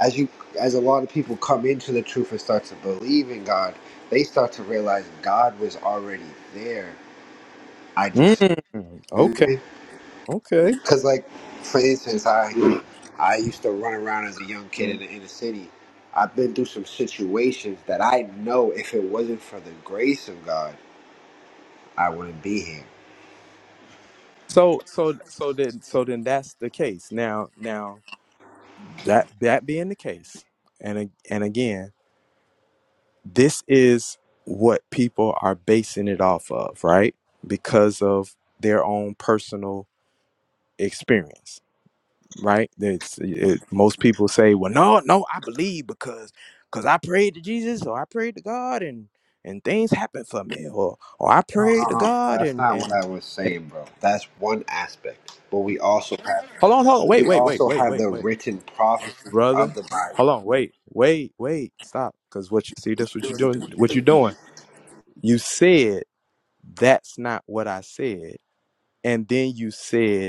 As you as a lot of people come into the truth and start to believe in God, they start to realize God was already there. I just Mm, okay. because Okay. like for instance, I I used to run around as a young kid in the inner city. I've been through some situations that I know if it wasn't for the grace of God, I wouldn't be here. So so so then so then that's the case. Now now that that being the case, and a- and again, this is what people are basing it off of, right? Because of their own personal experience right? That's it, most people say, well, no, no, I believe because because I prayed to Jesus or I prayed to God and and things happened for me or or I prayed to No, God that's and not what and, I was and saying, bro. That's one aspect. But we also have hold on, hold on, wait, We wait, wait, also wait, have wait, the wait, written prophecies of brother, the Bible. hold on, wait, wait, wait, stop, because what you see, that's what you're doing, what you're doing. You said that's not what I said, and then you said.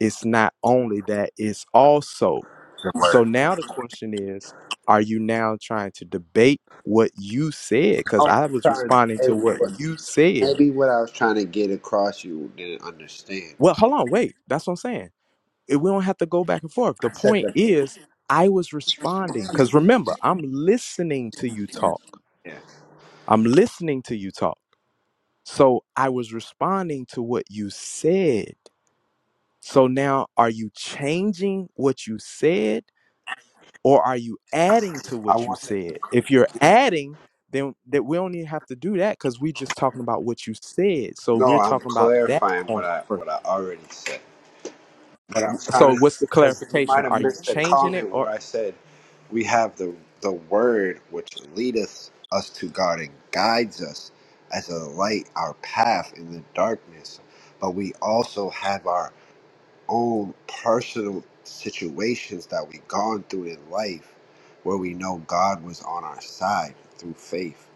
It's not only that, it's also. So now the question is, are you now trying to debate what you said? Because Oh, I I'm was sorry. responding to what you said. Maybe what I was trying to get across, you didn't understand. Well, hold on, wait. That's what I'm saying. It- we don't have to go back and forth. The I said point that. is, I was responding. Because remember, I'm listening to you talk. Yeah. I'm listening to you talk. So I was responding to what you said. So now, are you changing what you said? or are you adding to I what you want to. said? If you're adding, then that we don't even have to do that because we're just talking about what you said. So we're No, I'm talking about that clarifying what point I first. what I already said. But I'm trying So to, what's the because you clarification? might have Are you missed the changing it comment or where I said we have the the word which leadeth us to God and guides us as a light our path in the darkness. But we also have our own personal situations that we've gone through in life where we know God was on our side through faith.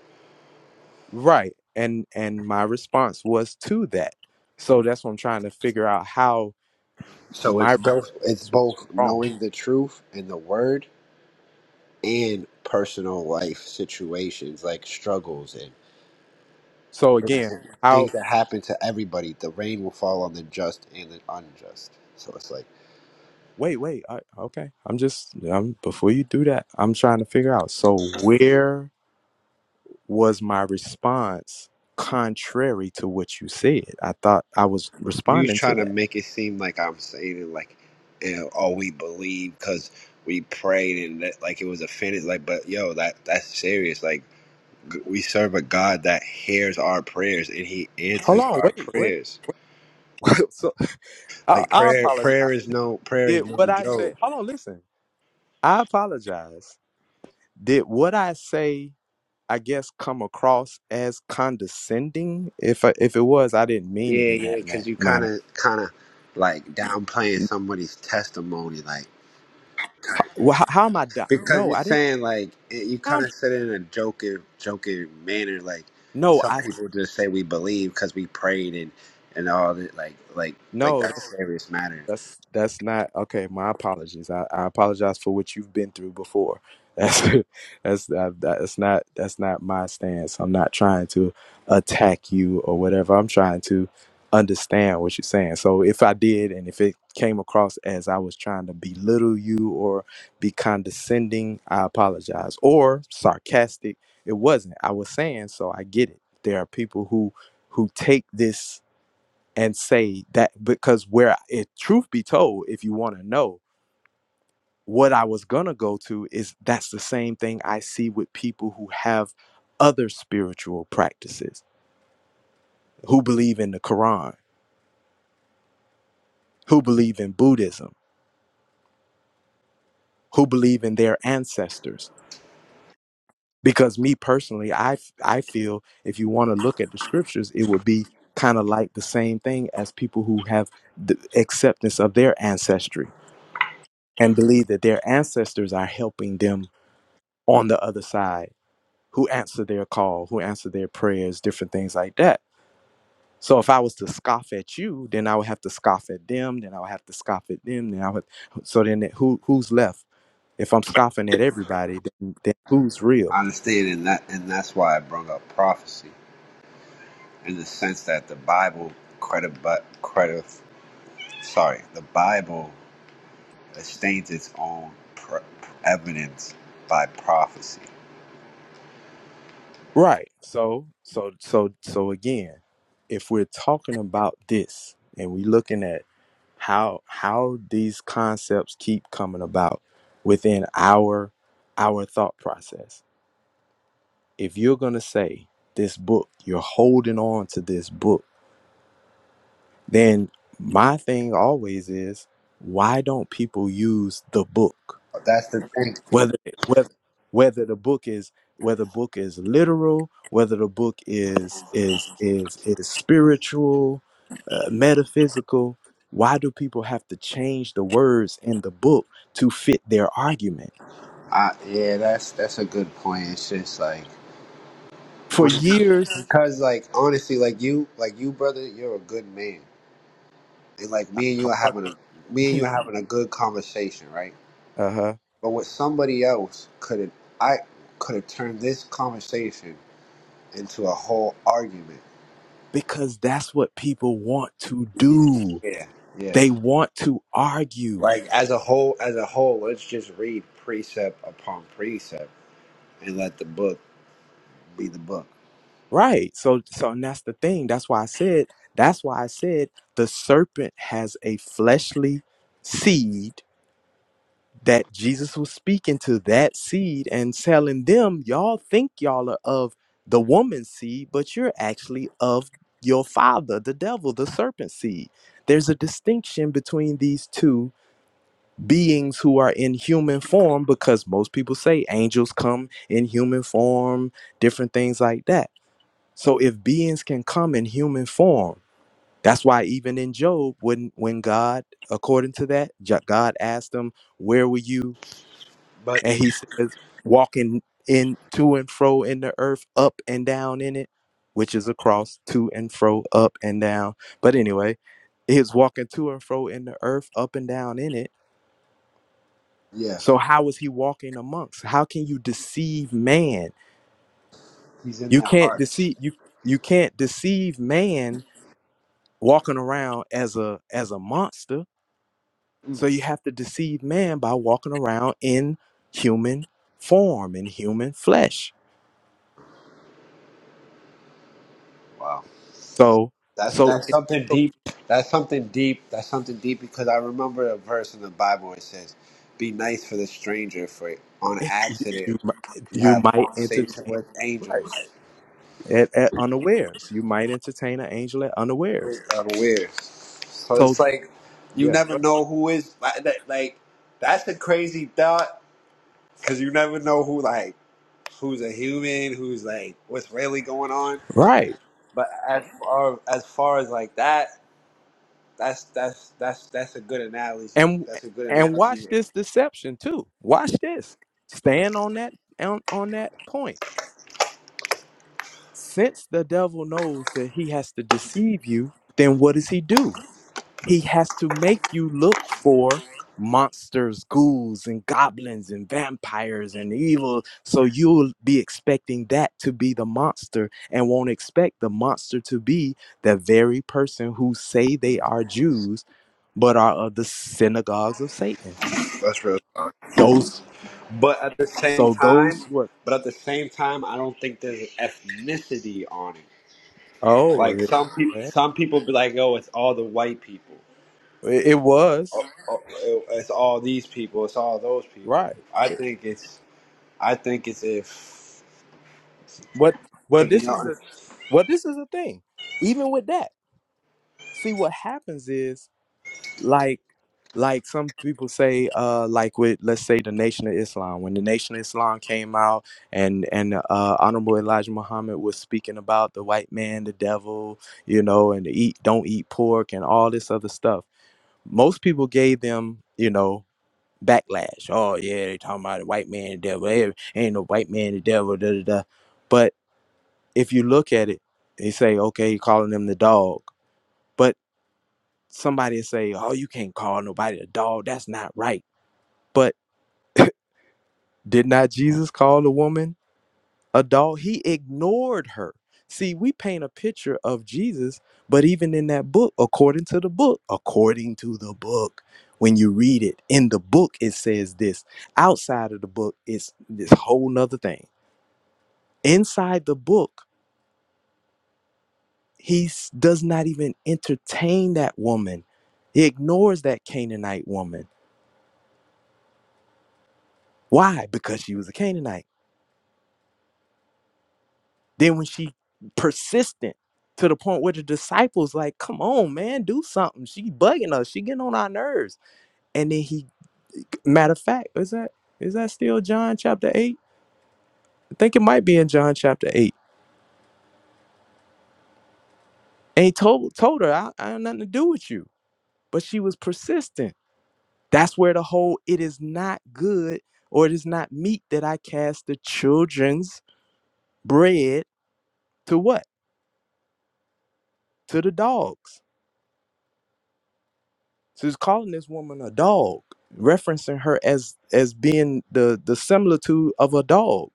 right? And and my response was to that. So that's what I'm trying to figure out how So my it's both it's response was both wrong. knowing the truth and the word and personal life situations like struggles and So again, how? things that happen to everybody. The rain will fall on the just and the unjust. So it's like Wait, wait. I, okay, I'm just. I'm before you do that. I'm trying to figure out. So where? was my response contrary to what you said? I thought I was You was responding to trying to that. make it seem like I'm saying it like, you know, oh, we believe because we prayed and that, like it was offended. Like, but yo, that that's serious. Like, g- we serve a God that hears our prayers and He answers Hold on, our wait, wait. prayers. so I, Like I prayer, apologize. prayer is no prayer Did is no what I say? joke. Hold on, listen. I apologize. Did what I say? I guess come across as condescending. If I, if it was, I didn't mean it Yeah, in yeah, that because man- you kind manner. of kind of like downplaying somebody's testimony, like. How, well, how, how am I? Down? Because No, I didn't. saying like it- you Down, kind of said it in a joking, joking manner, like. no, I We'll just say we believe because we prayed and and all that, like like like no. That's serious matter. That's that's not okay. My apologies. I, I apologize for what you've been through before. That's that's that, that's not that's not my stance. I'm not trying to attack you or whatever. I'm trying to understand what you're saying. So if I did, and if it came across as I was trying to belittle you or be condescending, I apologize. Or sarcastic, it wasn't. I was saying so. I get it. There are people who who take this and say that because where if truth be told if you want to know what i was going to go to is that's the same thing i see with people who have other spiritual practices who believe in the quran who believe in buddhism who believe in their ancestors because me personally i f- i feel if you want to look at the scriptures it would be kind of like the same thing as people who have the acceptance of their ancestry and believe that their ancestors are helping them on the other side who answer their call, who answer their prayers, different things like that. So if I was to scoff at you, then I would have to scoff at them, then I would have to scoff at them, then I would so then it- who who's left? If I'm scoffing at everybody, then, then who's real? I understand, and that and that's why I brought up prophecy in the sense that the Bible credit but credit sorry the Bible sustains its own pr- evidence by prophecy. Right. So so so so again, if we're talking about this and we are looking at how how these concepts keep coming about within our our thought process if you're going to say this book, you're holding on to this book, then my thing always is why don't people use the book? That's the thing. Whether whether whether the book is whether the book is literal, whether the book is is is is spiritual, uh, metaphysical, why do people have to change the words in the book to fit their argument? I, yeah, that's that's a good point. It's just like For when years, because like honestly, like you like you brother, you're a good man. and like me and you are having a me and you are having a good conversation, right? uh-huh, But with somebody else could have I could have turned this conversation into a whole argument. because that's what people want to do Yeah, yeah. they want to argue Like as a whole as a whole, let's just read precept upon precept and let the book be the book. right so so and that's the thing that's why i said that's why i said the serpent has a fleshly seed that jesus was speaking to that seed and telling them y'all think y'all are of the woman's seed but you're actually of your father the devil the serpent seed there's a distinction between these two beings who are in human form because most people say angels come in human form, different things like that. So if beings can come in human form, that's why even in Job, when when God, according to that, Jo- God asked him, "Where were you?" But and he says, "Walking in to and fro in the earth, up and down in it." Which is across to and fro, up and down. But anyway, he was walking to and fro in the earth, up and down in it yeah, So how is he walking amongst? How can you deceive man? he's in You their can't hearts. deceive you you can't deceive man walking around as a as a monster. So you have to deceive man by walking around in human form in human flesh. Wow. So That's so that's it, something so deep. That's something deep. That's something deep because I remember a verse in the Bible. where It says, "Be nice for the stranger, for on it- accident you mi- you you have might conversation entertain with right angels, at, at unawares. You might entertain an angel at unawares. unaware." So So it's like you yeah. never know who is like. that- like, That's the crazy thought because you never know who like who's a human, who's like what's really going on. Right. But as far as far as like that, that's that's that's that's a good analogy. and That's a good and watch analogy. this deception too watch this stand on that on, on that point since the devil knows that he has to deceive you then what does he do he has to make you look for monsters ghouls and goblins and vampires and evil so you'll be expecting that to be the monster and won't expect the monster to be the very person who say they are jews but are of the synagogues of satan those But at the same So those time, who are but at the same time, I don't think there's an ethnicity on it. Oh, Like it, some people, eh, some people be like, "Oh, it's all the white people. it was Oh, oh, It's all these people. It's all those people." right. I It- think it's, I think it's if, What? Well, to be this is a honest, well. This is a thing. Even with that, see what happens is like like some people say uh like with let's say the Nation of Islam when the Nation of Islam came out and and uh Honorable Elijah Muhammad was speaking about the white man, the devil, you know, and eat don't eat pork and all this other stuff. Most people gave them, you know. backlash. Oh yeah, they talking about the white man the devil. Hey, ain't no white man the devil. Da, da, da. But if you look at it, they say okay, you're calling them the dog. But somebody say, oh, you can't call nobody a dog. That's not right. But did not Jesus call the woman a dog? He ignored her. See, we paint a picture of Jesus, but even in that book, according to the book, according to the book, when you read it in the book, it says this. Outside of the book, it's this whole nother thing Inside the book, he s- does not even entertain that woman. He ignores that Canaanite woman. Why? Because she was a Canaanite. Then when she persistent to the point where the disciples like, come on, man, do something. She bugging us. She getting on our nerves. And then he, matter of fact, is that is that still John chapter eight? I think it might be in John chapter eight. And he told told her, I, I have nothing to do with you. But she was persistent That's where the whole it is not good or it is not meat that I cast the children's bread to what? To the dogs. So he's calling this woman a dog, referencing her as as being the the similitude of a dog.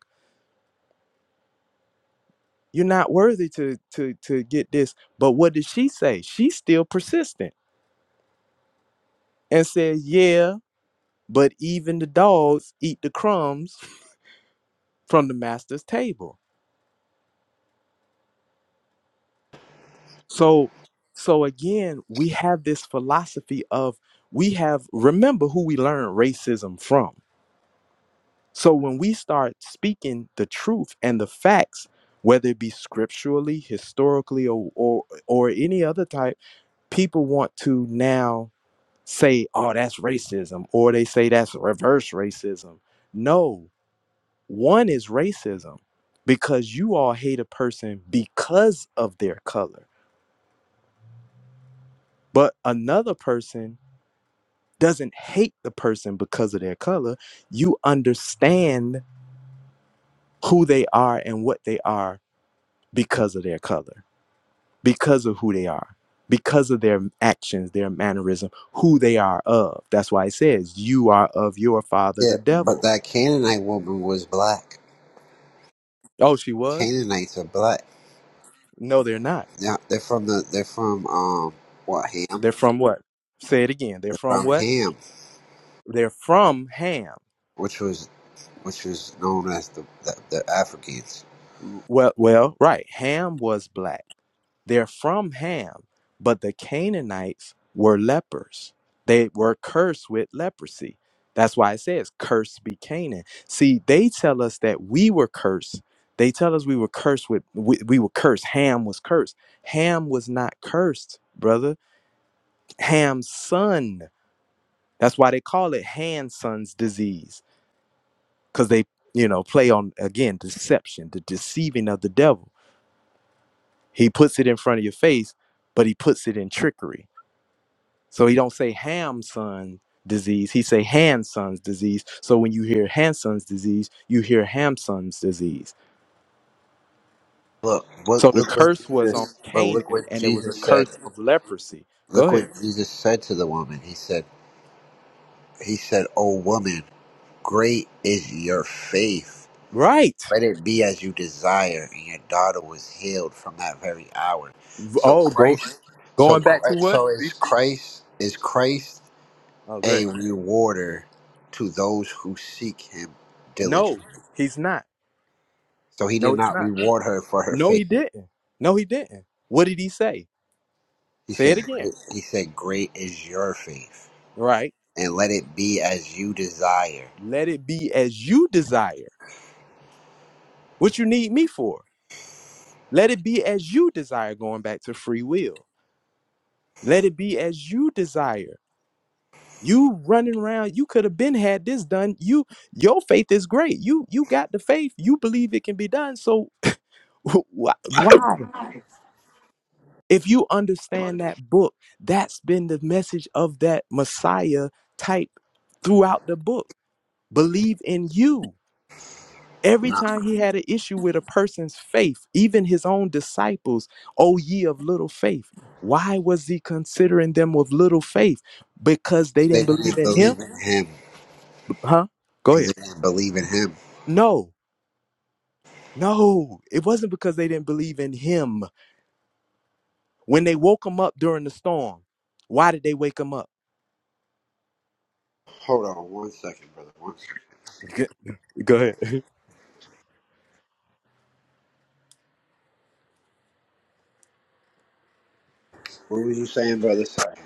You're not worthy to to to get this. But what did she say? She's still persistent and says, Yeah, but even the dogs eat the crumbs from the master's table. So, so again, we have this philosophy of we have remember who we learn racism from. So when we start speaking the truth and the facts, whether it be scripturally, historically, or or, or any other type, people want to now say, "Oh, that's racism," or they say that's reverse racism. No, one is racism because you all hate a person because of their color, but another person doesn't hate the person because of their color. You understand who they are and what they are because of their color, because of who they are, because of their actions, their mannerism, who they are of. That's why it says, You are of your father, Yeah, the but devil. that Canaanite woman was black. Oh, she was? Canaanites are black. No, they're not. Yeah, they're from the they're from um what Ham? They're from what? Say it again. They're They're from from what? Ham, They're from Ham. which was which was known as the the, the Africans. Well, well, right. Ham was black They're from Ham, but the Canaanites were lepers. They were cursed with leprosy. That's why it says, cursed be Canaan. See, they tell us that we were cursed. They tell us we were cursed with, we, we were cursed. Ham was cursed. Ham was not cursed, brother. Ham's son. That's why they call it Hanson's disease, because they, you know, play on, again, deception, the deceiving of the devil. He puts it in front of your face, but he puts it in trickery So he don't say Hamson disease. He say Hanson's disease. So when you hear Hanson's disease, you hear Hamson's disease. Look, look, So the look what curse was on Jesus. But look Canaan, what and it was a Jesus said. curse of leprosy. Go Look what ahead. Jesus said to the woman. He said, He said, "O woman, great is your faith. Right. Let it be as you desire." And your daughter was healed from that very hour. So Oh, go Christ. So going back to Christ, what? so is Christ. Is Christ Oh, good. a rewarder to those who seek Him diligently? No, he's not. So He No, did he's not not. reward her for her No, faith. he didn't. No, he didn't. What did he say? He Say said, it again. "Great." He said, "Great is your faith." Right. and let it be as you desire. Let it be as you desire. What you need me for? Let it be as you desire. Going back to free will Let it be as you desire. You running around, you could have been had this done. You your faith is great. You you got the faith. You believe it can be done. So why? why? If you understand that book, that's been the message of that Messiah type throughout the book. Believe in you. Every Not because time he had an issue with a person's faith, even his own disciples, oh ye of little faith. Why was he considering them with little faith? Because they they didn't believe didn't in him believe in him, Huh? Go because ahead. they didn't believe in him. No, no, it wasn't because they didn't believe in him. When they woke him up during the storm, why did they wake him up? Hold on one second, brother. One second. G- Go ahead. What were you saying, brother? Sorry.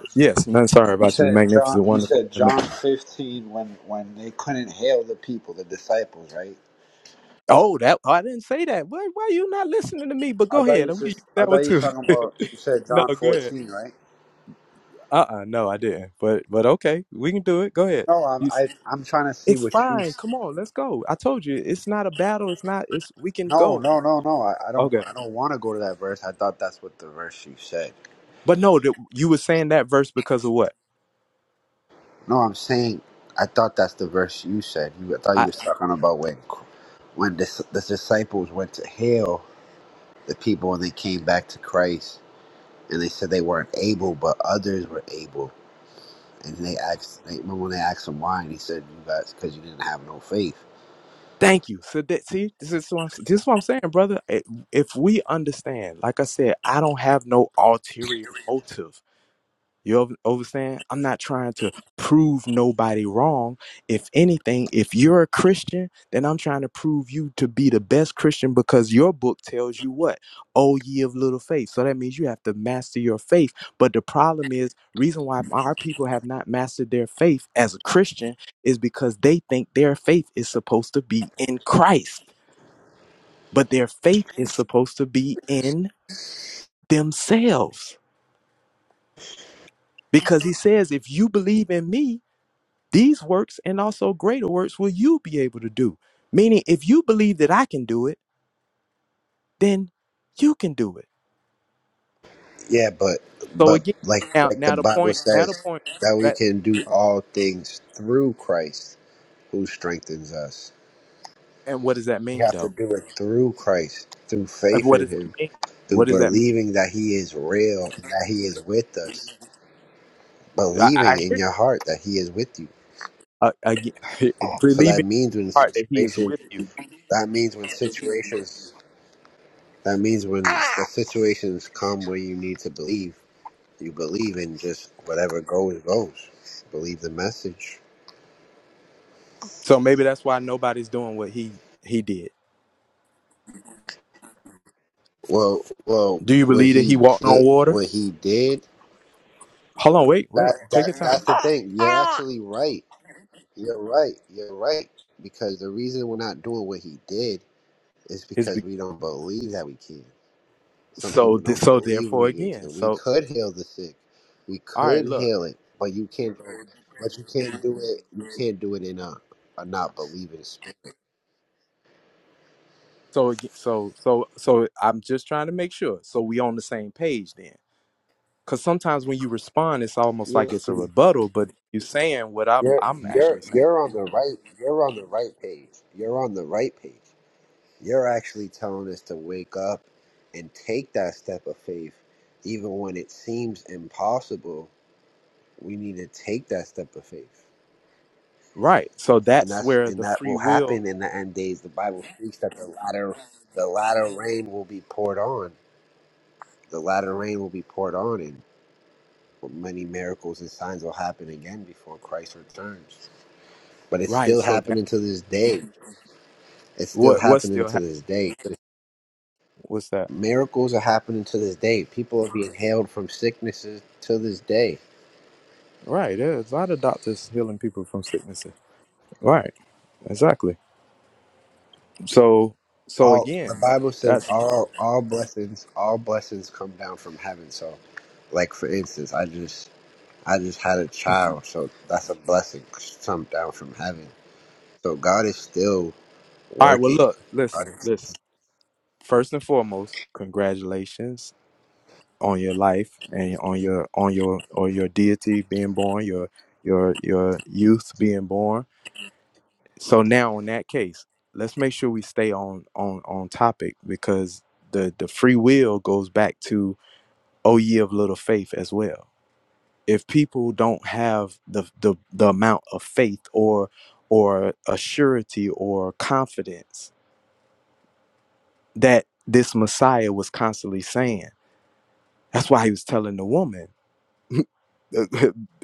yes, none sorry You about you. said John. Magnificent, You wonderful. said and ma- John fifteen when when they couldn't hail the people, the disciples, right? Oh, that oh, I didn't say that. Why, why are you not listening to me? But I go thought ahead. you I'm gonna use just. I that thought one you was too. talking about. You said no, John go ahead. fourteen, right? Uh uh no, I didn't. But but okay, we can do it. Go ahead. No, I'm You- I, I'm trying to see It's what you. fine. Come on, let's go. I told you, it's not a battle. It's not. It's we can No, go. no, no, no. I, I don't Okay. I don't want to go to that verse. I thought that's what the verse you said. But no, that you were saying that verse because of what? No, I'm saying I thought that's the verse you said. You I thought you I was talking about when when the, the disciples went to heal the people and they came back to Christ and they said they weren't able, but others were able. And they asked, they, remember when they asked him why, and he said, "You guys, because you didn't have no faith." thank you. So that see, this is what I'm, this is what I'm saying, brother. If we understand, like I said, I don't have no ulterior motive. You over- understand? I'm not trying to prove nobody wrong. If anything, if you're a Christian, then I'm trying to prove you to be the best Christian because your book tells you what? Oh, ye of little faith. So that means you have to master your faith. But the problem is, reason why our people have not mastered their faith as a Christian is because they think their faith is supposed to be in Christ, but their faith is supposed to be in themselves. Because he says, if you believe in me, These works and also greater works will you be able to do. Meaning, if you believe that I can do it, then you can do it. Yeah, but So but again, like now, like the now the Bible point, now the says point, that we that, can do uh, all things through Christ who strengthens us. and what does that We mean have to though? do it through Christ, through Uh, faith What in does that Him mean? through What does that mean? believing that He is real, that He is with us, I, I believing in hear you. your heart that He is with you. Uh, again, So believe that in your means when heart that He is situations, with you. that means when situations, that means when the situations come where you need to believe, you believe in just whatever goes goes. Believe the message. So maybe that's why nobody's doing what He He did. Well, well, Do you what believe that He he walked on did, water? what he did, Hold on, wait, wait, that take your that- time. that's the thing. You're actually right. You're right. You're right because the reason we're not doing what he did It's It's because be- we don't believe that we can. Some so people th- don't so believe therefore we again. can. We So could heal the sick. We all right, could look. heal it, but you can't do it. You can't do it in a, a not believing spirit. So ag- so so so I'm just trying to make sure. So we on the same page then. Cause sometimes when you respond, it's almost Yeah, like it's a see, rebuttal, but you're saying what I, you're I'm you're actually saying. you're on the right. You're on the right page. You're on the right page. You're actually telling us to wake up and take that step of faith, even when it seems impossible. We need to take that step of faith. Right. So and that's that's where and the that free will will. happen in the end days. The Bible speaks that the latter the latter rain will be poured on. The latter rain will be poured on, and many miracles and signs will happen again before Christ returns. But it's Right. still So that happening to this day. It's still what what happening still to happened? this day. What's that? Miracles are happening to this day. People are being healed from sicknesses to this day. Right. There's a lot of doctors healing people from sicknesses. Right. Exactly. So so All the again, that, Bible says that's all all blessings all blessings come down from heaven. So, like for instance, I just I just had a child, so that's a blessing sent down from heaven. So God is still all right. Well, working. look, God listen, is- listen. First and foremost, congratulations on your life and on your on your or your deity being born, your your your youth being born. So now in that case, let's make sure we stay on on on topic because the the free will goes back to oh ye of little faith as well. If people don't have the the, the amount of faith or or a surety or confidence that this Messiah was constantly saying. That's why he was telling the woman.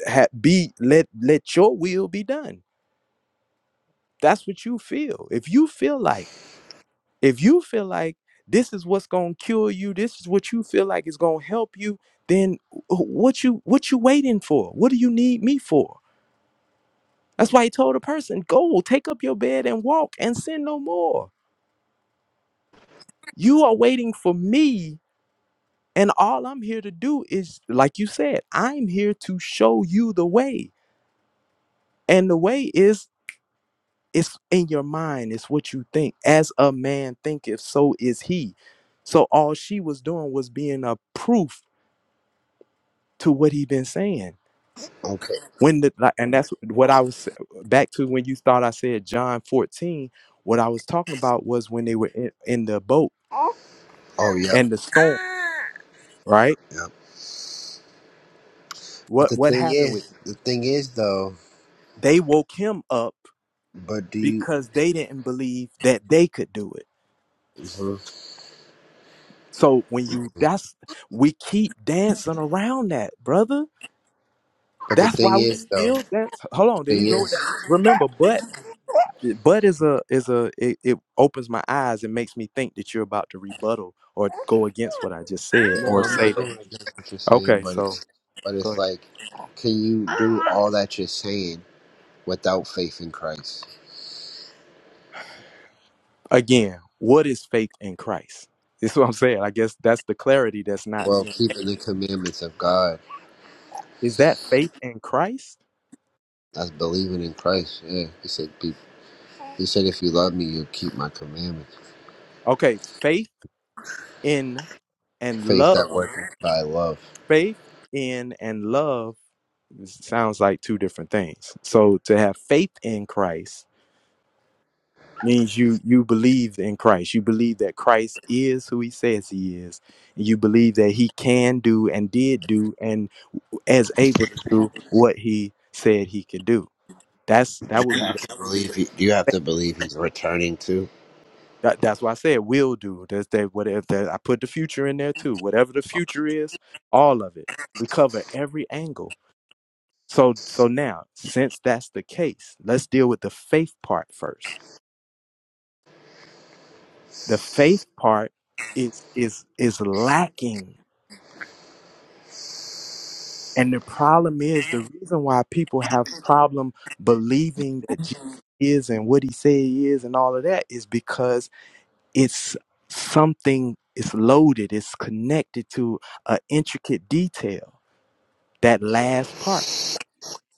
ha- be let let your will be done that's what you feel if you feel like if you feel like this is what's gonna cure you this is what you feel like is gonna help you then wh- what you what you waiting for what do you need me for that's why he told a person go take up your bed and walk and sin no more you are waiting for me and all i'm here to do is like you said i'm here to show you the way and the way is It's in your mind, it's what you think. As a man thinketh, so is he. So all she was doing was being a proof to what he been saying. okay. When the like, and that's what I was back to when you thought I said John 14. What I was talking about was when they were in, in the boat Oh, yep, and the storm, right? yep. But What the what happened thing, with them? the thing is, though. They woke him up because they didn't believe that they could do it. So when you that's we keep dancing around that, brother But the That's thing why is, we still dance. Hold on, there you thing go with is, that. Remember, but but is a is a it, it opens my eyes and makes me think that you're about to rebuttal or go against what I just said no, or I'm say not that. Okay, so go ahead. like. Can you do all that you're saying without faith in Christ? Again, what is faith in Christ? That's what I'm saying. I guess that's the clarity that's not Well, being keeping made. the commandments of God, Is that faith in Christ? that's believing in Christ. Yeah, he said. Be, he said, if you love me, you'll keep my commandments. Okay, faith in and Faith that love. works by love. Faith in and love sounds like two different things. So to have faith in Christ means you you believe in Christ. You believe that Christ is who he says he is. And you believe that he can do and did do and is able to do what he said he could do. That's Do that would you be have the to believe? He, Do you have faith. to believe he's returning too? That, that's why I said will do. That's that whatever that I put the future in there too. Whatever the future is, all of it. We cover every angle. So so now, since that's the case, let's deal with the faith part first. The faith part is is is lacking And the problem is the reason why people have problem believing that Jesus is and what he said he is and all of that is because it's something it's loaded, it's connected to an intricate detail. That last part.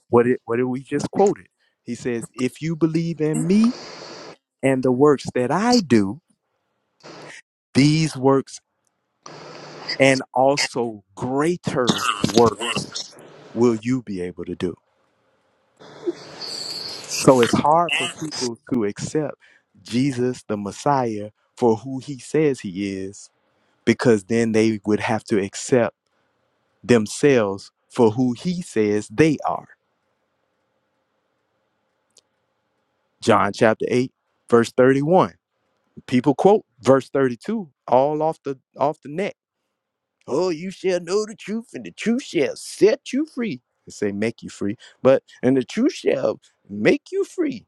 What it what did we just quoted? He says, if you believe in me and the works that I do, these works and also greater works will you be able to do. So it's hard for people to accept Jesus, the Messiah, for who he says he is, because then they would have to accept themselves for who he says they are. John chapter 8, verse 31. People quote verse 32 all off the off the neck. Oh, you shall know the truth, and the truth shall set you free. They say make you free, but and the truth shall make you free.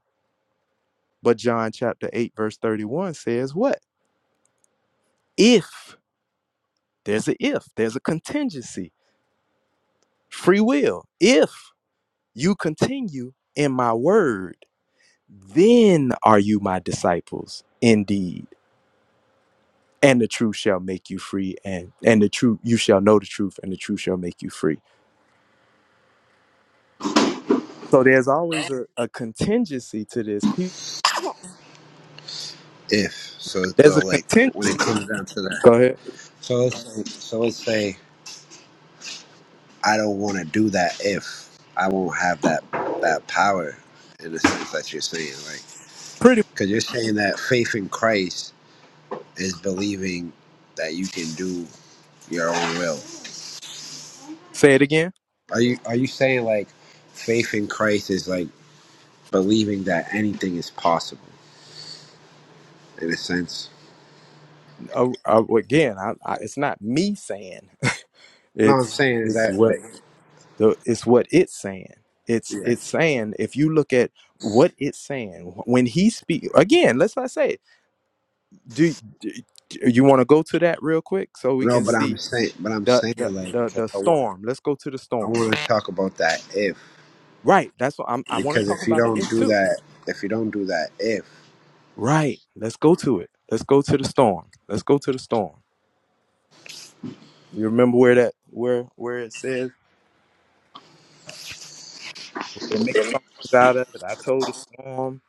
But John chapter 8, verse 31 says what? If There's an if, there's a contingency, free will. If you continue in my word, then are you my disciples indeed. And the truth shall make you free, and and the truth you shall know the truth, and the truth shall make you free. So there's always a, a contingency to this. Pe- if. So There's a so like when it contingency. comes down to that. Go ahead. So let's say, so let's say I don't want to do that if I won't have that that power in the sense that you're saying, right? Pretty. Because you're saying that faith in Christ is believing that you can do your own will. Say it again. Are you are you saying like faith in Christ is like believing that anything is possible in a sense? Uh, uh, again, I, I, it's not me saying. No, I'm It's saying is it's that what like the it's what it's saying it's yeah. it's saying if you look at what it's saying when he speak again let's not say it do, do do you want to go to that real quick so we No, can but I'm see saying, but I'm the saying the like the, 'cause the I storm let's go to the storm want to talk about that if. right that's what I'm, i want to Because talk if you about the don't if do too that, if you don't do that, if right let's go to it let's go to the storm let's go to the storm you remember where that where where it says they make songs out of it i told the storm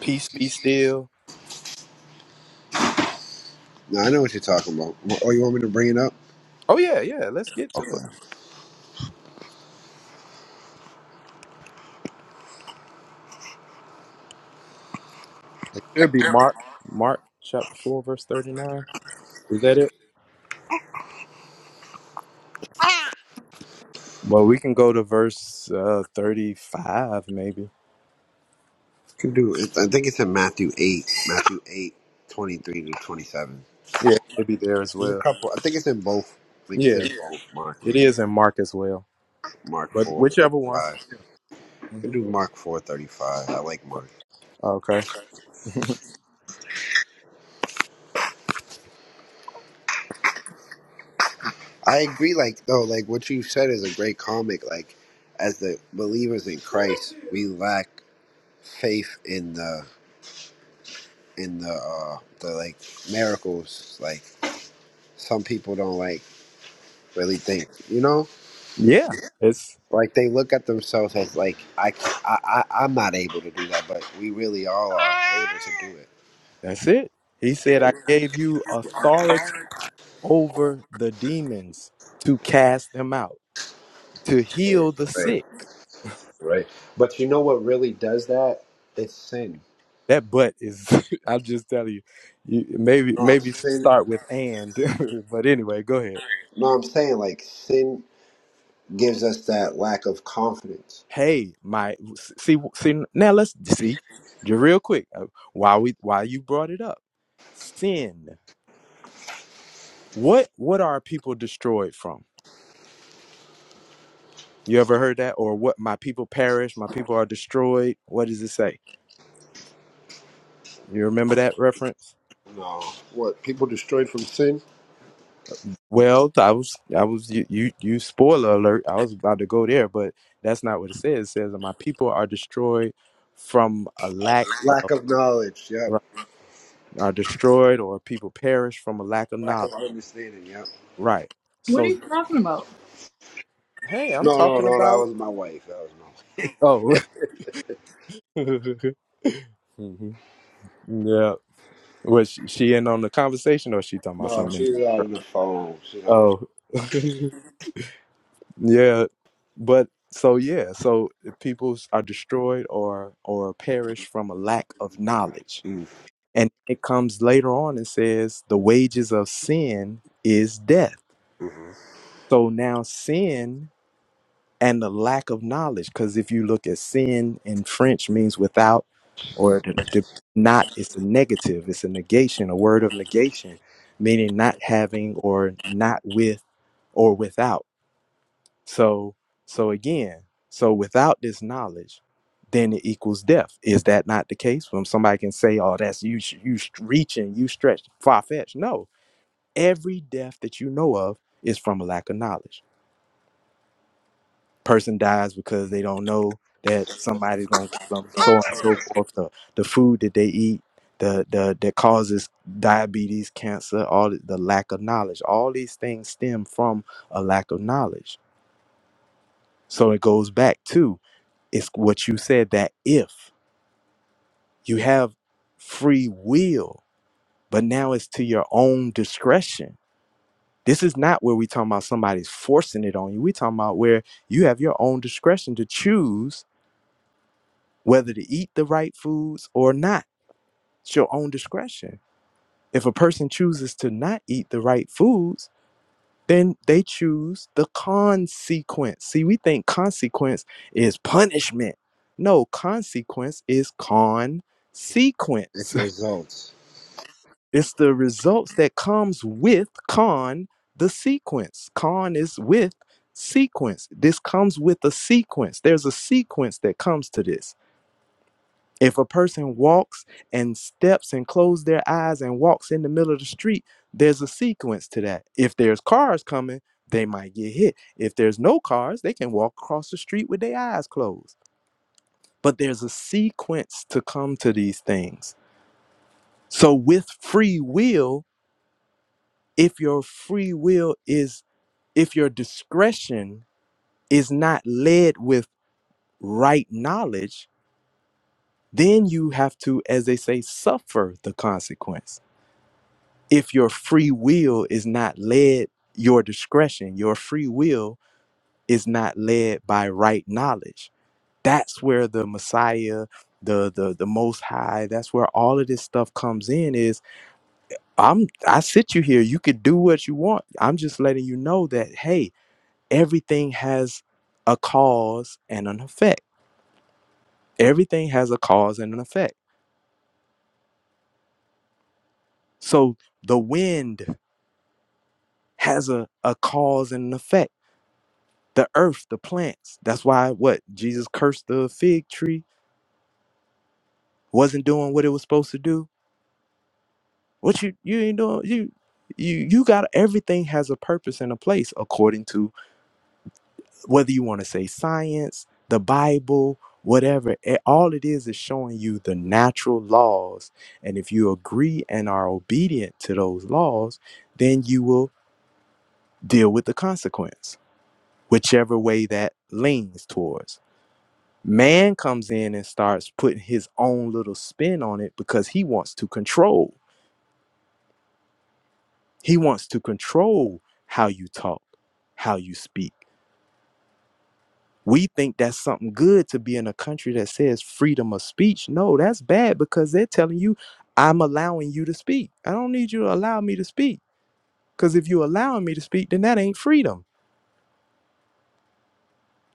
peace be still no, I know what you're talking about. Oh, you want me to bring it up? oh yeah yeah let's get to it It should be Mark, Mark chapter 4, verse 39. Is that it? Well, we can go to verse uh, 35, maybe. You can do. It. I think it's in Matthew eight, Matthew eight, twenty three to twenty seven. Yeah, maybe there as There's a well. couple. I think it's in both. I think it's Yeah, in Yeah. both Mark it is and in Mark as well. Mark But four thirty whichever one. five. You can hmm do Mark four thirty five. I like Mark. Okay. I agree. Like though, like what you said is a great comic. Like as the believers in Christ, we lack faith in the in the uh the like miracles like some people don't like really think you know yeah, it's like they look at themselves as like I, I, i am not able to do that but we really all are able to do that's it. He said, I gave you authority over the demons to cast them out, to it heal the right sick. right but you know what really does that it's sin that but is i'm just telling you, you maybe no, maybe sin start with and but anyway go ahead no I'm saying like sin gives us that lack of confidence hey my see see now let's see just real quick uh, why we why you brought it up sin what what are people destroyed from you ever heard that or what my people perish my people are destroyed what does it say you remember that reference sin, Well, I was, I was, you, you, you, spoiler alert, I was about to go there, but that's not what it says. It says, My people are destroyed from a lack of, lack of knowledge yep right, are destroyed or people perish from a lack of lack knowledge. of understanding yep Right. What are So, you talking about? hey, I'm no no talking no that about, was my wife that was oh, hmm yeah. Was she, she in on the conversation or she talking my about wife. no something? she's out on the phone she don't Oh, Yeah, but so yeah, so if people are destroyed or or perish from a lack of knowledge. Mm. And it comes later on and says the wages of sin is death. So now sin and the lack of knowledge, because if you look at sin in French means without or to, to not, it's a negative, it's a negation, a word of negation, meaning not having or not with or without. So, so again, so without this knowledge, then it equals death. Is that not the case? When somebody can say, "Oh, that's you, sh- you sh- reaching, you stretch, far fetched." No, every death that you know of is from a lack of knowledge. Person dies because they don't know that somebody's gonna kill them, so on and so forth. The the food that they eat, the the that causes diabetes, cancer, all the the lack of knowledge. All these things stem from a lack of knowledge. So it goes back to It's what you said that if you have free will, but now it's to your own discretion. This is not where we talking about somebody's forcing it on you. we talking about where you have your own discretion to choose whether to eat the right foods or not. It's your own discretion. If a person chooses to not eat the right foods, then they choose the consequence. See, we think consequence is punishment. No, consequence is con sequence. it's results It's the results that comes with con the sequence. Con is with sequence. This comes with a sequence. There's a sequence that comes to this. If a person walks and steps and close their eyes and walks in the middle of the street, there's a sequence to that. If there's cars coming, they might get hit. If there's no cars, they can walk across the street with their eyes closed. But there's a sequence to come to these things. So with free will, if your free will is if your discretion is not led with right knowledge then you have to as they say suffer the consequence if your free will is not led your discretion your free will is not led by right knowledge that's where the messiah the the the most high that's where all of this stuff comes in is i'm i sit you here you could do what you want i'm just letting you know that hey everything has a cause and an effect. Everything has a cause and an effect. So the wind has a, a cause and an effect. The earth, the plants. That's why what Jesus cursed the fig tree wasn't doing what it was supposed to do. What you you ain't doing you you you got everything has a purpose and a place according to whether you want to say science, the Bible, whatever, it, all it is is showing you the natural laws. And if you agree and are obedient to those laws, then you will deal with the consequence, whichever way that leans towards. Man comes in and starts putting his own little spin on it because he wants to control. He wants to control how you talk, how you speak. we think that's something good to be in a country that says freedom of speech. No, that's bad because they're telling you, I'm allowing you to speak. I don't need you to allow me to speak. Because if you're allowing me to speak, then that ain't freedom.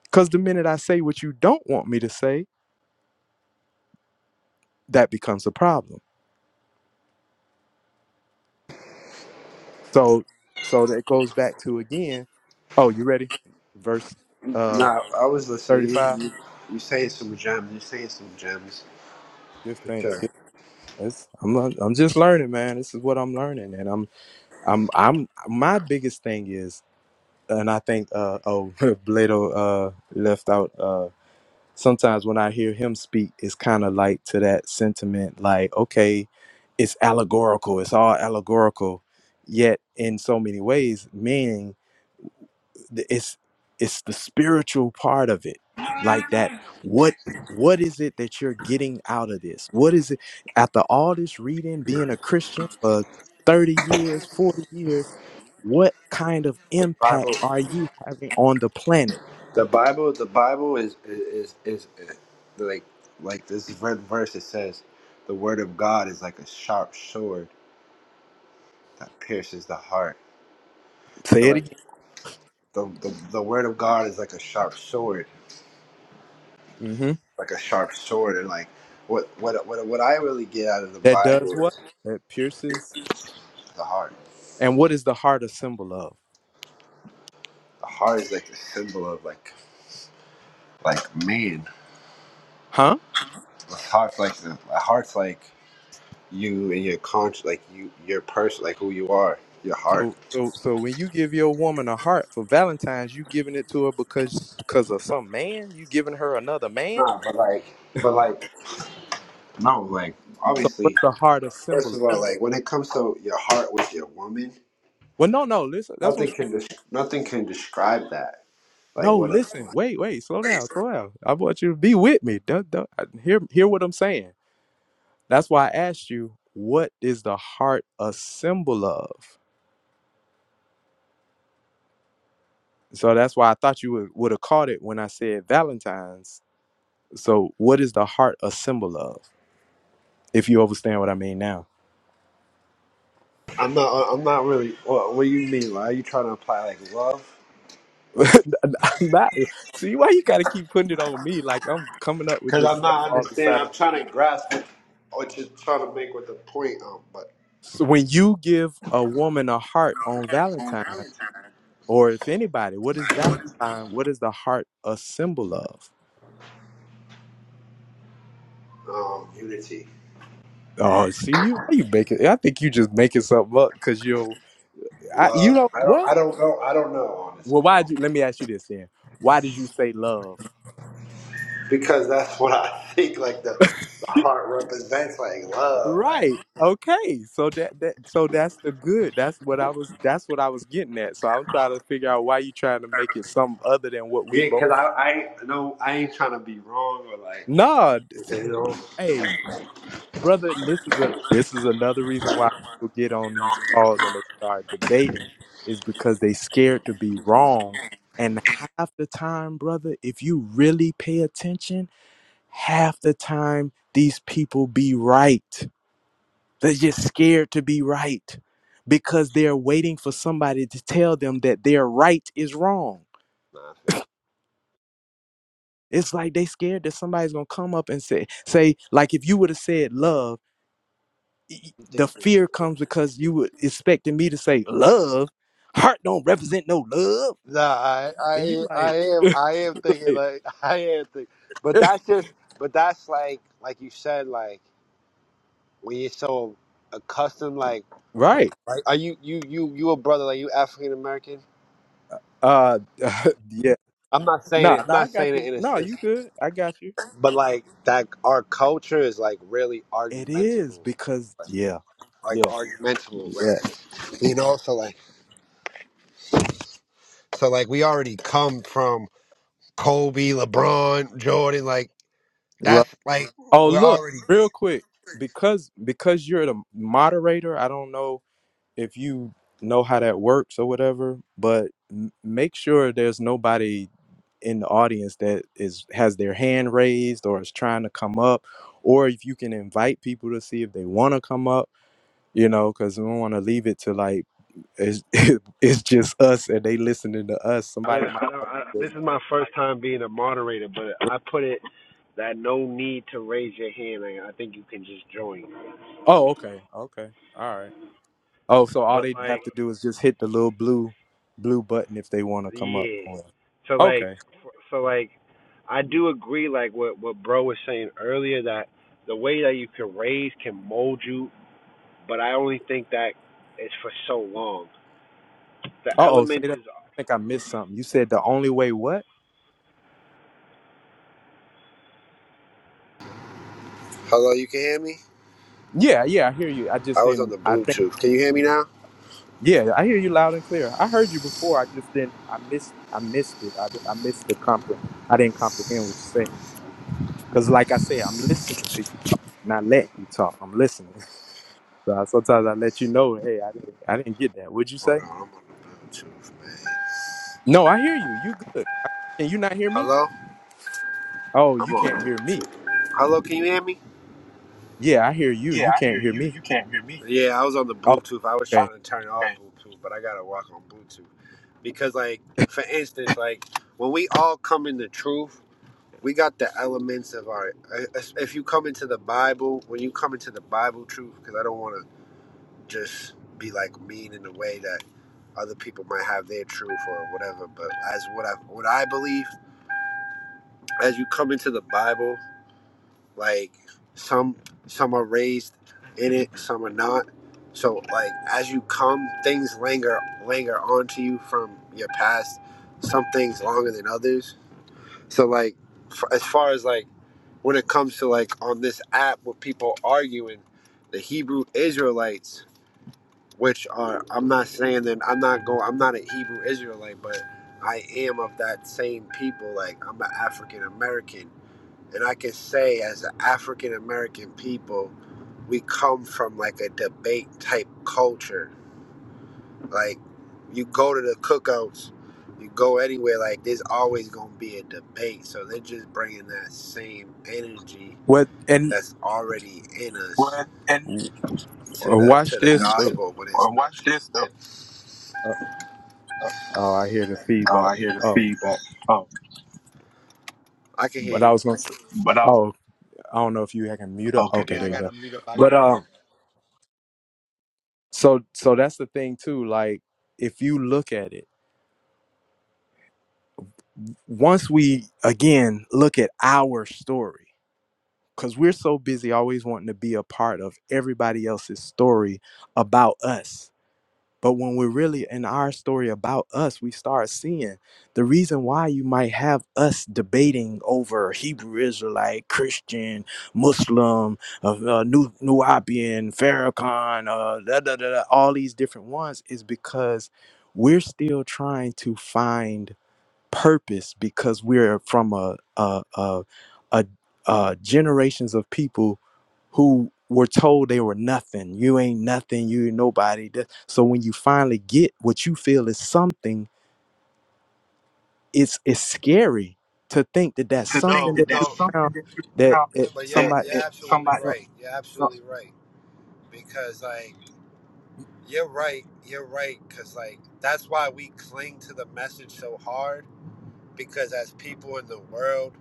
Because the minute I say what you don't want me to say, that becomes a problem. So, so that goes back to again. Oh, you ready? Verse uh Nah, I was listening. You, 35. you, you saying some gems. You saying some gems Give for thanks. Give- sure. It's, I'm I'm just learning, man. This is what I'm learning, and I'm I'm I'm my biggest thing is and I think uh oh Blado uh left out uh sometimes when I hear him speak it's kind of like to that sentiment like okay it's allegorical it's all allegorical yet in so many ways meaning th- it's it's the spiritual part of it like that what what is it that you're getting out of this what is it after all this reading being a christian for 30 years 40 years what kind of impact are you having on the planet The Bible, the Bible is is is, is like like this ver- verse. It says, "The word of God is like a sharp sword that pierces the heart." say So it like again the the, the word of God is like a sharp sword, hmm like a sharp sword, and like what what what what I really get out of the that does Bible what is that pierces the heart. and what is the heart a symbol of The heart is like the symbol of like like man. huh The heart's like the, the heart's like. you and your conscious, like you, your person, like who you are, your heart. so so so when you give your woman a heart for valentine's you giving it to her because because of some man you giving her another man Nah, but like, but like, no, like, So obviously, what's the heart of first symbolism? of all, like, when it comes to your heart with your woman, Well, no, no, listen. That's what I'm nothing saying. can, des- nothing can describe that. Like, No, what? listen. Wait, wait. Slow down. Slow down. I want you to be with me. Don't, don't, I- hear, hear what I'm saying. That's why I asked you, what is the heart a symbol of? So that's why I thought you would, would have caught it when I said Valentine's. So what is the heart a symbol of? If you understand what I mean now. I'm not, uh, I'm not really. What, what do you mean? Like, are you trying to apply like love? I'm not, see why you gotta keep putting it on me like I'm coming up with Because this I'm stuff not all the understanding. time. I'm trying to grasp, or just trying to make what the point. Um, but So when you give a woman a heart on Valentine, or if anybody, what is Valentine? What is the heart a symbol of? um, unity, Oh, see you. Why you making? I think you just making something up because you, I, you love. know I don't, what? I don't know. I don't know. Well, Honestly, I why don't. did you? Let me ask you this then. Why did you say love? because that's what I think. Like the, the heart represents like love, like Right. Okay. So that that so that's the good. That's what I was. That's what I was getting at. So I'm trying to figure out why you trying to make it something other than what we yeah. Because both. I I know I ain't trying to be wrong or like Nah. it's- you know. Hey, brother, and this is a this is another reason why people get on these calls and they start debating is because they scared to be wrong. And half the time, brother, if you really pay attention, half the time these people be right. They're just scared to be right because they're waiting for somebody to tell them that their right is wrong. Nah, I feel- it. It's like they scared that somebody's gonna come up and say, say, like if you would have said love y- I'm the thinking- fear comes because you were expecting me to say love. Heart don't represent no love, Nah, I, and I, you I like, am, I am thinking like I am thinking, but that's just, but that's like, like you said, like when you're so accustomed, like, right? are are you, you, you, you a brother, like you African American? Uh, yeah. I'm not saying Nah, it, I'm nah, I not saying got it you. in a No, sense, you good. I got you. but like that, our culture is like really It is argumentable. because yeah, like yes, argumentable, yes. like, you know. So like, so like, we already come from Kobe, LeBron, Jordan. Like Right. that's like Oh, we're look, already. real quick, because because you're the moderator. I don't know if you know how that works or whatever, but m- make sure there's nobody in the audience that is has their hand raised or is trying to come up or if you can invite people to see if they want to come up you know because we don't want to leave it to like it's, it's just us and they listening to us I don't, somebody I might don't, I, this is my first time being a moderator, but I put it that no need to raise your hand. I think you can, oh okay okay all right oh so all but they like, have to do is just hit the little blue blue button if they want to come up yeah. Or- So like, okay so like, I do agree. Like what what bro was saying earlier that the way that you can raise can mold you, but I only think that it's for so long. The uh-oh say elements. that i think i missed something you said the only way what Hello, you can hear me? yeah yeah i hear you i I just was on didn't the i Bluetooth. Can you hear me now? Yeah, I hear you loud and clear. I heard you before. I just didn't. I missed. I missed it. I, di- I missed the compre. I didn't comprehend what you're saying. Cause like I say, I'm listening to you talk, not letting you talk. I'm listening. So I, sometimes I let you know, hey, I didn't. I didn't get that. What'd you Hold say? on, I'm on the Bluetooth, man. No, I hear you. You good? I, can you not hear me? Hello? Oh, you I'm on can't hear me. Bluetooth. Hello, can you hear me? Yeah, I hear you. You can't hear me. Yeah, I was on the Oh, Bluetooth. I was okay. trying to turn off Bluetooth, but I gotta walk on Bluetooth. Because like, for instance, like when we all come in the truth, we got the elements of our if you come into the Bible, when you come into the Bible truth, because I don't wanna just be like mean in a way that other people might have their truth or whatever, but as what I what I believe, as you come into the Bible like some some are raised in it some are not so like as you come things linger linger onto you from your past some things longer than others so like f- as far as like when it comes to like on this app with people arguing the hebrew israelites which are i'm not saying that i'm not going i'm not a hebrew israelite but i am of that same people like i'm an african american and I can say, as an African American people, we come from like a debate type culture. Like, you go to the cookouts, you go anywhere, like, there's always going to be a debate. So they're just bringing that same energy What? And that's already in us w- to the to watch the this. The, gospel. But it, uh, oh, I hear the feedback. Oh, I can hear but I you. was gonna. say. I don't know if you can mute up. Okay, there you go. Gotta mute up. I- But um, so so that's the thing too. Like if you look at it, once we again look at our story, because we're so busy always wanting to be a part of everybody else's story about us But when we're really in our story about us, we start seeing the reason why you might have us debating over Hebrew Israelite, Christian, Muslim, uh, uh, Nu- Nubian, Farrakhan, uh, da, da, da, da, all these different ones is because we're still trying to find purpose because we're from a, a, a, a, a generations of people who were told they were nothing. You ain't nothing. You ain't nobody. Th- So when you finally get what you feel is something, it's it's scary to think that that's to think something No, that that there's you no, some found that it, but you're that, somebody. you're that absolutely somebody so- right. You're so, absolutely right because like. You're right. You're right. Because, like, that's why we cling to the message so hard. Because as people in the world,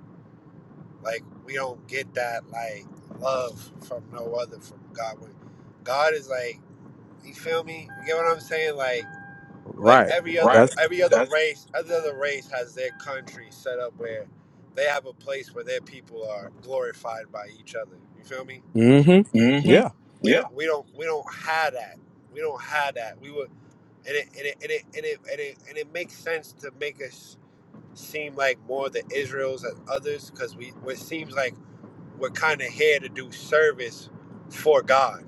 like, we don't get that, like, love from no other, from God. When God is like, you feel me? You get what I'm saying? Like, like right. every other Right. That's. every other That's race, every other race has their country set up where they have a place where their people are glorified by each other. You feel me? Mm-hmm. Yeah. yeah. We don't we don't have that. We don't have that. We would. and it and it and it and it, and it, and it makes sense to make us seem like more the Israels and others because we it seems like we're kind of here to do service for God.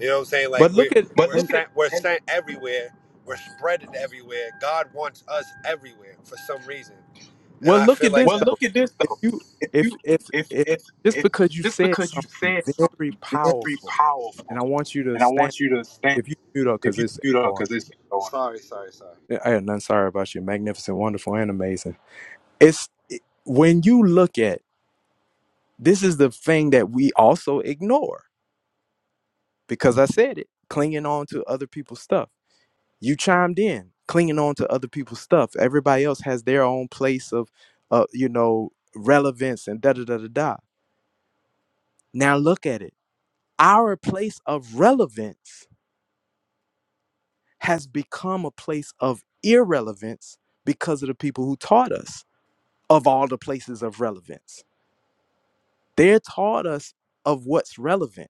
You know what I'm saying? Like But we're look at But we're and look at sent we're and sent everywhere. We're spreading everywhere. God wants us everywhere for some reason, and well, I look feel at like this well, that. though. look at this If though. you If if you if if if if just if because you just said because you something said very something very powerful, and powerful, I want you to and I stand. want you to stand If you mute up, because if you it's mute up going. because it's going. Sorry, sorry, sorry. I had none. Sorry about you. Magnificent, wonderful, and amazing it's when you look at this is the thing that we also ignore because i said it clinging on to other people's stuff you chimed in clinging on to other people's stuff everybody else has their own place of uh, you know relevance and da da da da da now look at it our place of relevance has become a place of irrelevance because of the people who taught us of all the places of relevance they taught us of what's relevant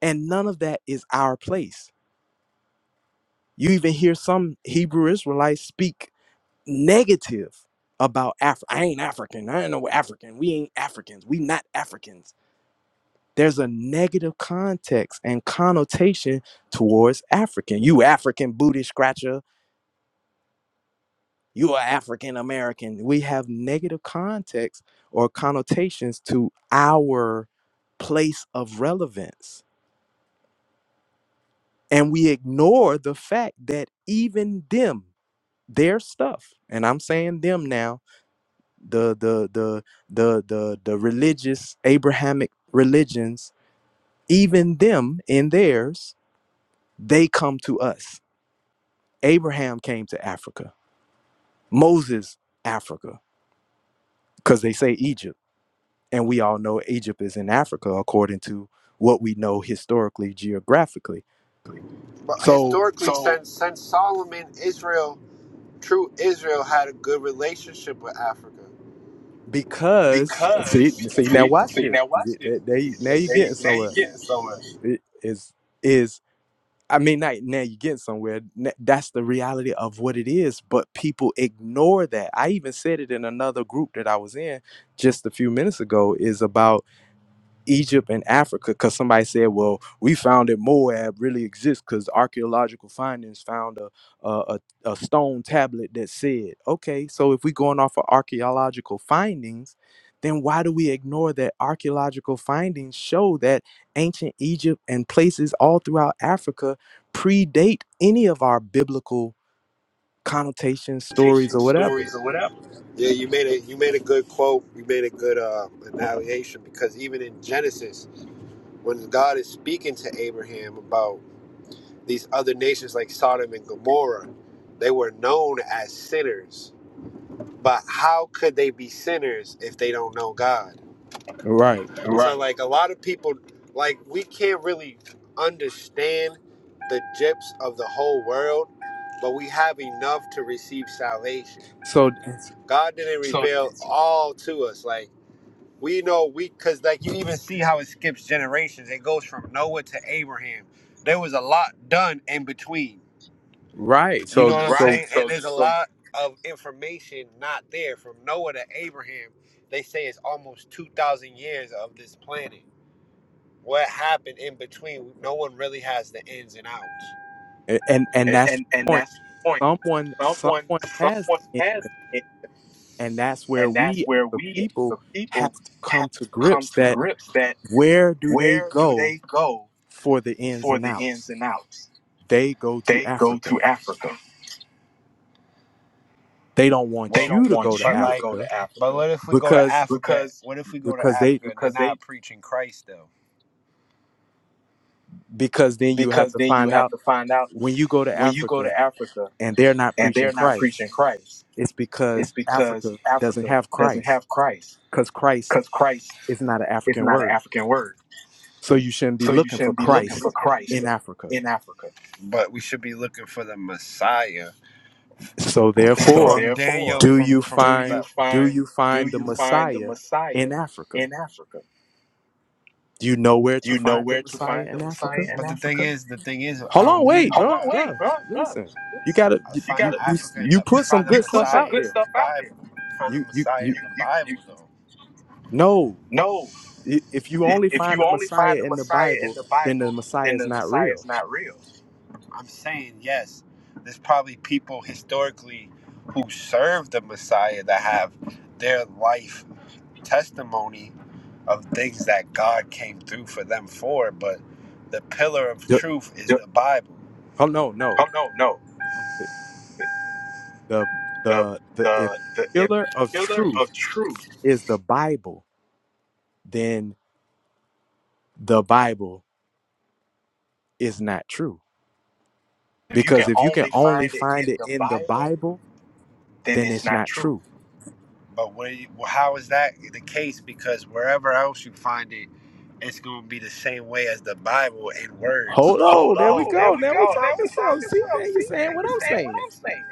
And none of that is our place. You even hear some Hebrew Israelites speak negative about Africa. I ain't African. I ain't no African. We ain't Africans. We not Africans. There's a negative context and connotation towards African. You African booty scratcher. You are African American. We have negative context or connotations to our place of relevance. And we ignore the fact that even them their stuff and i'm saying them now the the the the the, the religious abrahamic religions even them in theirs they come to us abraham came to africa moses africa because they say egypt and we all know egypt is in africa according to what we know historically geographically But so historically, So since since Solomon, Israel, true Israel had a good relationship with Africa. because see because see now see watch see this now watch Th- they, now this. you're They, getting now you somewhere get some it is is I mean, now, now you're getting somewhere. N- That's the reality of what it is. But people ignore that. I even said it in another group that I was in just a few minutes ago. Is about Egypt and Africa because somebody said, "Well, we found that Moab really exists because archaeological findings found a, a a a stone tablet that said." Okay, so if we're going off of archaeological findings, then why do we ignore that archaeological findings show that ancient Egypt and places all throughout Africa predate any of our biblical connotations, stories, interpretation or whatever? stories or whatever. Yeah, you made a you made a good quote. You made a good uh, annihilation because even in Genesis, when God is speaking to Abraham about these other nations like Sodom and Gomorrah, they were known as sinners. But how could they be sinners if they don't know God? Right. Right. So like a lot of people, like we can't really understand the depths of the whole world, but we have enough to receive salvation. So, God didn't So reveal all to us. Like we know we, cause like you even see how it skips generations. It goes from Noah to Abraham. There was a lot done in between. right. You So, know what I'm right. so, saying? And So there's a so lot of information not there from Noah to Abraham. They say it's almost two thousand years of this planet what happened in between. No one really has the ins and outs. a- and and and that's the and, and point that's the point. someone Someone, someone has someone the end, has it, and that's where and that's we where the we, people the have people, to come have to to come grips to that grips that where do they where do go they go for the ins for and the outs ins and outs? they go to They go africa to Africa. Well, they don't They want Well, you don't to want go to but you like, to like, go africa to Africa. but what if we go to because Africa? because What if we go to because Africa they because and they're because they preaching Christ though? because then you have because to then you find have out to find out when you go to when you go africa to Africa and they're not and preaching they're not christ preaching Christ. it's It's because because africa doesn't Africa have doesn't christ have Christ, because christ because Christ is not an is african not an word African word. so you shouldn't be So you looking for shouldn't be looking christ for Christ in africa in Africa. But we should be looking for the Messiah So So from therefore, therefore, Daniel do from you from do you find the do find you do find the you find the Messiah in Messiah Africa? in Africa? Do you know where Do to you know find the where to Messiah find in the Messiah Africa? in Africa? But the thing is, the thing is, I Hold on, don't need to wait, go Hold on, bro, wait, bro. bro, bro. Listen, you Listen, gotta you you you got you, Africa you in you the you put some find the you good put some stuff out good there. stuff out there. Bible. Find the You you Messiah in you the Bible, though. no. no, I- If you If only find you the only find Messiah the in the Messiah in Bible, the then the Bible, Messiah then is the not Messiah real. is not real. I'm saying yes. There's probably people historically who served the Messiah that have their life testimony of things that God came through for them for, but the pillar of The- truth is The- the Bible. oh no, no. Oh no, no. The The the the if the the if, pillar of truth of truth. is the Bible, then the Bible is not true If you Because can if you can only only find it find in it the in the Bible, Bible, then then it's it's not not true. true. But where you, well, how is that the case? Because wherever else you find it, it's going to be the same way as the Bible in words. Hold Hold on, there we on, there go. we Now we go. Now talking we some. talking See, stuff. now you're See, now saying what you're I'm saying what saying. I'm saying.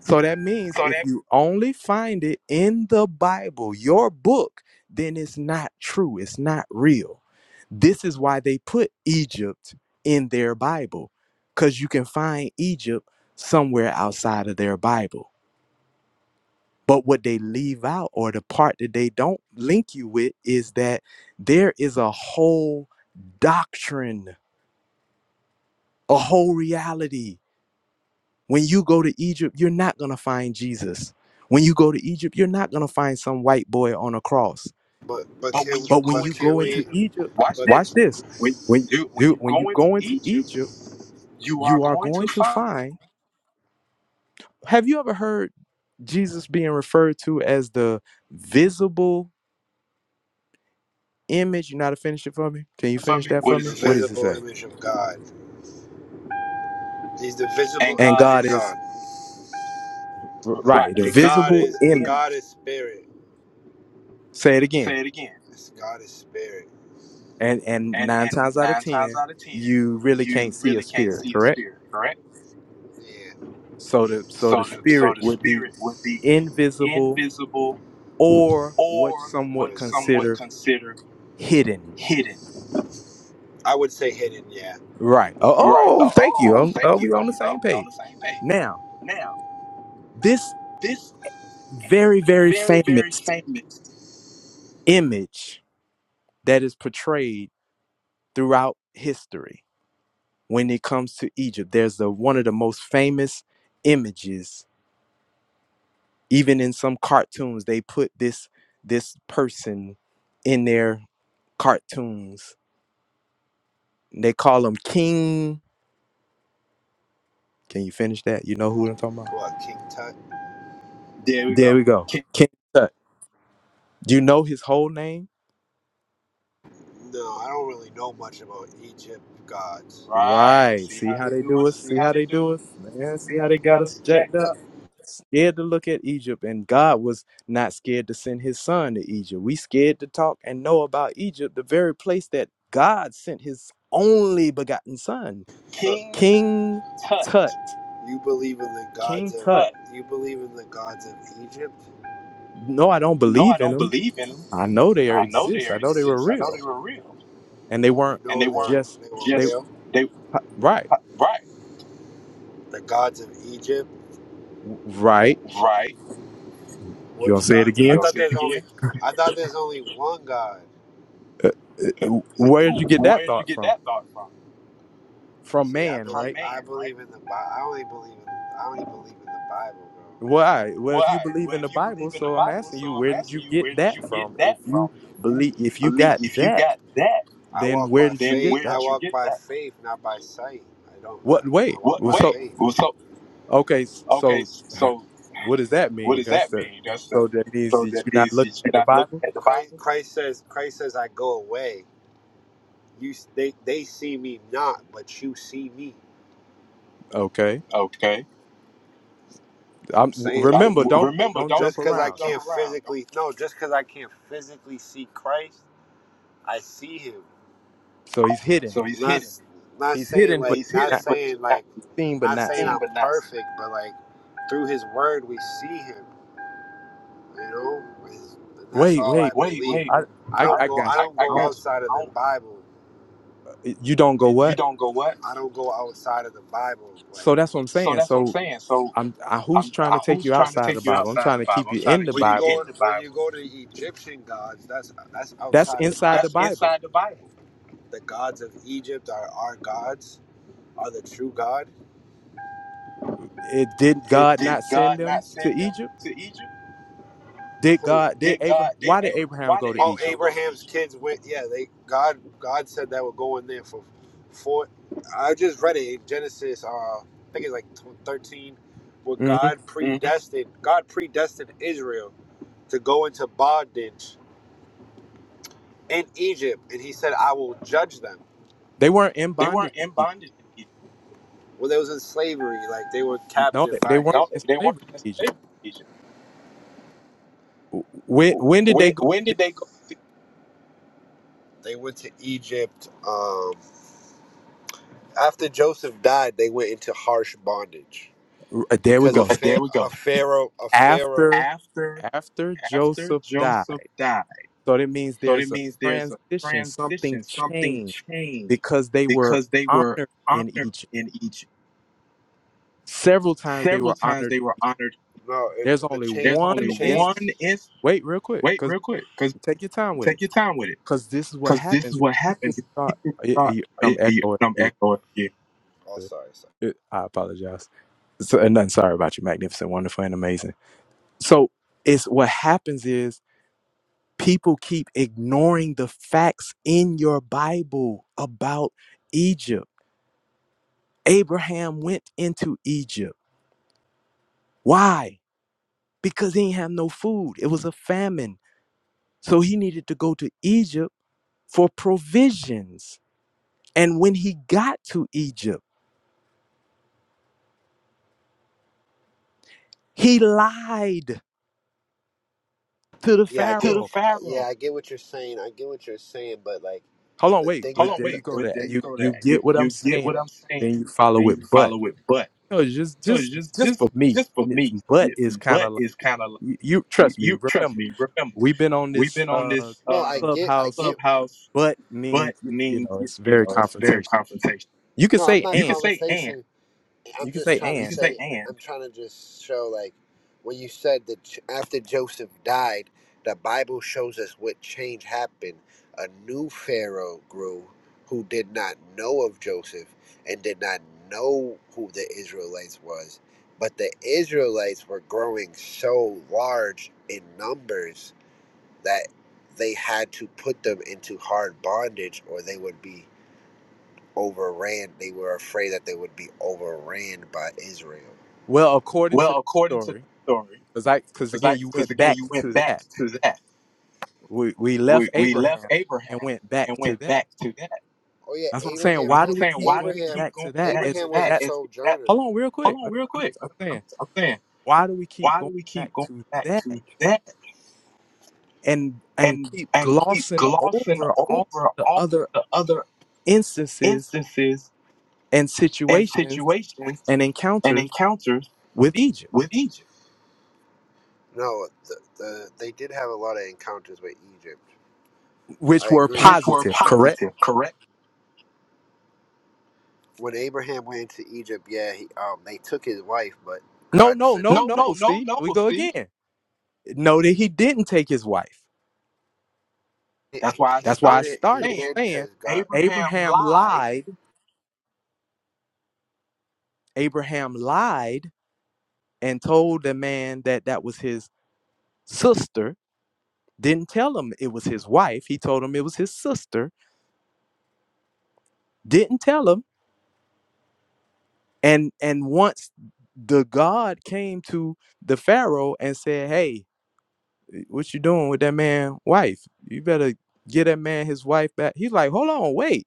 So that means So if that, you only find it in the Bible, your book, then it's not true. It's not real. This is why they put Egypt in their Bible, because you can find Egypt somewhere outside of their Bible. But what they leave out, or the part that they don't link you with, is that there is a whole doctrine, a whole reality. When you go to Egypt, you're not going to find Jesus. When you go to Egypt, you're not going to find some white boy on a cross. But but but can, when you But go when but you into go can we? into Egypt, Egypt, watch But watch this. this. When When you when you you when you go into go into Egypt, Egypt, you are you are going to going to find. find. Have you ever heard Jesus being referred to as the visible image. You know how to finish it for me? Can you for finish me? that What for is The me? his What does it visible say? image of God. He's the visible And And God image of God is of is God. right. right, The the And the God visible is and image. image. God is spirit. Say it again. Say it again. It's God is spirit. And and And nine and times out of nine times ten, out of ten, you really can't you see a really can't spirit, see a correct? spirit, correct? Yeah. So the so the So the so spirit the would be spirit would be invisible invisible or what or some what's would somewhat consider considered hidden. hidden. I would say hidden, yeah. Right. Oh, Right. oh Oh, thank you. oh Oh, oh, thank we you. Oh, on the oh, same we're on page. the same page. Now, Now, this this very, very very, very famous famous. image that is portrayed throughout history when it comes to Egypt. There's the one of the most famous images, even in some cartoons, they put this this person in their cartoons. They call him King. Can you finish that? You know who I'm talking about? What, King Tut? There we There go. we go. King. King Tut. Do you know his whole name? No, I don't really know much about Egypt gods. Right. Right. See See how how they they do do us? us? See See how how they they do do us? us? Yeah, Man, see see how how they they got got us us jacked jacked up? up? scared to look at Egypt, and God was not scared to send his son to Egypt. We scared to talk and know about Egypt, the very place that God sent his only begotten son, So King King Tut. Tut. you believe in the gods King King of Tut. Tut. you believe in the gods of Egypt? No, I don't No, I believe in don't them. believe in them. I know they are- I know they exist. I know they were exist. I know real. they were real. And they You know weren't And they they weren't were just they were they just, real? right. Right. The gods of Egypt? Right. Right. You gonna Which say it gods? You I again? thought there's only I thought there's only one God. Uh, Where did you get Where that did you thought get from? that thought from? From See, I man, believe right? man, I right? believe right? in the Bible. I only believe in I only believe in the Bible, bro. Why? Well, if you Why? believe Well, in the if you Bible, believe in the so I'm Bible, asking so you, I'm where did you asking you, get where did that you from? get If that you from? If you believe, if you believe, got if you that, got that, I then walk by where did you then faith. get where I did I that you from? walk get by that? faith, not by sight. I don't. I, What? I walk Wait. What? by Well, Wait. so faith. Well, so okay. s- okay. So So what does that What mean? does That's that the. mean? That's the So that means so that that you're not means looking that you're at the not looking Bible. at the Christ, Bible. Christ says, Christ says, I go away. You, s- they, they see me not, but you see me. Okay. Okay. I'm, I'm w- saying I'm, like, remember, w- don't remember, don't don't just jump because I don't around. jump Don't. can't around. Don't, physically, no, just because I can't physically see Christ, I see Him. So he's hidden. so he's Not, hidden. not He's saying hidden, like, but He's not hidden, not but saying not like, he's seen, but not not saying seen, seen. I'm but not seen. perfect, but like, through His Word we see Him. You know, It's- that's Wait, all I wait. Wait, believe. wait. I I I, I, don't I go. I I, got you. don't I I go got you. don't. outside of I the Bible. You don't don't, go Bible. you what? don't go what? I don't go outside of the Bible. Like, So that's what I'm So saying. that's what I'm So saying. So I'm I, who's I'm trying to I, take who's you trying to outside the take you Bible? I'm outside trying the to Bible? keep I'm you trying in to the when keep you you Bible. go in the when you Bible. go to Egyptian gods, that's that's That's outside the inside the That's Bible. Bible. inside the Bible. The gods of Egypt are our gods. Are the true God? It, did It, God did not send God them not to send them Egypt? to Egypt? Did Who? God? Did Did Abraham? God? Did Why did Abra Abraham Why go did to Oh, Abraham go Egypt? Abraham's kids went. Yeah, they God. God said that would go in there for, for. I just read it in Genesis. Uh, I think it's like thirteen, where hmm God Mm-hmm. predestined. God predestined Israel to go into bondage in Egypt, and He said, "I will judge them." They weren't in They bondage. weren't In in Egypt. bondage. in Egypt. Well, they was in slavery, like they were No, they, captive they by weren't No, Israel. in they weren't slavery in in Egypt. slavery in Egypt. When when did they When go? when did they go? They went to Egypt. Um, After Joseph died, they went into harsh bondage uh, There we because of go. Right, Pharaoh, there we a go. Pharaoh, a Pharaoh. After After after after Joseph died, Joseph died. so that means So that there's a means there's a transition. Something transition, something changed changed because they were because they were honored in honored Egypt. in Egypt. Several times they Several were times honored they were honored. No, it, There's the only change, There's the one only change. instance. one change. instance. Wait, real quick, Wait, because real quick, because take your time with it. take your time with it. Because this is what Because this is happens. what People happens. start. People y- thought, y- eh, I'm eh, echoing. I'm Yeah, echoing here. Oh, sorry, sorry. it- I apologize. So, and nothing. Sorry about you. Magnificent, wonderful, and amazing. So it's what happens is people keep ignoring the facts in your Bible about Egypt. Abraham went into Egypt. Why? Because he didn't have no food. It was a famine. So he needed to go to Egypt for provisions And when he got to Egypt, he lied to the Yeah, I to get. the Pharaoh. Pharaoh. Yeah, Pharaoh. I get what you're saying. I get what you're saying, but like Hold on, the wait, thing Hold that but on, that there the, you wait, the, go. but there That the you you go. That you you get what I'm you get saying. what I'm saying. Then you Then follow you it, but follow it, but no, just no, it's just just just for just me, just for me. but It's, is kind but of like is kind of you, you you, trust me. you trust Remember, me. Remember, we've been on we've this been on uh this no, I uh get. I get. clubhouse. clubhouse. But means But you means know it's you very know it's very confrontational. confrontational. You can No, I'm say not You and can say and. conversation. I'm you can just say trying to You can and say say, and. I'm trying to just show like when you said that J- after Joseph died, the Bible shows us what change happened. A new Pharaoh grew who did not know of Joseph and did not know who the Israelites was. But the Israelites were growing so large in numbers that they had to put them into hard bondage or they would be overran. They were afraid that they would be overran by Israel. well according to Well, the according to the story story, because I because because again I you because went again back you went to back that to that. We we left We we left Abraham Abraham and went back and to went that. back to that. Oh yeah, That's what I'm saying. Abraham. That's Why what I'm do we saying. keep Why do going we Abraham. keep back to going back that? to Is Abraham was that? a It's that that. sojourner. hold on real Hold quick? on, real I'm, quick. I'm saying I'm, I'm saying, why do we keep why going do we back keep going to back that to that and and and keep and keep glossing glossing over all over the all other the other instances instances and and situations situations and and encounters encounters with Egypt, with Egypt? No, the, the, they did have a lot of encounters with Egypt. which I were agree. which were positive, correct? positive, correct? When Abraham went to Egypt, yeah, he, um, they took his wife, but No, God no, sent them no, No, no. they, no, back. See, no, we no. go See, again. No, that he didn't take his wife. he, that's why I he did That's why I started it. He started saying did saying because God. Abraham Abraham lied, lied Abraham lied and told the man that that was his sister, didn't tell him it was his wife. He told him it was his sister, didn't tell him. And and once the God came to the Pharaoh and said, "Hey, what you doing with that man's wife? You better get that man his wife back." He's like, "Hold on, wait.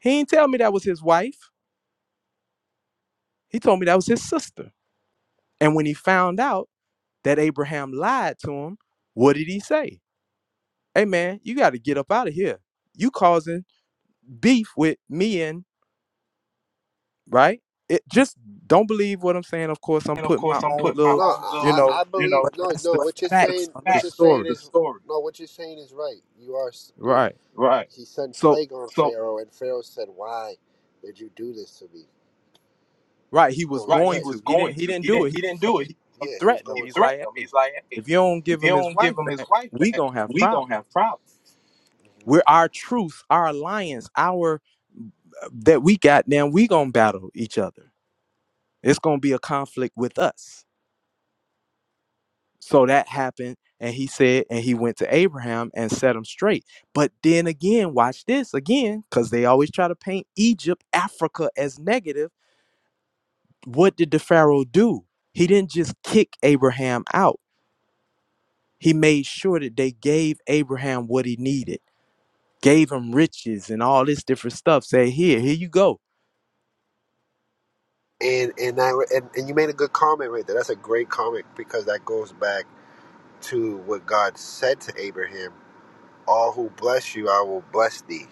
He ain't tell me that was his wife. He told me that was his sister." And when he found out that Abraham lied to him, what did he say? hey man, you got to get up out of here. You causing beef with me and right? It just don't believe what I'm saying. Of course, I'm and of putting my course I'm own putting my No, little, own little, you I, I I know, you believe know, but no, that's no. the but What you're that's the facts saying, of what the fact you're of saying the story, is story, no. What you're saying is right. You are. s- You, right? right? he sent So, plague on So Pharaoh, and Pharaoh said, "Why did you do this to me?" right, he No, was you're Right, he going right. to. was He didn't. going He to. didn't He do didn't. it. He, He didn't do uh, it. He, he Yeah, he was he threatened him. going to. He's threatened like, him. hey, He's like, "Hey, if you don't give if you him his don't wife give him his back, wife we back, gonna have we gonna problems. have problems." We're our truth, our alliance, our uh, that we got. Now we gonna battle each other. It's gonna be a conflict with us So that happened, and he said, and he went to Abraham and set him straight. But then again, watch this again, because they always try to paint Egypt, Africa as negative. What did the Pharaoh do? He didn't just kick Abraham out. He made sure that they gave Abraham what he needed, gave him riches and all this different stuff. Say, here, here you go. And and I and, and you made a good comment right there. That's a great comment because that goes back to what God said to Abraham: "All who bless you, I will bless thee."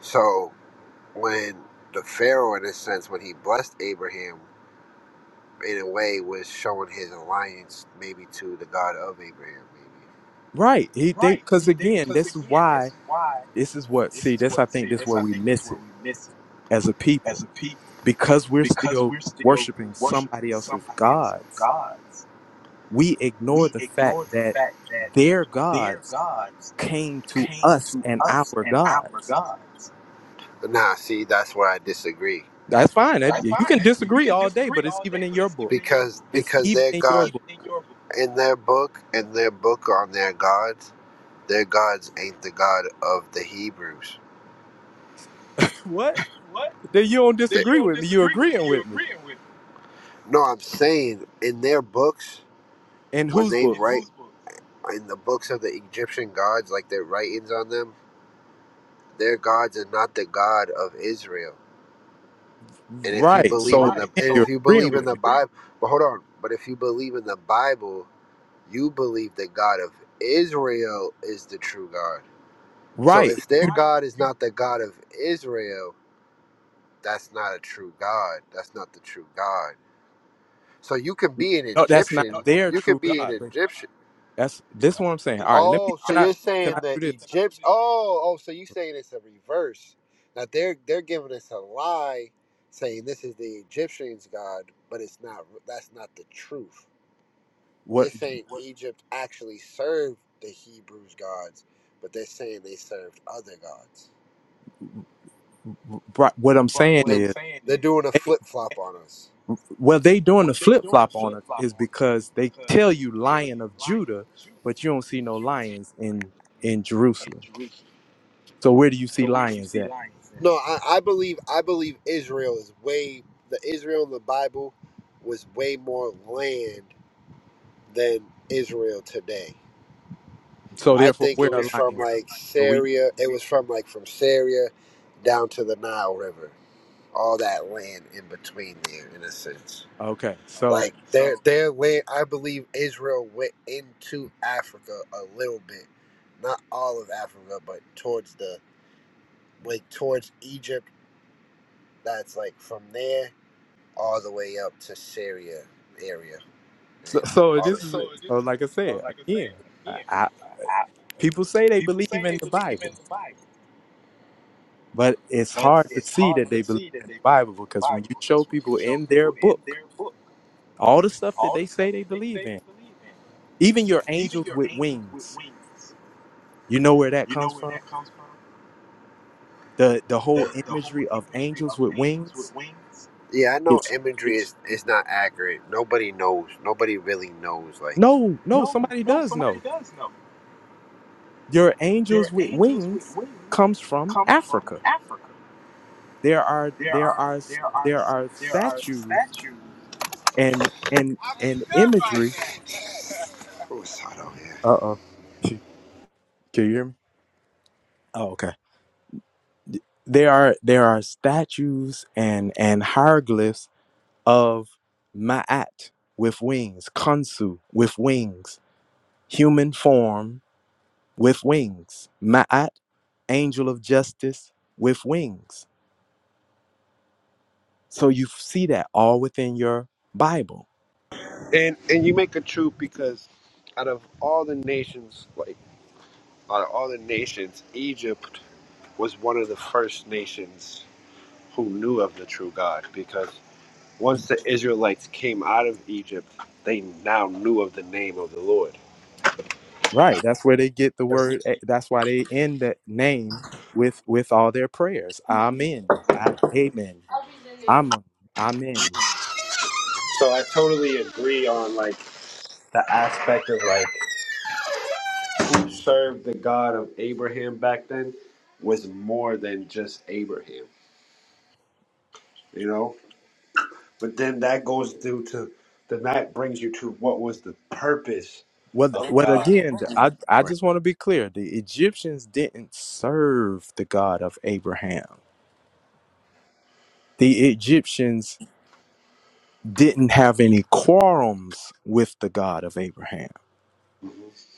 So when the Pharaoh, in a sense, when he blessed Abraham, in a way, was showing his alliance maybe to the God of Abraham, maybe. Right. He they Right. because He did again, because this is again, this why is why. this is what This see, is this I what think see. this is This where I we think this is miss where it we miss it as a people as a people because we're because still we're still worshiping worshiping somebody else's somebody else's gods, gods. we ignore We the fact ignore the that fact that their their gods gods came to came us to and us our and our gods. gods. Nah, see, that's where I disagree. That's fine. That- That's You fine. can and You disagree can all day, disagree but it's all even day, in but your it's even in book. your Because It's because even their it's in your God book. even in your book. in their book and their book on their gods, their gods ain't the God of the Hebrews. What? What? Then you don't Then They, you disagree don't with me. You're disagree with me. agreeing You with me. agreeing with me. No, I'm saying in their books, In when whose they books? write in the books of the Egyptian gods, like their writings on them, their gods are not the God of Israel. And if you Right. believe in So the Right. again, and if you're So you if agreeing believe in you're with the me. Bible, but hold on, but if you believe in the Bible, you believe the God of Israel is the true God. So Right. if their You right, God is not the God of Israel, that's not a true God. That's not the true God. So you can be an no, no, that's not Egyptian. that's their you not. can true be Yeah, an God. But Egyptian. that's this is what I'm saying. All right, let me Oh, so can I you're can saying I the do this? Egyptian? Oh, oh, so you saying it's a reverse? Now they're they're giving us a lie, saying this is the Egyptians' God, but it's not. That's not the truth. What You're you saying Egypt actually served the Hebrews' gods, but they're saying they served other gods. brought- what I'm saying They're, is they're doing a They, flip flop on us. well, they doing the flip flop on us is because they tell you Lion of Judah, but you don't see no lions in in Jerusalem. So where do you see So where do you lions see at? lions then? No, I, I believe I believe Israel is way the Israel in the Bible was way more land than Israel today. So I therefore, think it So where are was therefore, from lions? where the like lions? So we Syria. It was from like from Syria down to the Nile River. All that land in between there, in a sense. okay. Okay. So Like their So their land, I believe Israel went into Africa a little bit, not all of Africa, but towards the like towards Egypt That's like from there all the way up to Syria area, so, and So, so this obviously, is so this so is like I so said like I said again. I, again. I, I, people say they people believe say they in the believe in Bible, the Bible, but it's but hard to it's see hard that to they believe see that in they the believe Bible in the because when Bible you show because when you people show in their people in book their book all the stuff that all the they stuff say they that they believe say they in, believe in, even your even angels your with angels with wings, wings, you know where that you know comes where from that comes from? the the whole the the whole imagery of imagery angels of with angels wings with wings. Yeah, I know it's imagery is is not accurate. Nobody knows. Nobody really knows. Like, no no no, somebody no, does somebody know does know. your Your angels with angels with wings wings comes from comes from africa Africa. there are There there are are there are there are there are statues statues. and and and imagery oh, it's hot out here. uh-oh can you hear me oh okay there are there are statues and and hieroglyphs of maat with wings kansu with wings human form with wings. Ma'at, angel of justice with wings. So you see that all within your Bible. And and you make a truth because out of all the nations, like out of all the nations, Egypt was one of the first nations who knew of the true God because Once the Israelites came out of Egypt, they now knew of the name of the Lord. Right. That's where they get the word. eh, That's why they end that name with with all their prayers. Amen. I, amen. Amen. Amen. So I totally agree on like the aspect of like who served the God of Abraham back then was more than just Abraham, you know? But then that goes due to then that brings you to what was the purpose Well, th- of well, again, th- I, I Abraham. just want to be clear. The Egyptians didn't serve the God of Abraham. The Egyptians didn't have any quarrums with the God of Abraham.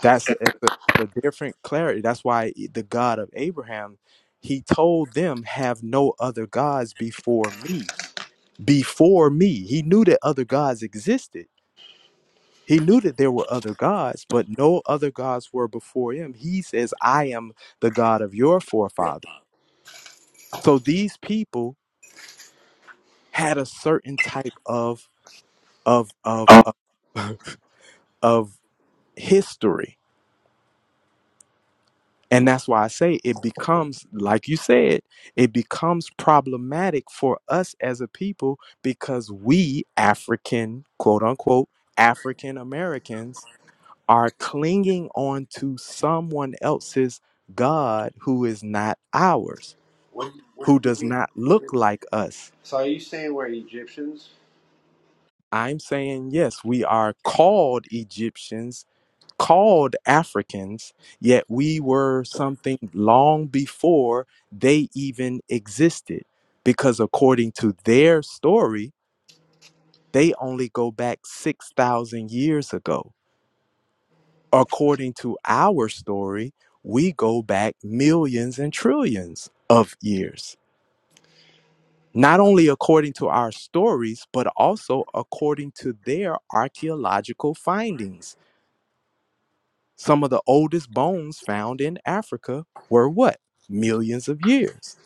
That's it's a, it's a different clarity. That's why e, the God of Abraham, he told them, have no other gods before me. Before me. He knew that other gods existed. He knew that there were other gods, but no other gods were before him. He says, I am the God of your forefather. So these people had a certain type of of of of, of history And that's why I say it becomes, like you said, it becomes problematic for us as a people because we, African, quote unquote, African Americans, are clinging on to someone else's God who is not ours, who does not look like us. So are you saying we're Egyptians? I'm saying, yes, we are called Egyptians called Africans, yet we were something long before they even existed. Because according to their story, they only go back 6,000 years ago. According to our story, we go back millions and trillions of years. Not only according to our stories, but also according to their archaeological findings Some of the oldest bones found in Africa were what? Millions of years.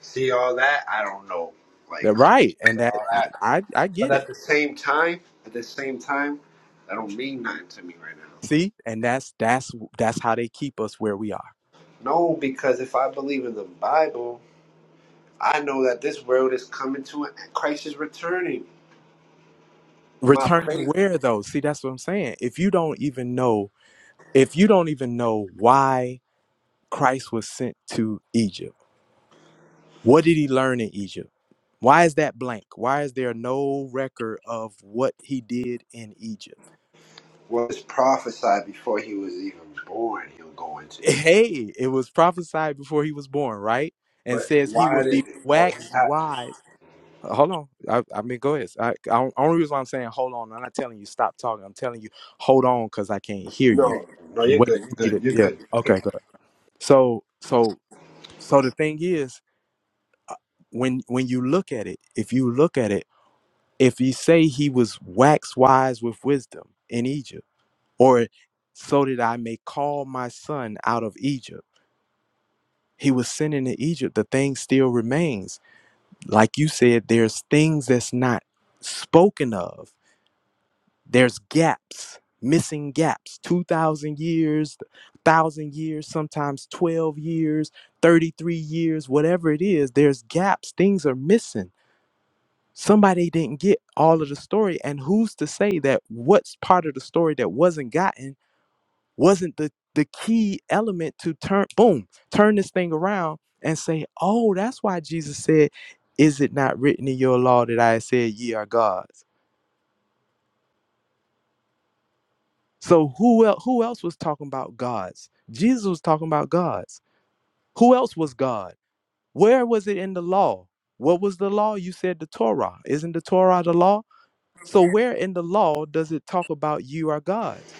See all that? I don't know. Like They're right. And that all I, that. I I But get it. at the same time, at the same time, that don't mean nothing to me right now. See? And that's that's that's how they keep us where we are. No, because if I believe in the Bible, I know that this world is coming to an end. Christ is returning. My Returning faith where though? See, that's what I'm saying. If you don't even know, if you don't even know why Christ was sent to Egypt, what did he learn in Egypt? Why is that blank? Why is there no record of what he did in Egypt? was prophesied before he was even born. He'll go into. it. hey, it was prophesied before he was born, right? And But says he why would be did it? what, waxed wise. Uh, Hold on. I, I mean, go ahead. I, I, only reason why I'm saying hold on, I'm not telling you stop talking. I'm telling you hold on because I can't hear you. no? No, you're Wait good. You're for me good. to, You're yeah. good. Okay, good. So, so, so the thing is, when when you look at it, if you look at it, if you say he was waxed wise with wisdom in Egypt, or so did I may call my son out of Egypt he was sent into Egypt, the thing still remains. Like you said, there's things that's not spoken of. There's gaps, missing gaps, 2,000 years, 1,000 years, sometimes 12 years, 33 years, whatever it is, there's gaps, things are missing. Somebody didn't get all of the story. And who's to say that what's part of the story that wasn't gotten? wasn't the the key element to turn boom turn this thing around and say oh that's why jesus said is it not written in your law that i said ye are gods so who else who else was talking about gods jesus was talking about gods who else was god where was it in the law what was the law you said the torah isn't the torah the law so where in the law does it talk about you are gods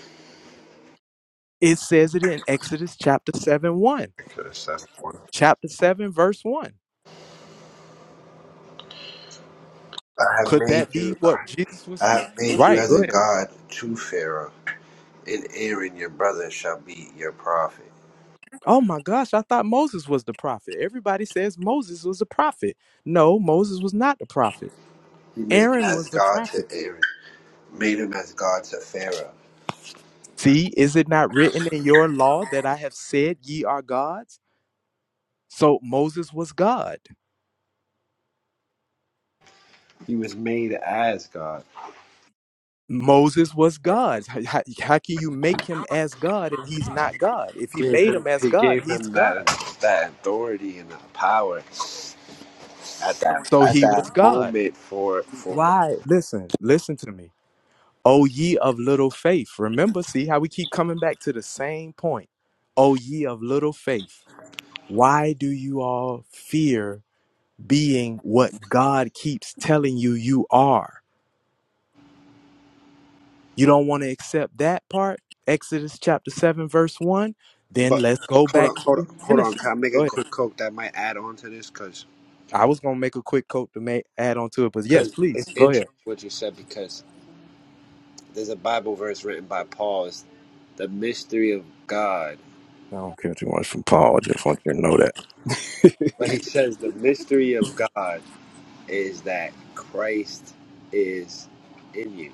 it says it in exodus chapter 7 1 chapter 7 verse 1 I have Could made that be you. what Jesus I was? have made you Right, go as a ahead. god to Pharaoh, and Aaron your brother shall be your prophet. Oh my gosh, I thought Moses was the prophet. Everybody says Moses was the prophet. No, Moses was not the prophet. He made him Aaron as was the God to prophet. Aaron. Made him as God to Pharaoh. See, is it not written in your law that I have said ye are gods? So Moses was God. He was made as God. Moses was God. How, how- how can you make him as God and he's not God? If he gave made him him as he God, gave he's him that God. that authority and that power at that So at he was that God. moment for for Why? Listen, listen to me. O ye of little faith. Remember, see how we keep coming back to the same point. O ye of little faith, why do you all fear being what God keeps telling you you are? You don't want to accept that part? Exodus chapter 7, verse 1. Then but let's go hold on back hold to on hold on Genesis. can I make Go a ahead. quick quote that might add on to this because I was going to make a quick quote to make, add on to it, but yes, please, it's go interesting ahead. what you said because there's a Bible verse written by Paul it's the mystery of God I don't care too much from Paul. I just want you to know that. but he says the mystery of God is that Christ is in you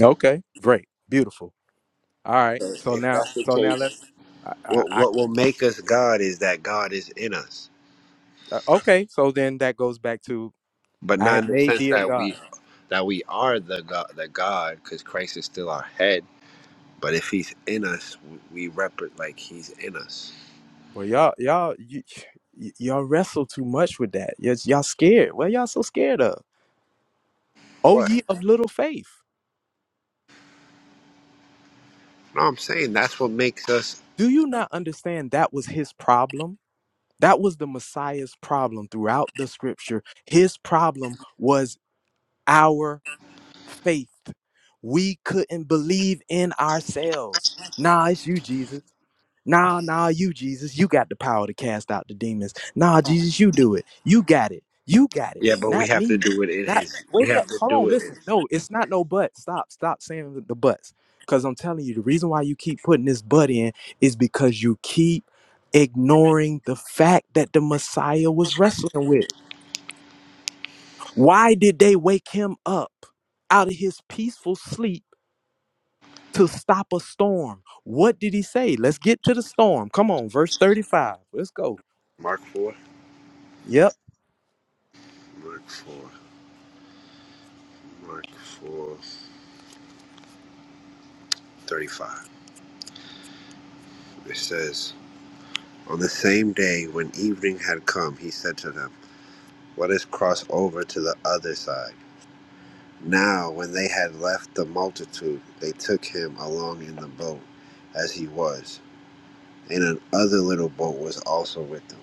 Okay, great, beautiful. All right. so So if now, that's the so now case let's. I, I, what I what will make us God is that God is in us uh, okay. So then that goes back to but I not have in the made sense thee a that we god. that we are the God, the God, because Christ is still our head. But if He's in us, we rep it like He's in us. But y'all, y'all, you, y- y'all wrestle too much with that. Y'all, y'all scared. What y'all so scared of? Oh, What? ye of little faith. No, I'm saying that's what makes us. Do you not understand that was his problem? That was the Messiah's problem throughout the scripture. His problem was our faith. We couldn't believe in ourselves. Nah, it's you, Jesus. Nah, nah, you, Jesus, you got the power to cast out the demons. Nah, Jesus, you do it. You got it. You got it. Yeah, but we Not have to me. do it in Not His. We wake have up. to Hold do on, it in listen. No, it's not no but. Stop. Stop saying the the buts. Because I'm telling you, the reason why you keep putting this butt in is because you keep ignoring the fact that the Messiah was wrestling with. Why did they wake him up out of his peaceful sleep to stop a storm? What did he say? Let's get to the storm. Come on, verse 35. Let's go. Mark four, Yep. Mark four, Mark four, thirty-five. It says, "On the same day when evening had come, He said to them, 'Let us cross over to the other side.'" Now, when they had left the multitude, they took him along in the boat as he was, and another little boat was also with them.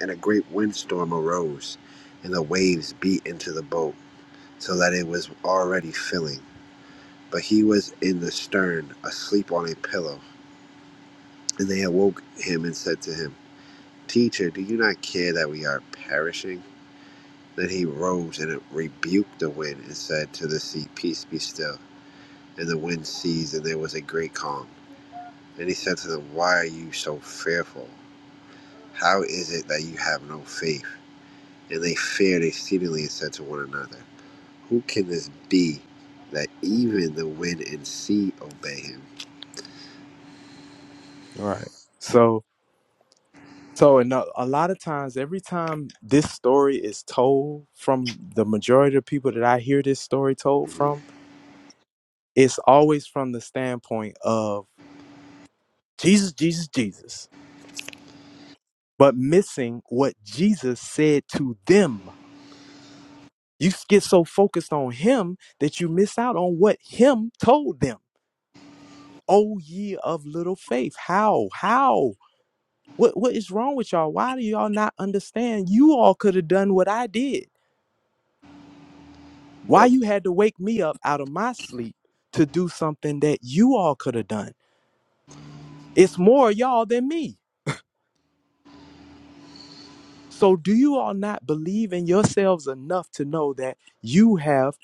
And a great windstorm arose, and the waves beat into the boat, so that it was already filling. But he was in the stern, asleep on a pillow. And they awoke him and said to him, Teacher, do you not care that we are perishing? Then he rose and rebuked the wind and said to the sea, Peace be still. And the wind ceased, and there was a great calm. Then he said to them, Why are you so fearful? How is it that you have no faith? And they feared exceedingly and said to one another, Who can this be that even the wind and sea obey him? Right. So so and a, a lot of times every time this story is told from the majority of people that I hear this story told from, it's always from the standpoint of Jesus, Jesus, Jesus, but missing what Jesus said to them. You get so focused on him that you miss out on what him told them. Oh ye of little faith. How? How? What what is wrong with y'all? Why do y'all not understand? You all could have done what I did. Why But you had to wake me up out of my sleep to do something that you all could have done? It's more y'all than me. So do you all not believe in yourselves enough to know that you have,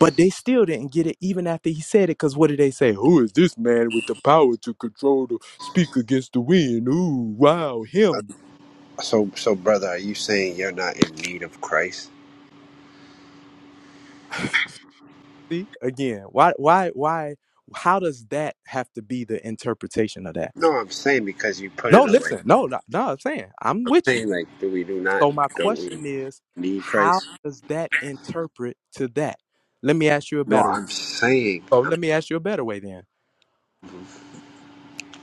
but they still didn't get it even after he said it? Because what did they say? Who is this man with the power to control the speak against the wind? Ooh, wow, him. so, so brother, are you saying you're not in need of Christ? See, again, why, why, why, how does that have to be the interpretation of that? No, I'm saying because you put No, in a like listen, I'm no, no, no I'm saying I'm with you. saying like, do we do not So my don't we question is, need how Christ? does that interpret to that? Let me ask you a No, better way. I'm saying So I'm let me ask you a better way then.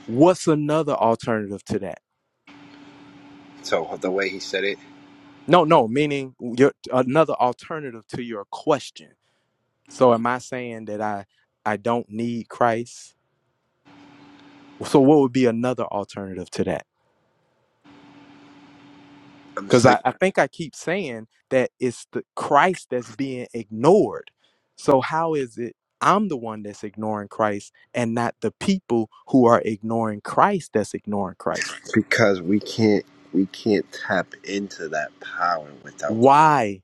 What's another alternative to that? so the way he said it, No, no, meaning your another alternative to your question. So am I saying that I I don't need Christ? So what would be another alternative to that? I'm because saying. I, I think I keep saying that it's the Christ that's being ignored. So how is it I'm the one that's ignoring Christ and not the people who are ignoring Christ that's ignoring Christ? because we can't we can't tap into that power without Why?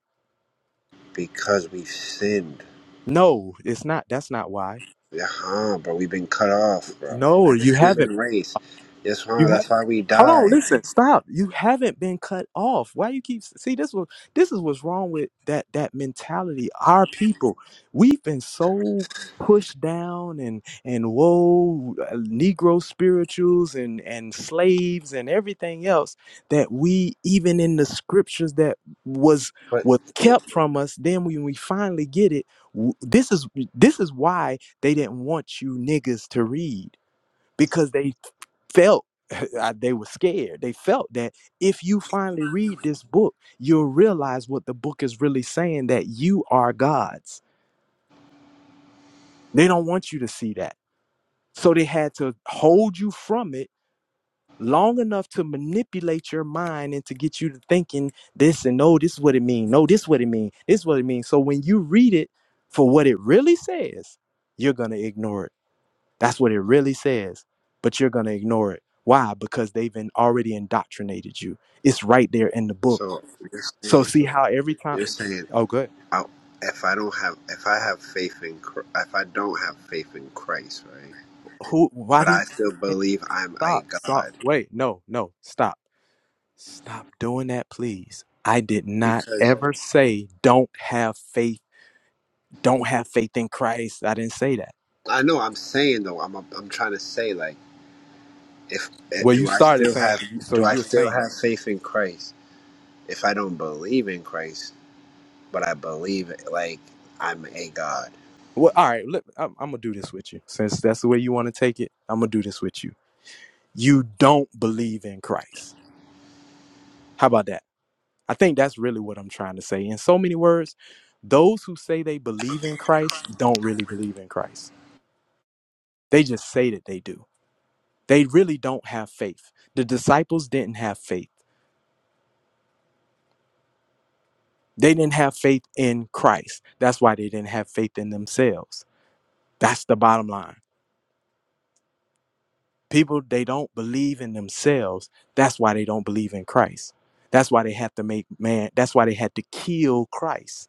because we've sinned. No, it's not. That's not why. Yeah, huh, bro. We've been cut off, bro. No, As a you haven't human race. Yes, huh. You have That's why we hold on, die. listen, stop. You haven't been cut off. Why you keep see this was this is what's wrong with that that mentality. Our people, we've been so pushed down and and whoa uh, negro spirituals and and slaves and everything else that we even in the scriptures that was But was kept from us then when we finally get it w- this is this is why they didn't want you niggas to read because they felt I- they were scared. They felt that if you finally read this book, you'll realize what the book is really saying that you are gods. They don't want you to see that. So they had to hold you from it long enough to manipulate your mind and to get you to thinking this and no, this is what it means. No, this is what it means. This is what it means. So when you read it for what it really says, you're going to ignore it That's what it really says. But you're going to ignore it. Why? Because they've been already indoctrinated you. It's right there in the book. so you're So saying see how every time you're saying Oh good. I, if I don't have if I have faith in Chr- if I don't have faith in Christ, right? Who why But do I still you believe I'm a stop? Stop. God Wait, no, no. Stop. Stop doing that, please. I did not because ever say don't have faith, don't have faith in Christ. I didn't say that. I know I'm saying though I'm I'm trying to say like if eh, Well, you do I started still saying have so do I you're still saying. have faith in Christ if I don't believe in Christ, but I believe like I'm a God. Well, all right, look, I'm, I'm gonna do this with you. Since that's the way you want to take it, I'm gonna do this with you you don't believe in Christ. How about that? I think that's really what I'm trying to say. In so many words, those who say they believe in Christ don't really believe in Christ. They just say that they do. They really don't have faith. The disciples didn't have faith. They didn't have faith in Christ. That's why they didn't have faith in themselves. That's the bottom line. People, they don't believe in themselves. That's why they don't believe in Christ. That's why they had to make man, that's why they had to kill Christ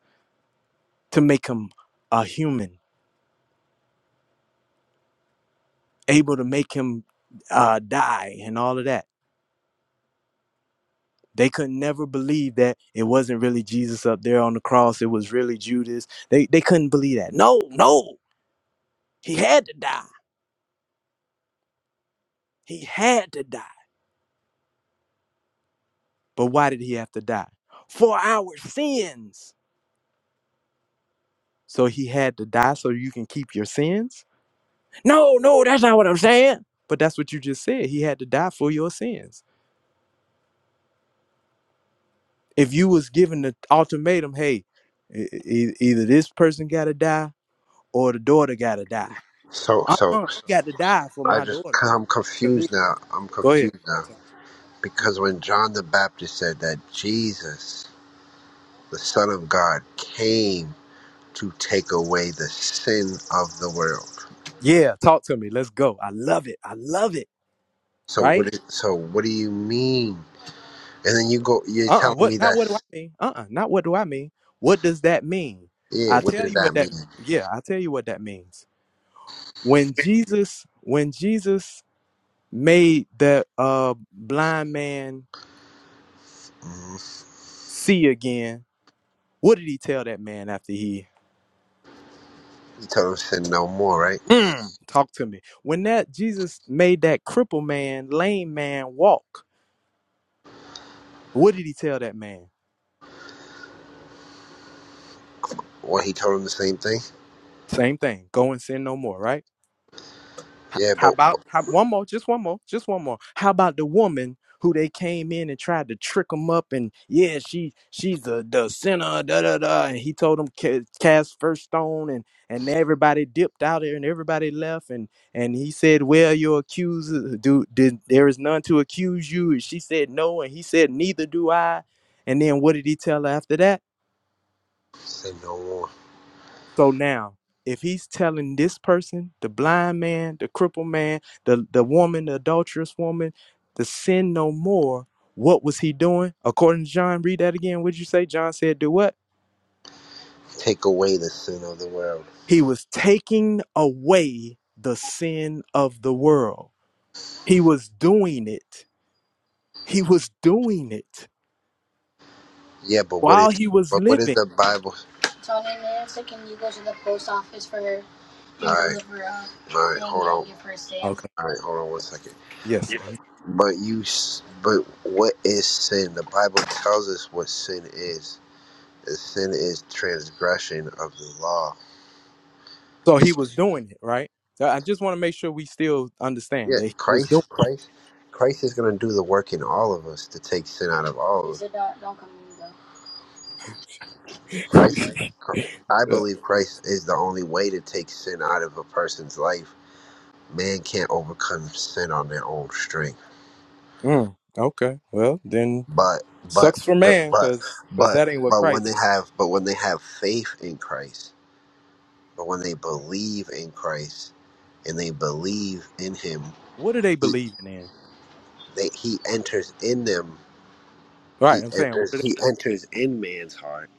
to make him a human, able to make him uh, die and all of that. They could never believe that it wasn't really Jesus up there on the cross. It was really Judas. They they couldn't believe that. No, no, he had to die. He had to die. But why did he have to die? For our sins. So he had to die so you can keep your sins? No, no, that's not what I'm saying. But that's what you just said. He had to die for your sins. if you was given the ultimatum, hey, e- e- e, either this person got to die or the daughter got to die. So so, Uh-uh, you so got to die for I my just daughter i I'm to live. confused now. I'm Go ahead, confused talk now to me. because when John the Baptist said that Jesus, the Son of God, came to take away the sin of the world. Yeah, talk to me. Let's go. I love it. I love it. So what Right? is so what do you mean? And then you go you're Uh-uh. telling What? me Not that what do I mean? Uh-uh. Not what do I mean? What does that mean? yeah, I what tell does you what that that. mean? Yeah, I tell you what that means. When Jesus, when Jesus made that uh blind man see again, what did he tell that man after he You told him sin no more, right? Mm, talk to me. When that Jesus made that crippled man, lame man walk, what did he tell that man? Well, he told him the same thing. Same thing. Go and sin no more, right? H- Yeah, How but, but about how, one more? Just one more. Just one more. How about the woman who they came in and tried to trick him up and yeah, she she's the the sinner. Da da da. And he told them "Ca- cast first stone, and and everybody dipped out there and everybody left. And and he said, well, your accuser, do did there is none to accuse you? And she said no, and he said neither do I. And then what did he tell her after that? sin no more. So now, if he's telling this person, the blind man, the crippled man, the, the woman, the adulterous woman, to sin no more, what was he doing? According to John, read that again. What'd you say? John said, do what? Take away the sin of the world. He was taking away the sin of the world. He was doing it. He was doing it Yeah, but what is while he was but what is living. the Bible? All right, Okay. all right. Hold on one second. Yes. Yeah. But you, s- but what is sin? The Bible tells us what sin is. And sin is transgression of the law. So he So, was doing it, right? So I just want to make sure we still understand Yeah, that he was Christ, Christ, Christ is going to do the work in all of us to take sin out of all of doing Christ, Chr- I it. believe Christ is the only way to take sin out of a person's life man can't overcome sin on their own strength. Mm, okay. Well, then But but sucks for but man, but cause cause but that ain't what but when Christ they said. have but when they have faith in Christ, but when they believe in Christ and they believe in Him, What are they he, believing in? they, he enters in them. Right. He I'm saying what? are enters they? he enters in man's heart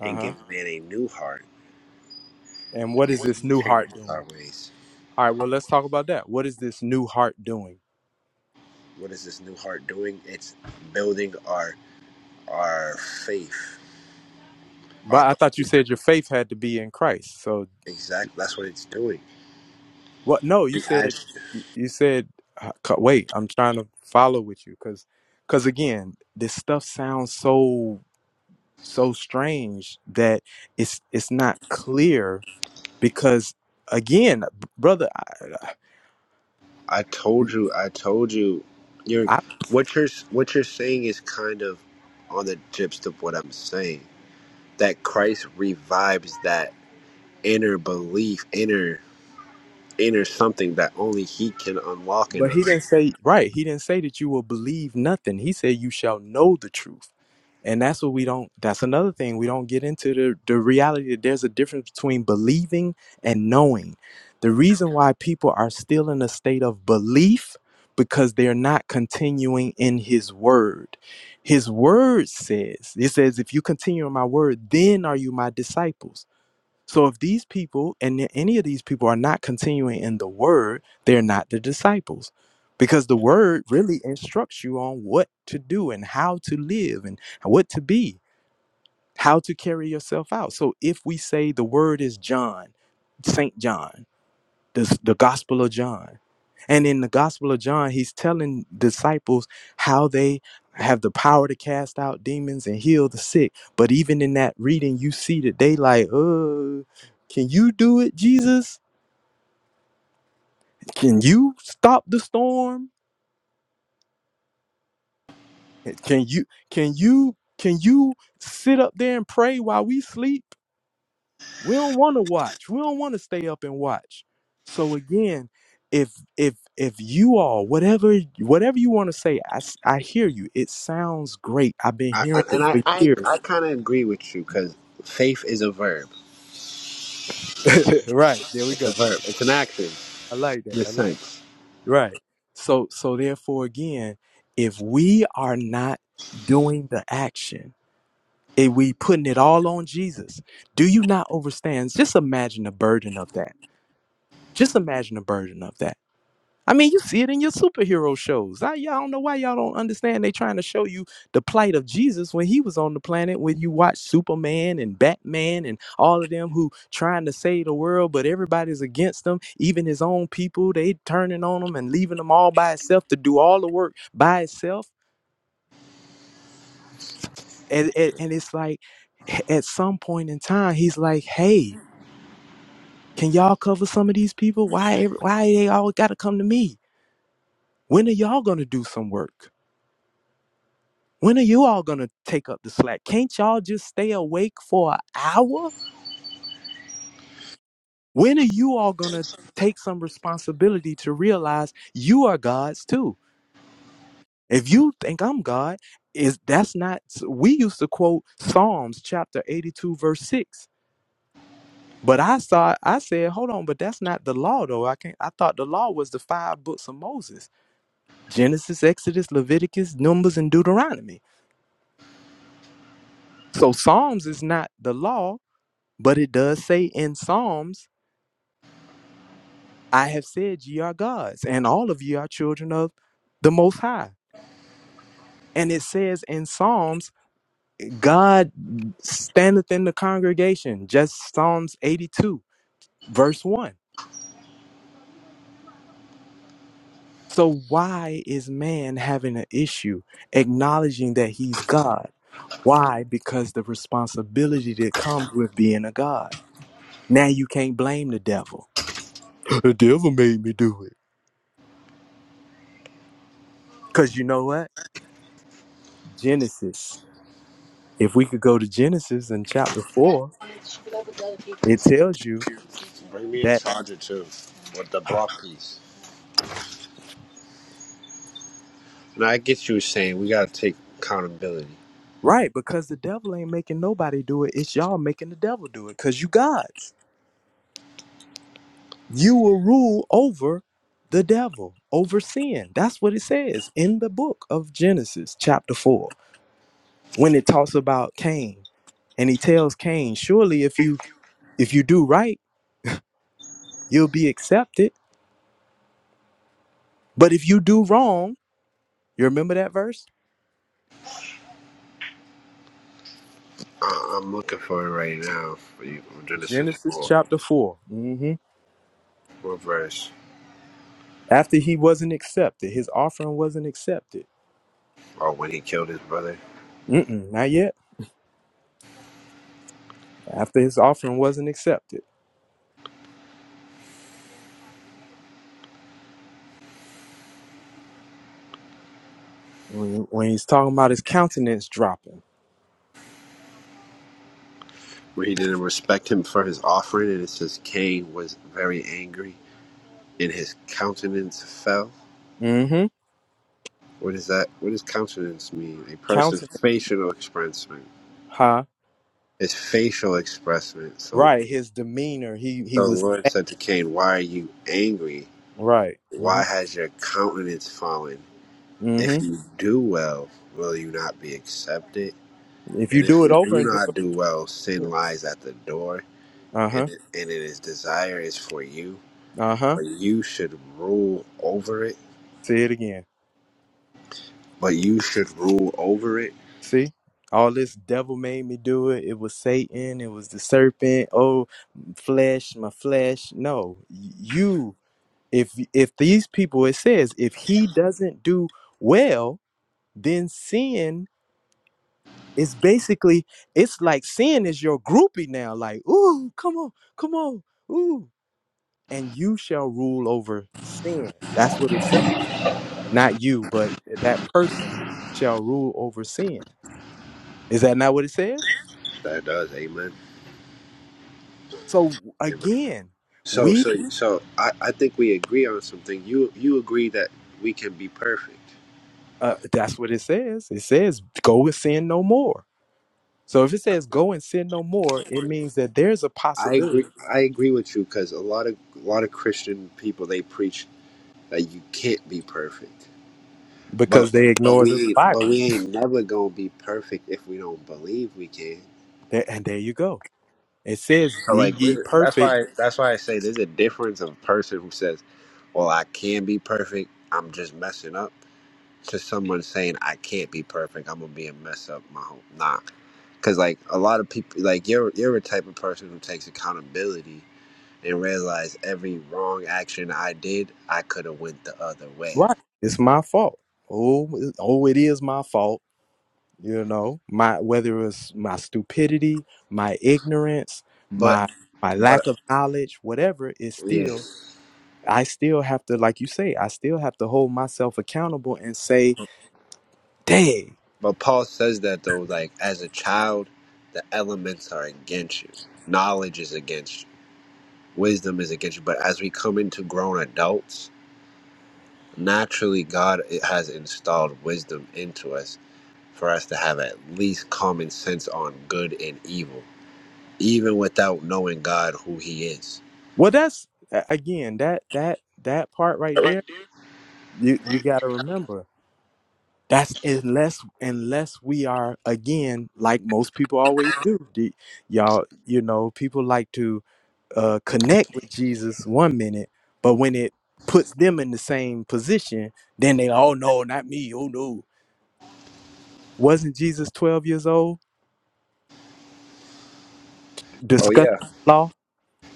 Uh and huh. man a new heart. And what is this new heart Our doing? ways. All right. Well, let's talk about that. What is this new heart doing? What is this new heart doing? It's building our our faith, our But I thought you belief. said your faith had to be in Christ. So Exactly. That's what it's doing. what? No, you And said as you you said. uh, c- Wait, I'm trying to follow with you, cause cause again, this stuff sounds so so strange that it's it's not clear because again, brother. I told you, I told you, you're I, what you're what you're saying is kind of on the gist of what I'm saying. That Christ revives that inner belief, inner inner something that only He can unlock in but he us. didn't say right. He didn't say that you will believe nothing. He said you shall know the truth, and that's what we don't. That's another thing we don't get into the the reality that there's a difference between believing and knowing. The reason why people are still in a state of belief because they're not continuing in His Word. His Word says, "It says if you continue in My Word, then are you My disciples." So if these people and a- any of these people are not continuing in the word, they're not the disciples. Because the word really instructs you on what to do and how to live and what to be, how to carry yourself out. So if we say the word is John, St. John, this the gospel of john and in the gospel of john he's telling disciples how they have the power to cast out demons and heal the sick but even in that reading you see that they like uh can you do it jesus can you stop the storm can you can you can you sit up there and pray while we sleep We don't want to watch. We don't want to stay up and watch. So again, if if if you all whatever whatever you want to say, I s- I hear you. It sounds great. I've been I, I, hearing it and I for I, years. I kind of agree with you because faith is a verb. right there we It's a go. verb. It's an action I like that. in a I like sense. that. right. So so therefore again, if we are not doing the action, if we putting it all on Jesus, do you not understand? Just imagine the burden of that. Just imagine the burden of that I mean, you see it in your superhero shows. I, y'all don't know why y'all don't understand. They trying to show you the plight of Jesus when he was on the planet. When you watch Superman and Batman and all of them who trying to save the world, but everybody's against them. Even his own people, they turning on him and leaving him all by itself to do all the work by itself. And, and, and it's like, at some point in time, he's like, "Hey, can y'all cover some of these people? Why, every- why they all got to come to me? When are y'all gonna do some work?" When are you all going to take up the slack? Can't y'all just stay awake for an hour? When are you all going to take some responsibility to realize you are God's too? If you think I'm God, is that's not we used to quote Psalms chapter 82 verse 6. But I saw I said, "Hold on, but that's not the law though. I can not I thought the law was the five books of Moses. Genesis, Exodus, Leviticus, Numbers and Deuteronomy. So Psalms is not the law, but it does say in Psalms I have said, Ye are gods, and all of ye are children of the Most High. And it says in Psalms, God standeth in the congregation, just Psalms 82, verse 1. So, why is man having an issue acknowledging that he's God? Why? Because the responsibility that comes with being a God. Now you can't blame the devil. The devil made me do it. Because you know what? Genesis. If we could go to Genesis in chapter 4, It tells you Bring me a that charger too with the block piece. And I get you saying we gotta take accountability. right because the devil ain't making nobody do it. It's y'all making the devil do it because you gods. You will rule over the devil, over sin. That's what it says in the book of Genesis, chapter four, when it talks about Cain and he tells Cain, surely if you if you do right, you'll be accepted. But if you do wrong, you remember that verse? I, I'm looking for it right now for you from Genesis Genesis 4. chapter 4. hmm What verse? After he wasn't accepted, his offering wasn't accepted. Oh, when he killed his brother. Mm-mm, not yet. after his offering wasn't accepted. When, when he's talking about his countenance dropping. Where he didn't respect him for his offering, and it says Cain was very angry, and his countenance fell. Mm-hmm. What is that? What does countenance mean? A person's Countenance, facial expression. huh? It's facial expression. So, Right. His demeanor. He he so the was Lord said to Cain, Why are you angry? right. Mm-hmm. Why has your countenance fallen? If Mm-hmm. you do well, will you not be accepted? If you And if do it you do over and do not it, do well, yeah. sin lies at the door, and Uh-huh. it, and it is desire is for you, Uh-huh. but you should rule over it. Say it again. But you should rule over it. See? All this devil made me do it. It was Satan. It was the serpent. Oh, flesh, my flesh. No, you. If if these people, it says, if he doesn't do well, then sin it's basically it's like sin is your groupie now. Like, ooh, come on, come on, ooh, and you shall rule over sin. That's what it says. Not you, but that person shall rule over sin. Is that not what it says? That does, amen. So And again, so, we so, so, I, I think we agree on something. You, you agree that we can be perfect. uh, that's what it says. It says go and sin no more. So if it says go and sin no more, it means that there's a I agree. possibility I agree with you because a lot of a lot of Christian people they preach that you can't be perfect, because but they but ignore the we ain't but Bible. we ain't never gonna be perfect if we don't believe we can. There, and there you go. It says, So "Be like ye there's- that's perfect." why that's why I say there's a difference of a person who says, "Well, I can be perfect. I'm just messing up," to someone saying, "I can't be perfect. I'm gonna be a mess up my whole nah." Because like a lot of people, like you're you're a type of person who takes accountability and realize every wrong action I did, I could have went the other way. Right. It's my fault. Oh, it- oh, it is my fault. You know, my whether it's my stupidity, my ignorance, But my my but lack of knowledge, whatever, it's yeah, still I still have to, like you say, I still have to hold myself accountable and say, "Dang." but Paul says that though, like as a child, the elements are against you. Knowledge is against you wisdom is against you. But as we come into grown adults, naturally God has installed wisdom into us for us to have at least common sense on good and evil, even without knowing God who He is. Well, that's a- again that that that part right there. You you got to remember That's unless unless we are again like most people always do. The- Y'all, you know, people like to uh, connect with Jesus one minute, but when it puts them in the same position, then they oh no, not me. Oh no, wasn't Jesus twelve years old? Oh Discuss yeah, law.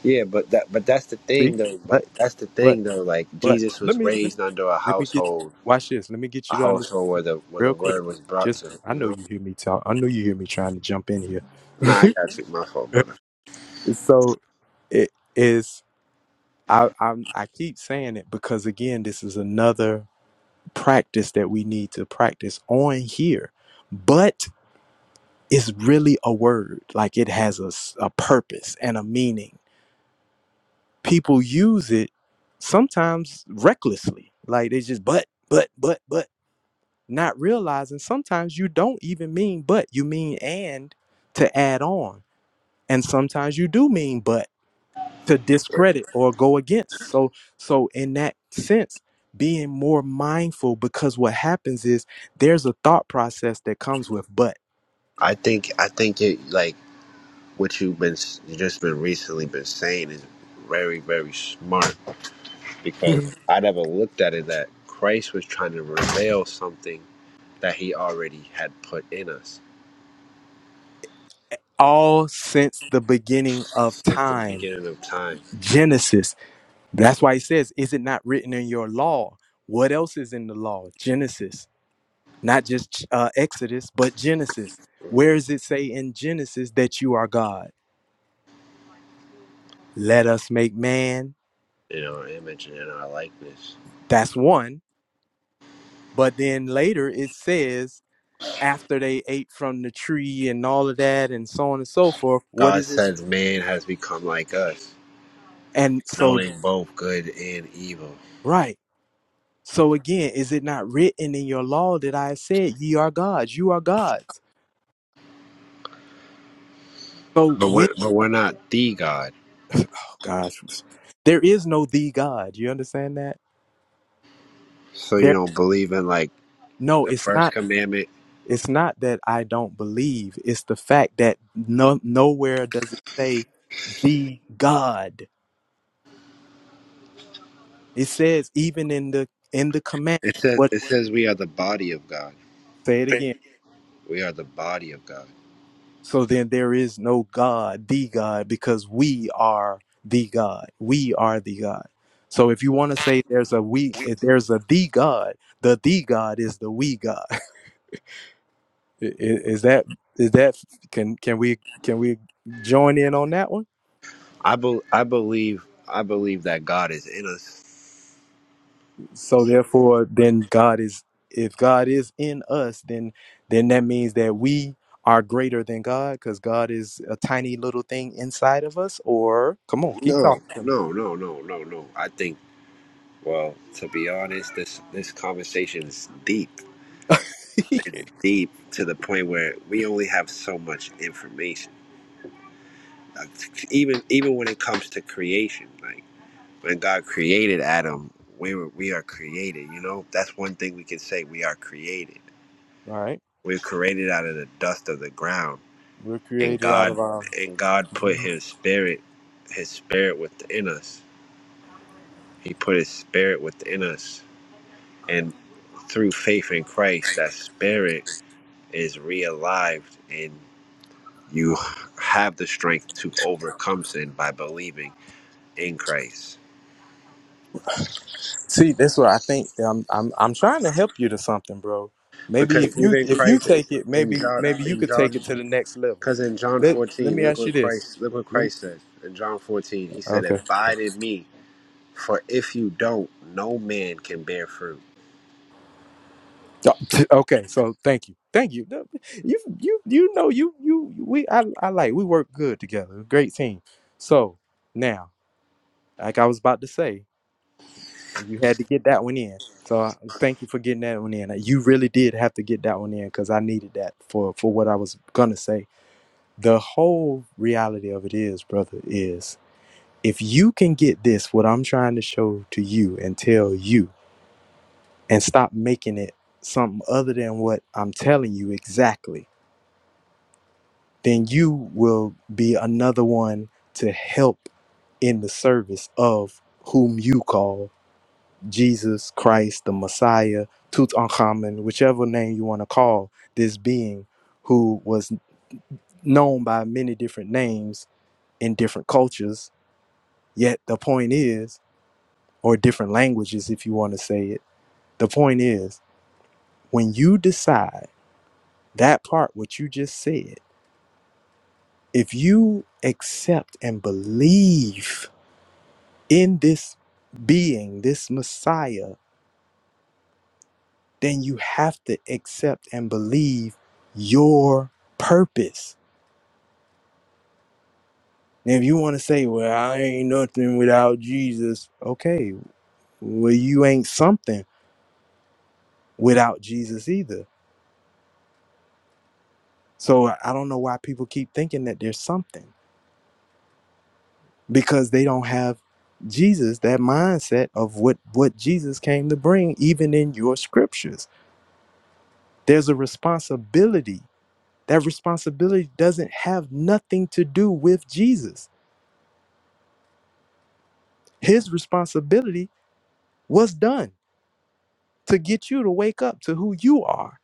yeah, but that but that's the See, thing though. But but that's the but thing though. Like but Jesus let was me let, raised under a let me get household, watch this. Let me get a you to understand household where the where the real quick. word was brought Just to. him, I You know know. you hear me talk. I know you hear me trying to jump in here. Nah, I got you. My fault, brother. so it is. I I'm, I keep saying it because again, this is another practice that we need to practice on here. But it's really a word, like it has a, s- a purpose and a meaning. People use it sometimes recklessly, like it's just but but but but, not realizing sometimes you don't even mean but, you mean and to add on, and sometimes you do mean but to discredit or go against. So so in that sense, being more mindful because what happens is there's a thought process that comes with but I think I think it like what you've been you just been recently been saying is very very smart because I never looked at it that Christ was trying to reveal something that he already had put in us all since the beginning of since the time. beginning of time Genesis. That's why he says, Is it not written in your law? What else is in the law? Genesis. Not just uh, Exodus, but Genesis. Where does it say in Genesis that you are God? Let us make man. in our image and in our likeness. That's one. But then later it says after they ate from the tree and all of that and so on and so forth what God is this says man has become like us, and so knowing both good and evil. right so again is it not written in your law that i have said ye are gods you are gods so But when we're, but we're not the God, oh gosh there is no the god you understand that so you there don't believe in like no the it's first not commandment. it's not that i don't believe it's the fact that no nowhere does it say the god it says even in the in the commandment It says what it says we are the body of God. say it again We are the body of God. So then there is no God, the God, because we are the God. We are the God. So if you want to say there's a we, if there's a the God, the the God is the we God. I- i- Is that is that can can we can we join in on that one? I be, I believe I believe that God is in us. So therefore, then God is if God is in us, then then that means that we are greater than God because God is a tiny little thing inside of us. Or come on, keep talking No, to no, no, no, no, no. I think well, to be honest, this this conversation is deep. me. It's deep to the point where we only have so much information. Like, even even when it comes to creation, like when God created Adam, we were we are created, you know? That's one thing we can say we are created. All right. We're created out of the dust of the ground We're and created out God of our. and God put Mhm. his spirit his spirit within us. He put his spirit within us and through faith in Christ that spirit is realived and you have the strength to overcome sin by believing in Christ. See, that's what I think. I'm, I'm, I'm trying to help you to something, bro. Maybe Because if you, even if you Christ take it, in maybe, John maybe you in could take John it to the next level. because in John Let, let 14 me look ask you what this. Christ look what Let me, Christ said in John 14 he said okay. abide in me for if you don't no man can bear fruit Oh, Okay. So thank you. Thank you. No, You, you, you know, you, you, we, I, I like, we work good together. Great team. So now, like I was about to say, You had to get that one in. So I- thank you for getting that one in. Uh, You really did have to get that one in because I needed that for for what I was gonna say. The whole reality of it is, brother, is if you can get this, what I'm trying to show to you and tell you, and stop making it something other than what I'm telling you exactly, then you will be another one to help in the service of whom you call Jesus Christ, the Messiah, Tutankhamun, whichever name you want to call this being who was known by many different names in different cultures. Yet the point is, or different languages, if you want to say it, the point is, when you decide that part, what you just said, if you accept and believe in this being, this Messiah, then you have to accept and believe your purpose. And if you want to say, well, I ain't nothing without Jesus, okay, well, you ain't something without Jesus either. So I don't know why people keep thinking that there's something because they don't have Jesus, that mindset of what, what Jesus came to bring, even in your scriptures. There's a responsibility. That responsibility doesn't have nothing to do with Jesus. His responsibility What's done to get you to wake up to who you are?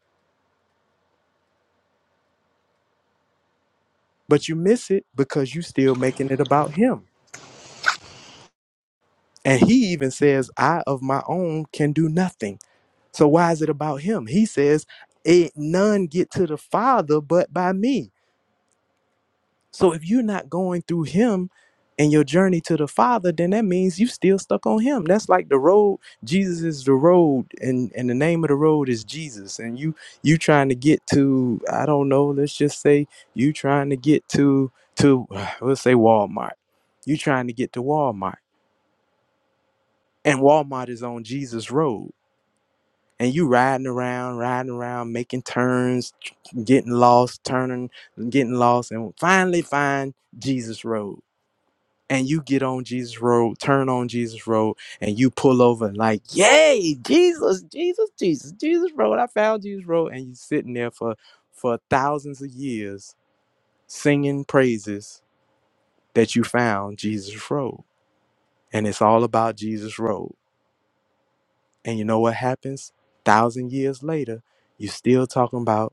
But you miss it because you still making it about him. And he even says, I of my own can do nothing. So why is it about him? He says, it none get to the Father but by me. So if you're not going through him and your journey to the Father, then that means you still stuck on him. That's like the road. Jesus is the road, and and the name of the road is Jesus. And you you trying to get to I don't know. Let's just say you trying to get to to let's say Walmart. You trying to get to Walmart, and Walmart is on Jesus Road. And you riding around, riding around, making turns, getting lost, turning, getting lost, and finally find Jesus Road and you get on Jesus Road, turn on Jesus Road, and you pull over and like, yay, Jesus, Jesus, Jesus, Jesus Road. I found Jesus Road. And you sitting there for for thousands of years singing praises that you found Jesus Road. And it's all about Jesus Road. And you know what happens? Thousand years later, you still talking about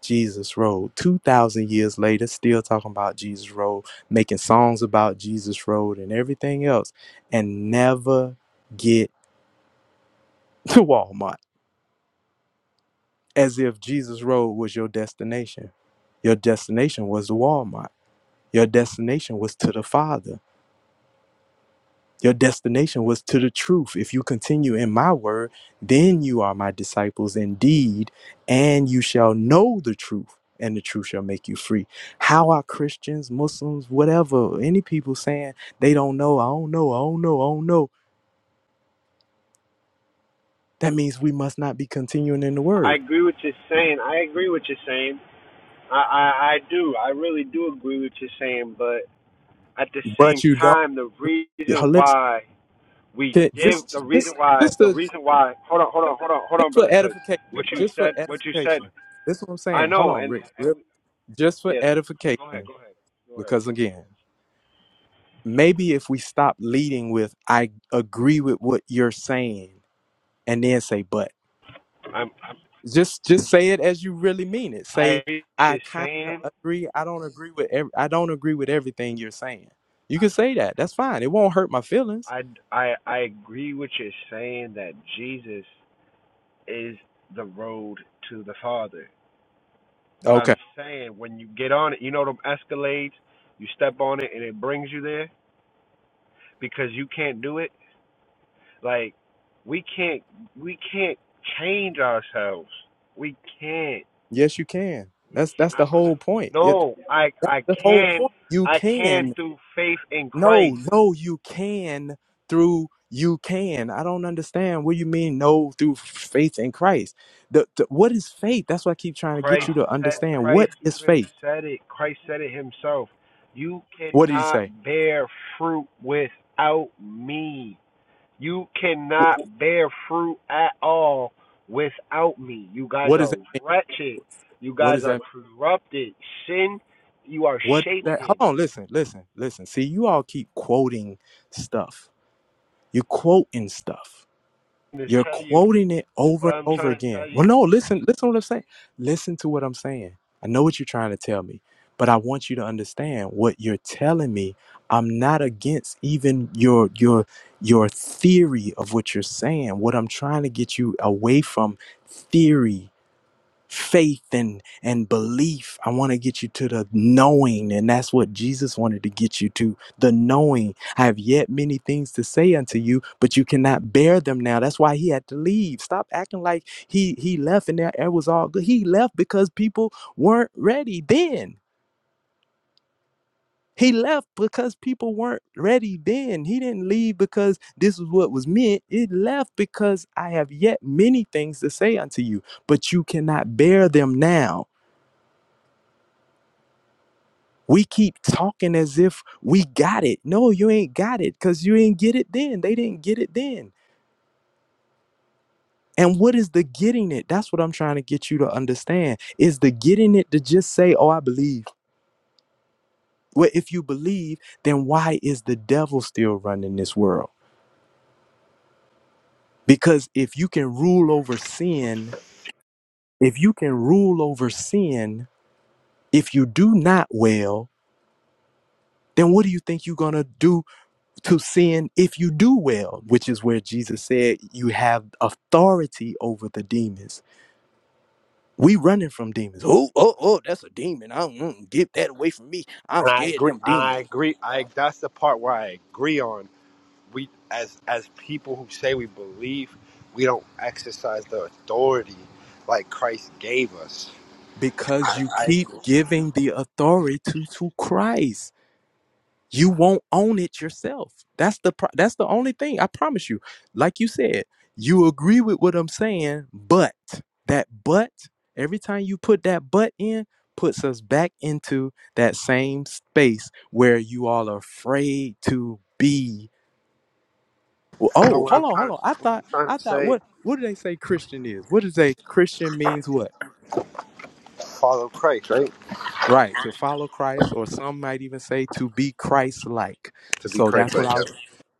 Jesus Road. 2,000 years later, still talking about Jesus Road, making songs about Jesus Road and everything else, and never get to Walmart as if Jesus Road was your destination. Your destination was the Walmart, your destination was to the Father. Your destination was to the truth. If you continue in my word, then you are my disciples indeed, and you shall know the truth, and the truth shall make you free. How are Christians, Muslims, whatever, any people saying they don't know, I don't know, I don't know, I don't know? That means we must not be continuing in the I word. agree with you saying. I agree with you saying. I, I I do. I really do agree with you saying. But at the same But you don't. time, the Yeah, reason Listen, why we can- did the just, reason just, why just, the to, reason why hold on hold on hold on hold just on for brother, because edification, what you just for said what you said edification. This is what I'm I saying. Hold know on, and Rick. Rick. and Just for yes go ahead edification, go ahead go ahead because again, maybe if we stop leading with i agree with what you're saying and then say but I'm, I'm just just say it as you really mean it I say agree with i you kind of saying. agree i don't agree with every, i don't agree with everything you're saying you can say that that's fine it won't hurt my feelings I I I agree with you saying that Jesus is the road to the Father But okay I'm saying when you get on it, you know them Escalades, you step on it and it brings you there because you can't do it. Like we can't we can't change ourselves. We can't. yes you can We that's can't. that's I, the whole point it, no, I that's I the whole can point you I can can through faith in No, Christ. no, you can through you can. I don't understand what you mean. No, through faith in Christ. The, the what is faith? That's what I keep trying to get Christ you to said understand. What Christ is even faith? said it. Christ said it himself. You What did he cannot say? bear fruit without me. You Wh- cannot bear fruit at all without me. You What guys does are that mean? wretched. You What guys does that? are mean? corrupted. Sin, you are What is shaped that? Hold in. on, listen, listen, listen. See, you all keep quoting stuff. You quoting stuff. I'm just You're tell you quoting it over what and I'm over trying to again. tell Well, you. no, listen, listen to what I'm saying. Listen to what I'm saying. I know what you're trying to tell me, but I want you to understand what you're telling me. I'm not against even your your your theory of what you're saying. What I'm trying to get you away from theory faith and and belief i want to get you to the knowing and that's what jesus wanted to get you to the knowing i have yet many things to say unto you but you cannot bear them now that's why he had to leave stop acting like he he left and there it was all good he left because people weren't ready then he left because people weren't ready then. He didn't leave because this is what was meant. It left because I have yet many things to say unto you, but you cannot bear them now We keep talking as if we got it. No, you ain't got it because you ain't get it then. They didn't get it then. And what is the getting it? That's what I'm trying to get you to understand. Is the getting it to just say, oh, I believe? Well, if you believe, then why is the devil still running this world? Because if you can rule over sin, if you can rule over sin, if you do not well, then what do you think you're going to do to sin if you do well, which is where Jesus said you have authority over the demons. We running from demons. Oh, oh, oh, that's a demon. I don't mm, get that away from me. I'm And I scared of agree. them I demons. agree. I that's the part where I agree on. We as as people who say we believe, we don't exercise the authority like Christ gave us. Because I, you I keep agree. giving the authority to, to Christ. you won't own it yourself that's the pro- that's the only thing i promise you like you said you agree with what i'm saying but that but every time you put that but in puts us back into that same space where you all are afraid to be Well, You Know oh what I'm hold on trying hold on i to what I'm thought trying i to thought say, what what do they say christian is what does a christian means what follow Christ, right? right to follow christ or some might even say to be christ like To be so Christ that's what i like. was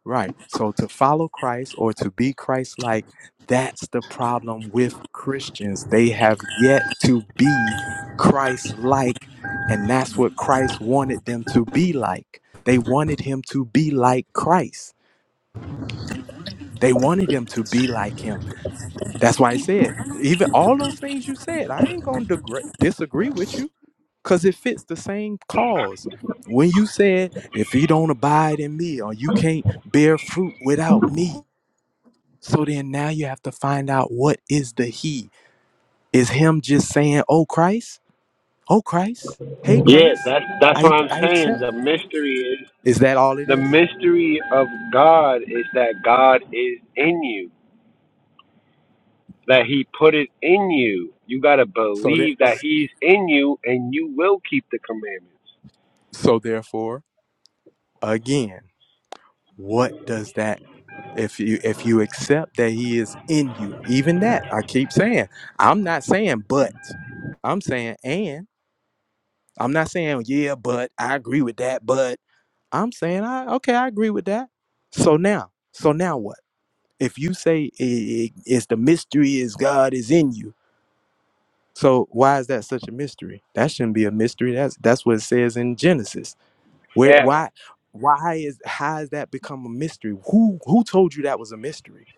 Right. So to follow Christ or to be Christ like, that's the problem with Christians. They have yet to be Christ like, and that's what Christ wanted them to be like. They wanted him to be like Christ. They wanted him to be like him. That's why I said, even all those things you said, I ain't going to degre disagree with you because it fits the same cause. When you said, if you don't abide in me or you can't bear fruit without me, So then now you have to find out what is the he. Is him just saying, "Oh Christ, oh Christ, hey Yeah, Christ, that's that's what I I'm I saying. accept." The mystery is Is that all it the is? mystery of God is that God is in you, that He put it in you. You gotta So that believe that He's in you, and you will keep the commandments. so therefore, again, what does that if you if you accept that he is in you, even that I keep saying, I'm not saying but, I'm saying and. I'm not saying yeah, but I agree with that, but I'm saying I okay, I agree with that. So now, so now what? if you say i it's the mystery is God is in you, so why is that such a mystery? That shouldn't be a mystery. That's that's what it says in Genesis. Where Yeah, why why is how has that become a mystery? Who who told you that was a mystery?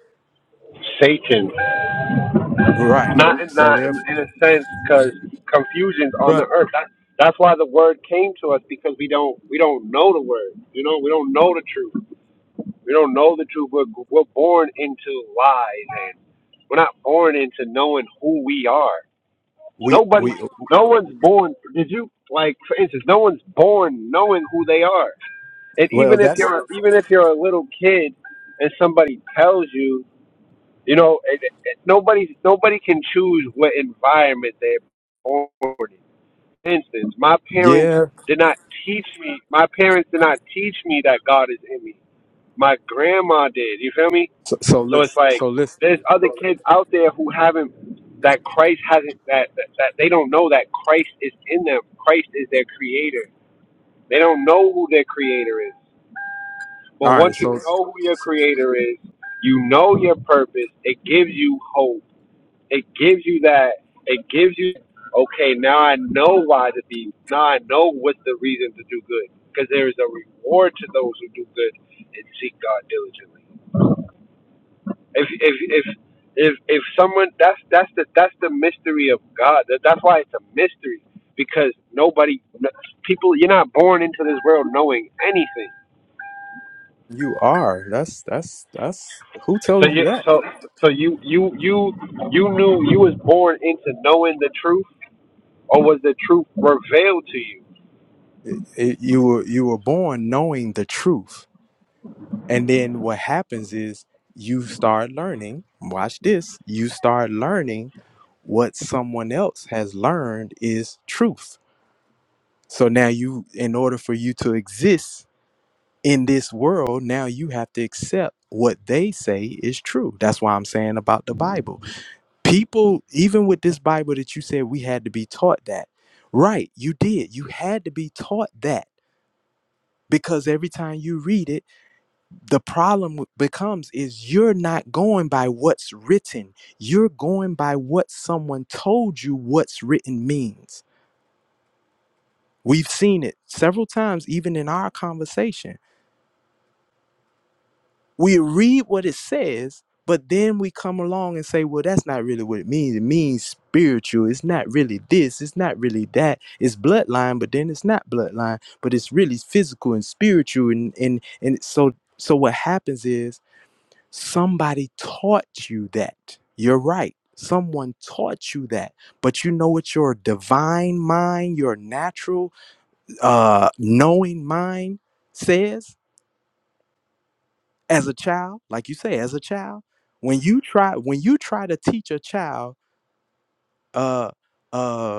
Satan, Right. not in, So not therefore, in a sense, because confusion's on Right. the earth. That, that's why the word came to us because we don't we don't know the word. You know, we don't know the truth. We don't know the truth. We're, we're born into lies, and we're not born into knowing who we are. we Nobody, we no one's born. Did you like, for instance, no one's born knowing who they are. And well even if that's you're, even if you're a little kid, and somebody tells you, you know, it, it, it- nobody, nobody can choose what environment they're born in. For instance, my parents yeah. did not teach me. My parents did not teach me that God is in me. My grandma did. You feel me? So, so So it's listen. like So listen. there's other kids out there who haven't that Christ hasn't that, that that they don't know that Christ is in them. Christ is their creator. They don't know who their creator is. But All once right. you So, know who your so creator is, you know your purpose. It gives you hope. It gives you that. It gives you okay. Now I know why to be. Now I know what's the reason to do good. Because there is a reward to those who do good and seek God diligently. if if if if if someone that's that's the that's the mystery of God. That, that's why it's a mystery because nobody n- people you're not born into this world knowing anything. you are. That's that's that's who So told you you that? so so you you you you knew you was born into knowing the truth or was the truth revealed to you? It- you were you were born knowing the truth And then what happens is you start learning, watch this, you start learning what someone else has learned is truth. So now you, in order for you to exist in this world, now you have to accept what they say is true. That's why I'm saying about the Bible. People, even with this Bible that you said we had to be taught that, right? You did. You had to be taught that because every time you read it, the problem w- becomes is you're not going by what's written you're going by what someone told you what's written means we've seen it several times even in our conversation we read what it says but then we come along and say well that's not really what it means it means spiritual it's not really this it's not really that it's bloodline but then it's not bloodline but it's really physical and spiritual and and, and so so what happens is Somebody taught you that. You're right. Someone taught you that. But you know what your divine mind, your natural uh, knowing mind says as a child? Like you say, as a child, when you try when you try to teach a child uh, uh,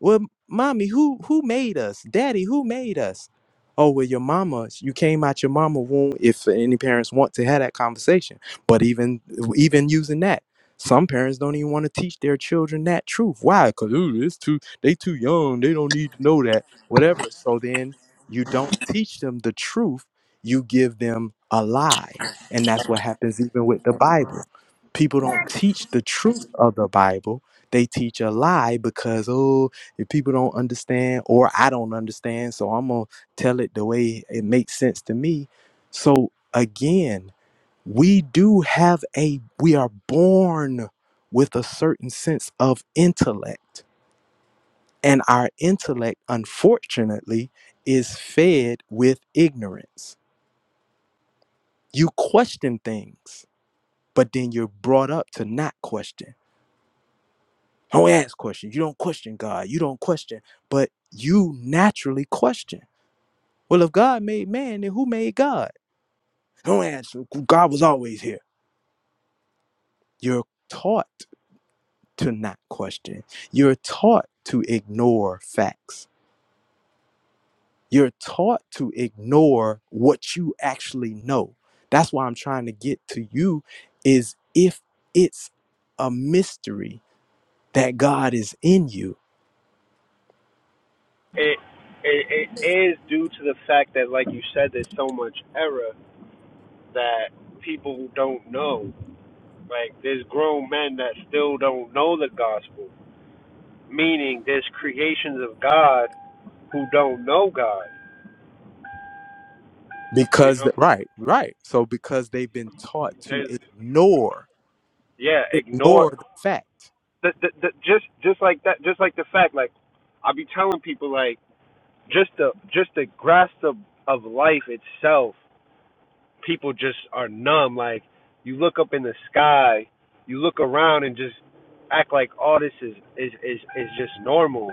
Well, mommy, who who made us? Daddy, who made us? Oh, well, your mama. You came out your mama womb. If any parents want to have that conversation, but even even using that, some parents don't even want to teach their children that truth. Why? Because it's too they too young. They don't need to know that. Whatever. So then you don't teach them the truth. You give them a lie, and that's what happens even with the Bible. People don't teach the truth of the Bible. They teach a lie because oh if people don't understand or I don't understand, so I'm gonna tell it the way it makes sense to me. So again, we do have a we are born with a certain sense of intellect. And our intellect, unfortunately, is fed with ignorance. You question things, but then you're brought up to not question. Don't ask questions. You don't question God. You don't question, but you naturally question Well, if God made man, then who made God? No answer. God was always here. You're taught to not question. You're taught to ignore facts. You're taught to ignore what you actually know. That's why I'm trying to get to you is if it's a mystery that God is in you It, it it is due to the fact that, like you said, there's so much error that people don't know. Like there's grown men that still don't know the gospel. meaning there's creations of God who don't know God. You because know, that, right, right. So because they've been taught to there's ignore yeah, ignore ignore the fact. the, the, the, just just like that, just like the fact like I be telling people like just the just the grasp of of life itself, people just are numb. Like you look up in the sky, you look around and just act like all this is is is is just normal.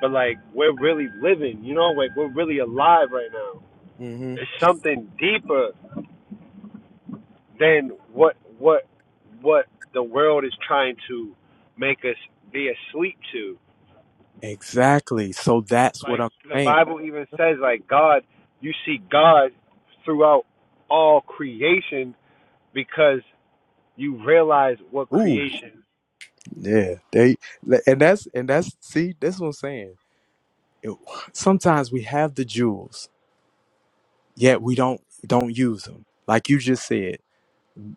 But like we're really living, you know, like we're really alive right now. Mm-hmm. It's something deeper Than what what what the world is trying to make us be asleep to. Exactly. So that's what Like I'm the saying. Bible even says like God you see God throughout all creation because you realize what Ooh, creation yeah. They and that's and that's see, that's what I'm saying. It- sometimes we have the jewels, yet we don't don't use them. Like you just said,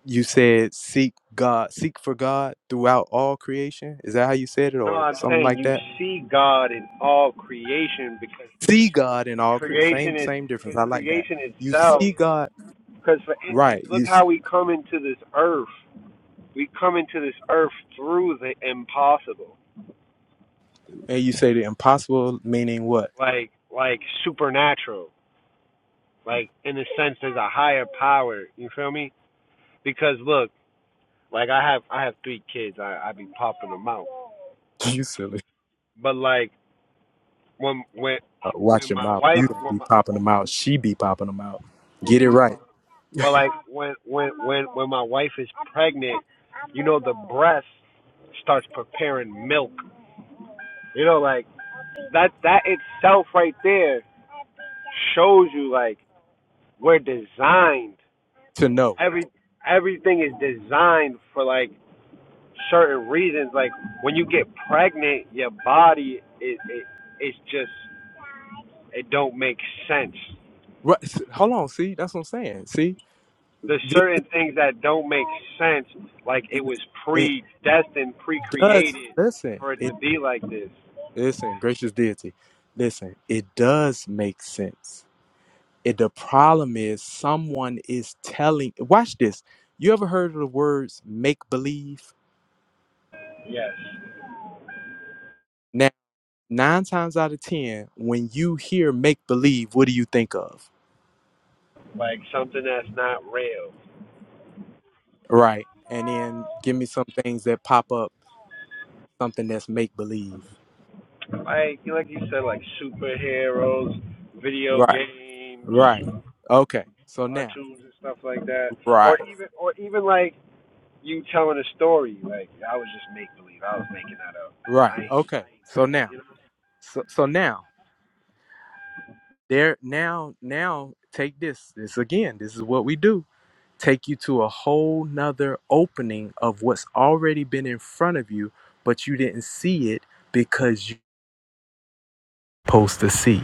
you said seek God, seek for God throughout all creation. Is that how you said it, no, or I'm something saying like you that? see God in all creation because See God in all creation. creation Same is same difference. because I like that. creation You itself. see God, Because for instance, right? You look s- how we come into this earth. We come into this earth through the impossible and you say the impossible, meaning what? like like supernatural, like in a sense there's a higher power. You feel me? Because look, like I have I have three kids. I I be popping them out, You silly. but like when when Uh, watch when your my mouth. wife You don't when be my popping when them my out. She be popping them out. when Get she it be right popping, but like when when when when my wife is pregnant, you know the breast starts preparing milk. You know, like that that itself right there shows you like we're designed to know. every everything is designed for like certain reasons. Like when you get pregnant, your body it, it it's just it don't make sense. Right. s- Hold on. See, that's what I'm saying. See, There's this certain things that don't make sense. Like it is- was it predestined, does. pre-created Listen, for it it to be like this. listen. Gracious deity, listen. It does make sense. It, the problem is someone is telling. Watch this. You ever heard of the words make believe? Yes, Now, nine times out of ten, when you hear make believe, what do you think of? like something that's not real. Right. And then give me some things that pop up something that's make believe. Like like you said, like superheroes, video Right. games, Right. Okay. So now. cartoons and stuff like that, or Right. even or even like you telling a story. Like I was just make believe. I was making that up. Right. I Okay. I ain't do So that. now. You know. So so now there now now take this. This again. This is what we do. Take you to a whole nother opening of what's already been in front of you, but you didn't see it because you are supposed to see.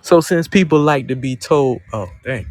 So since people like to be told, oh dang.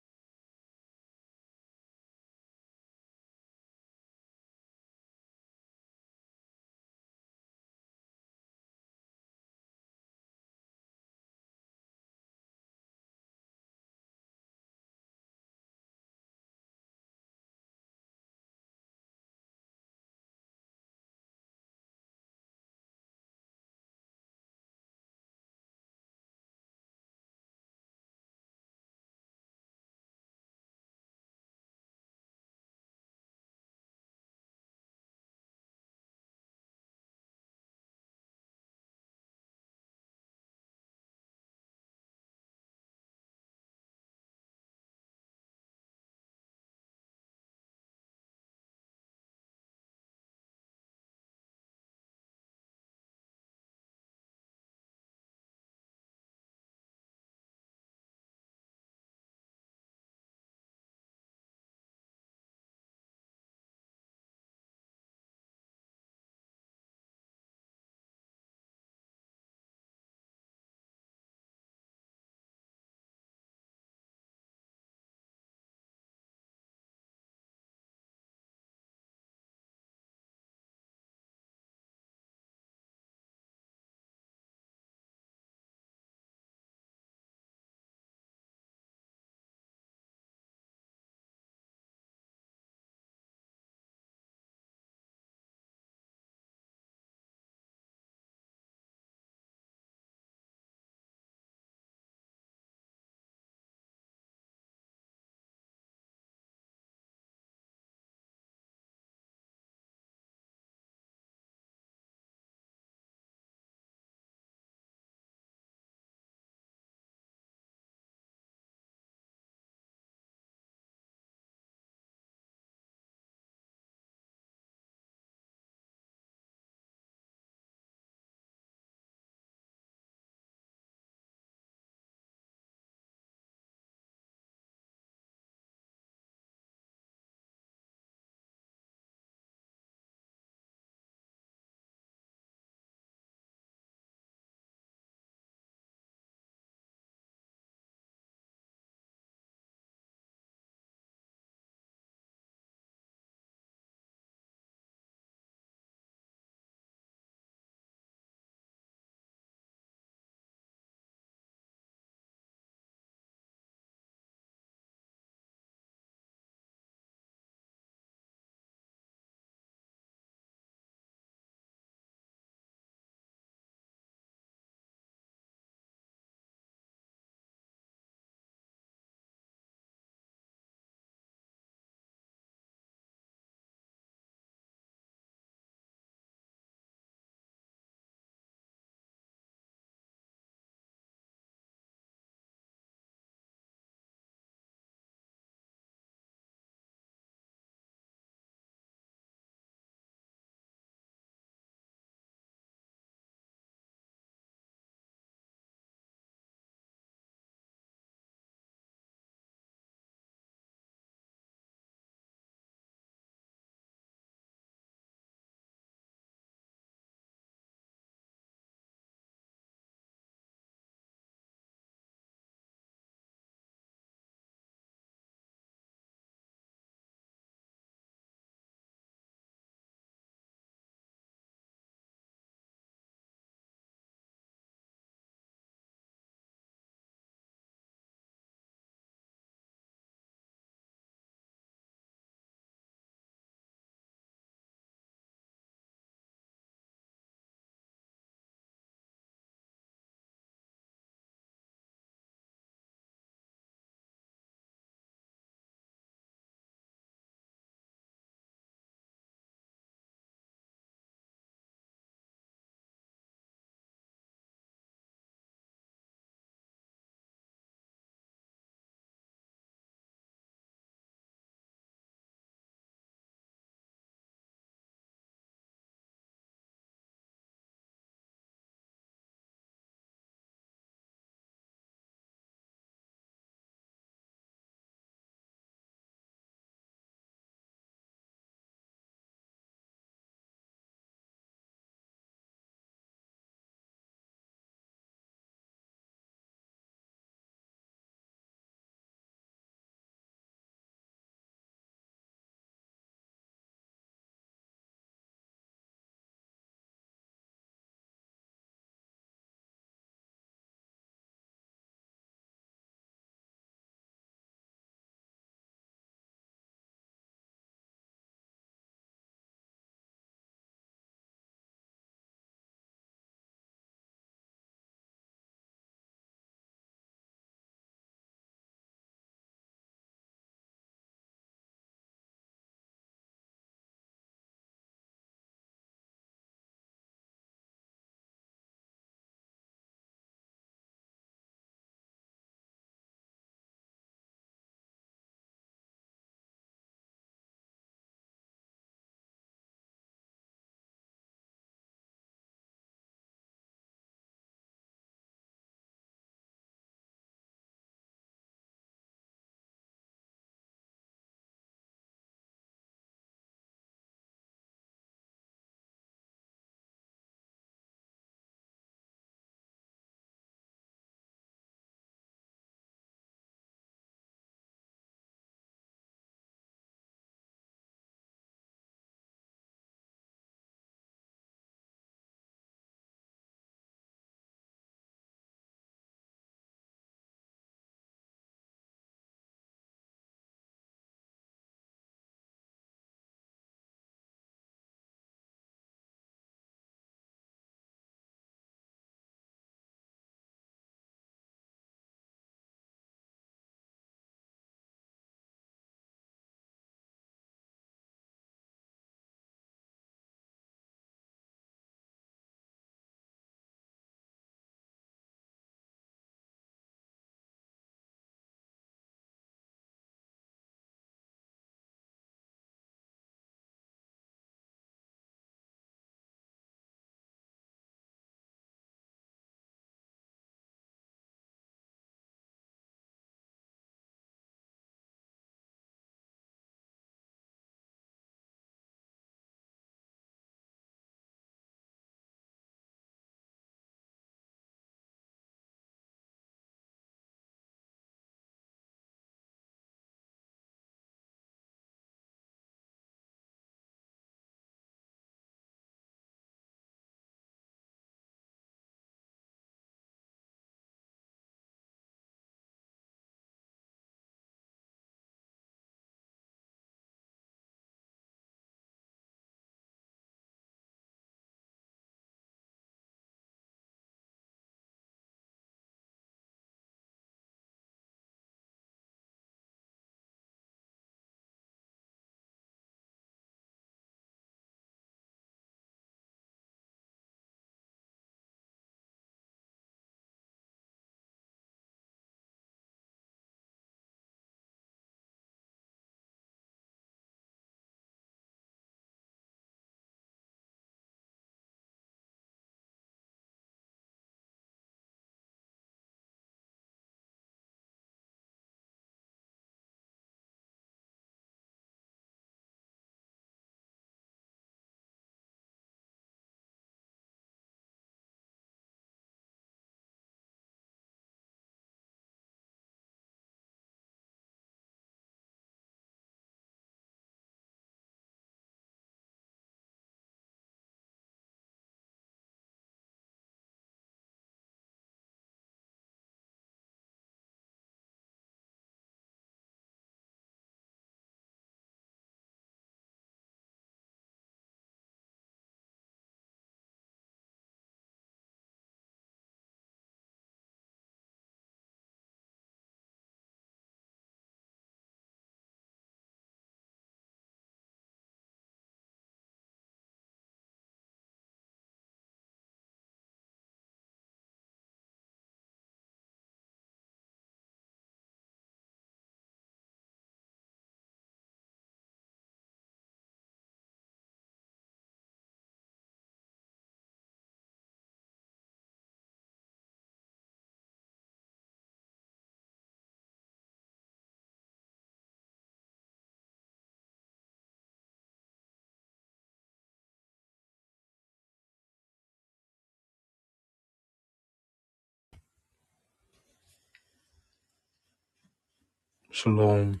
Shalom,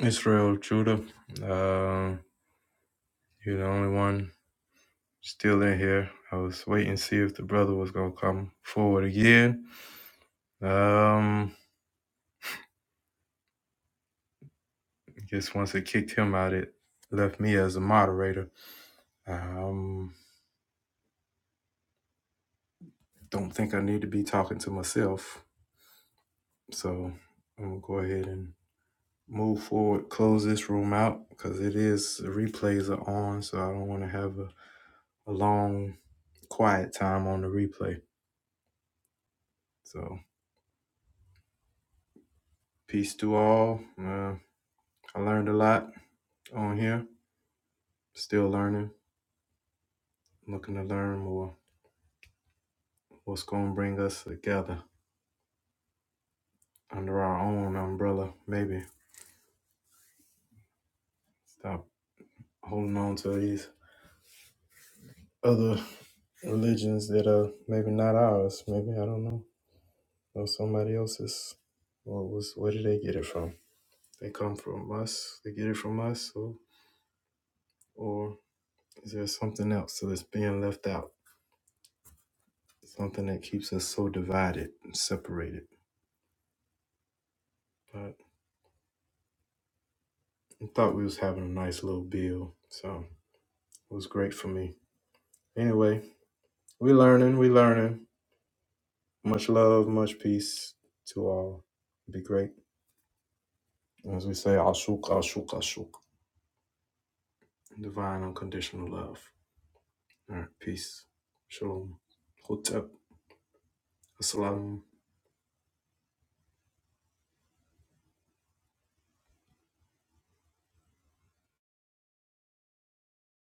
Israel, Judah. Uh, you're the only one. Still in here. I was waiting to see if the brother was gonna come forward again. Um, I guess once it kicked him out, it left me as a moderator. Um, don't so um, more comp plays have a, a long quiet play. So peace. all. Uh, I learned a lot on here. Still learning, looking to learn more. What's gonna bring us together under our own umbrella? Maybe stop holding on to these other religions that are maybe not ours. Maybe I don't know, or somebody else's. What was where did they get it from? They come from us. They get it from us, or or is there something else that's being left out? Something that keeps us so divided and separated. But I thought we was having a nice little bill, so it was great for me. Anyway, we learning, we learning. Much love, much peace to all. Be great. As we say, Ashuk, Ashuk, Ashuk. divine unconditional love. All right, peace. Shalom. Hotep. Assalamu.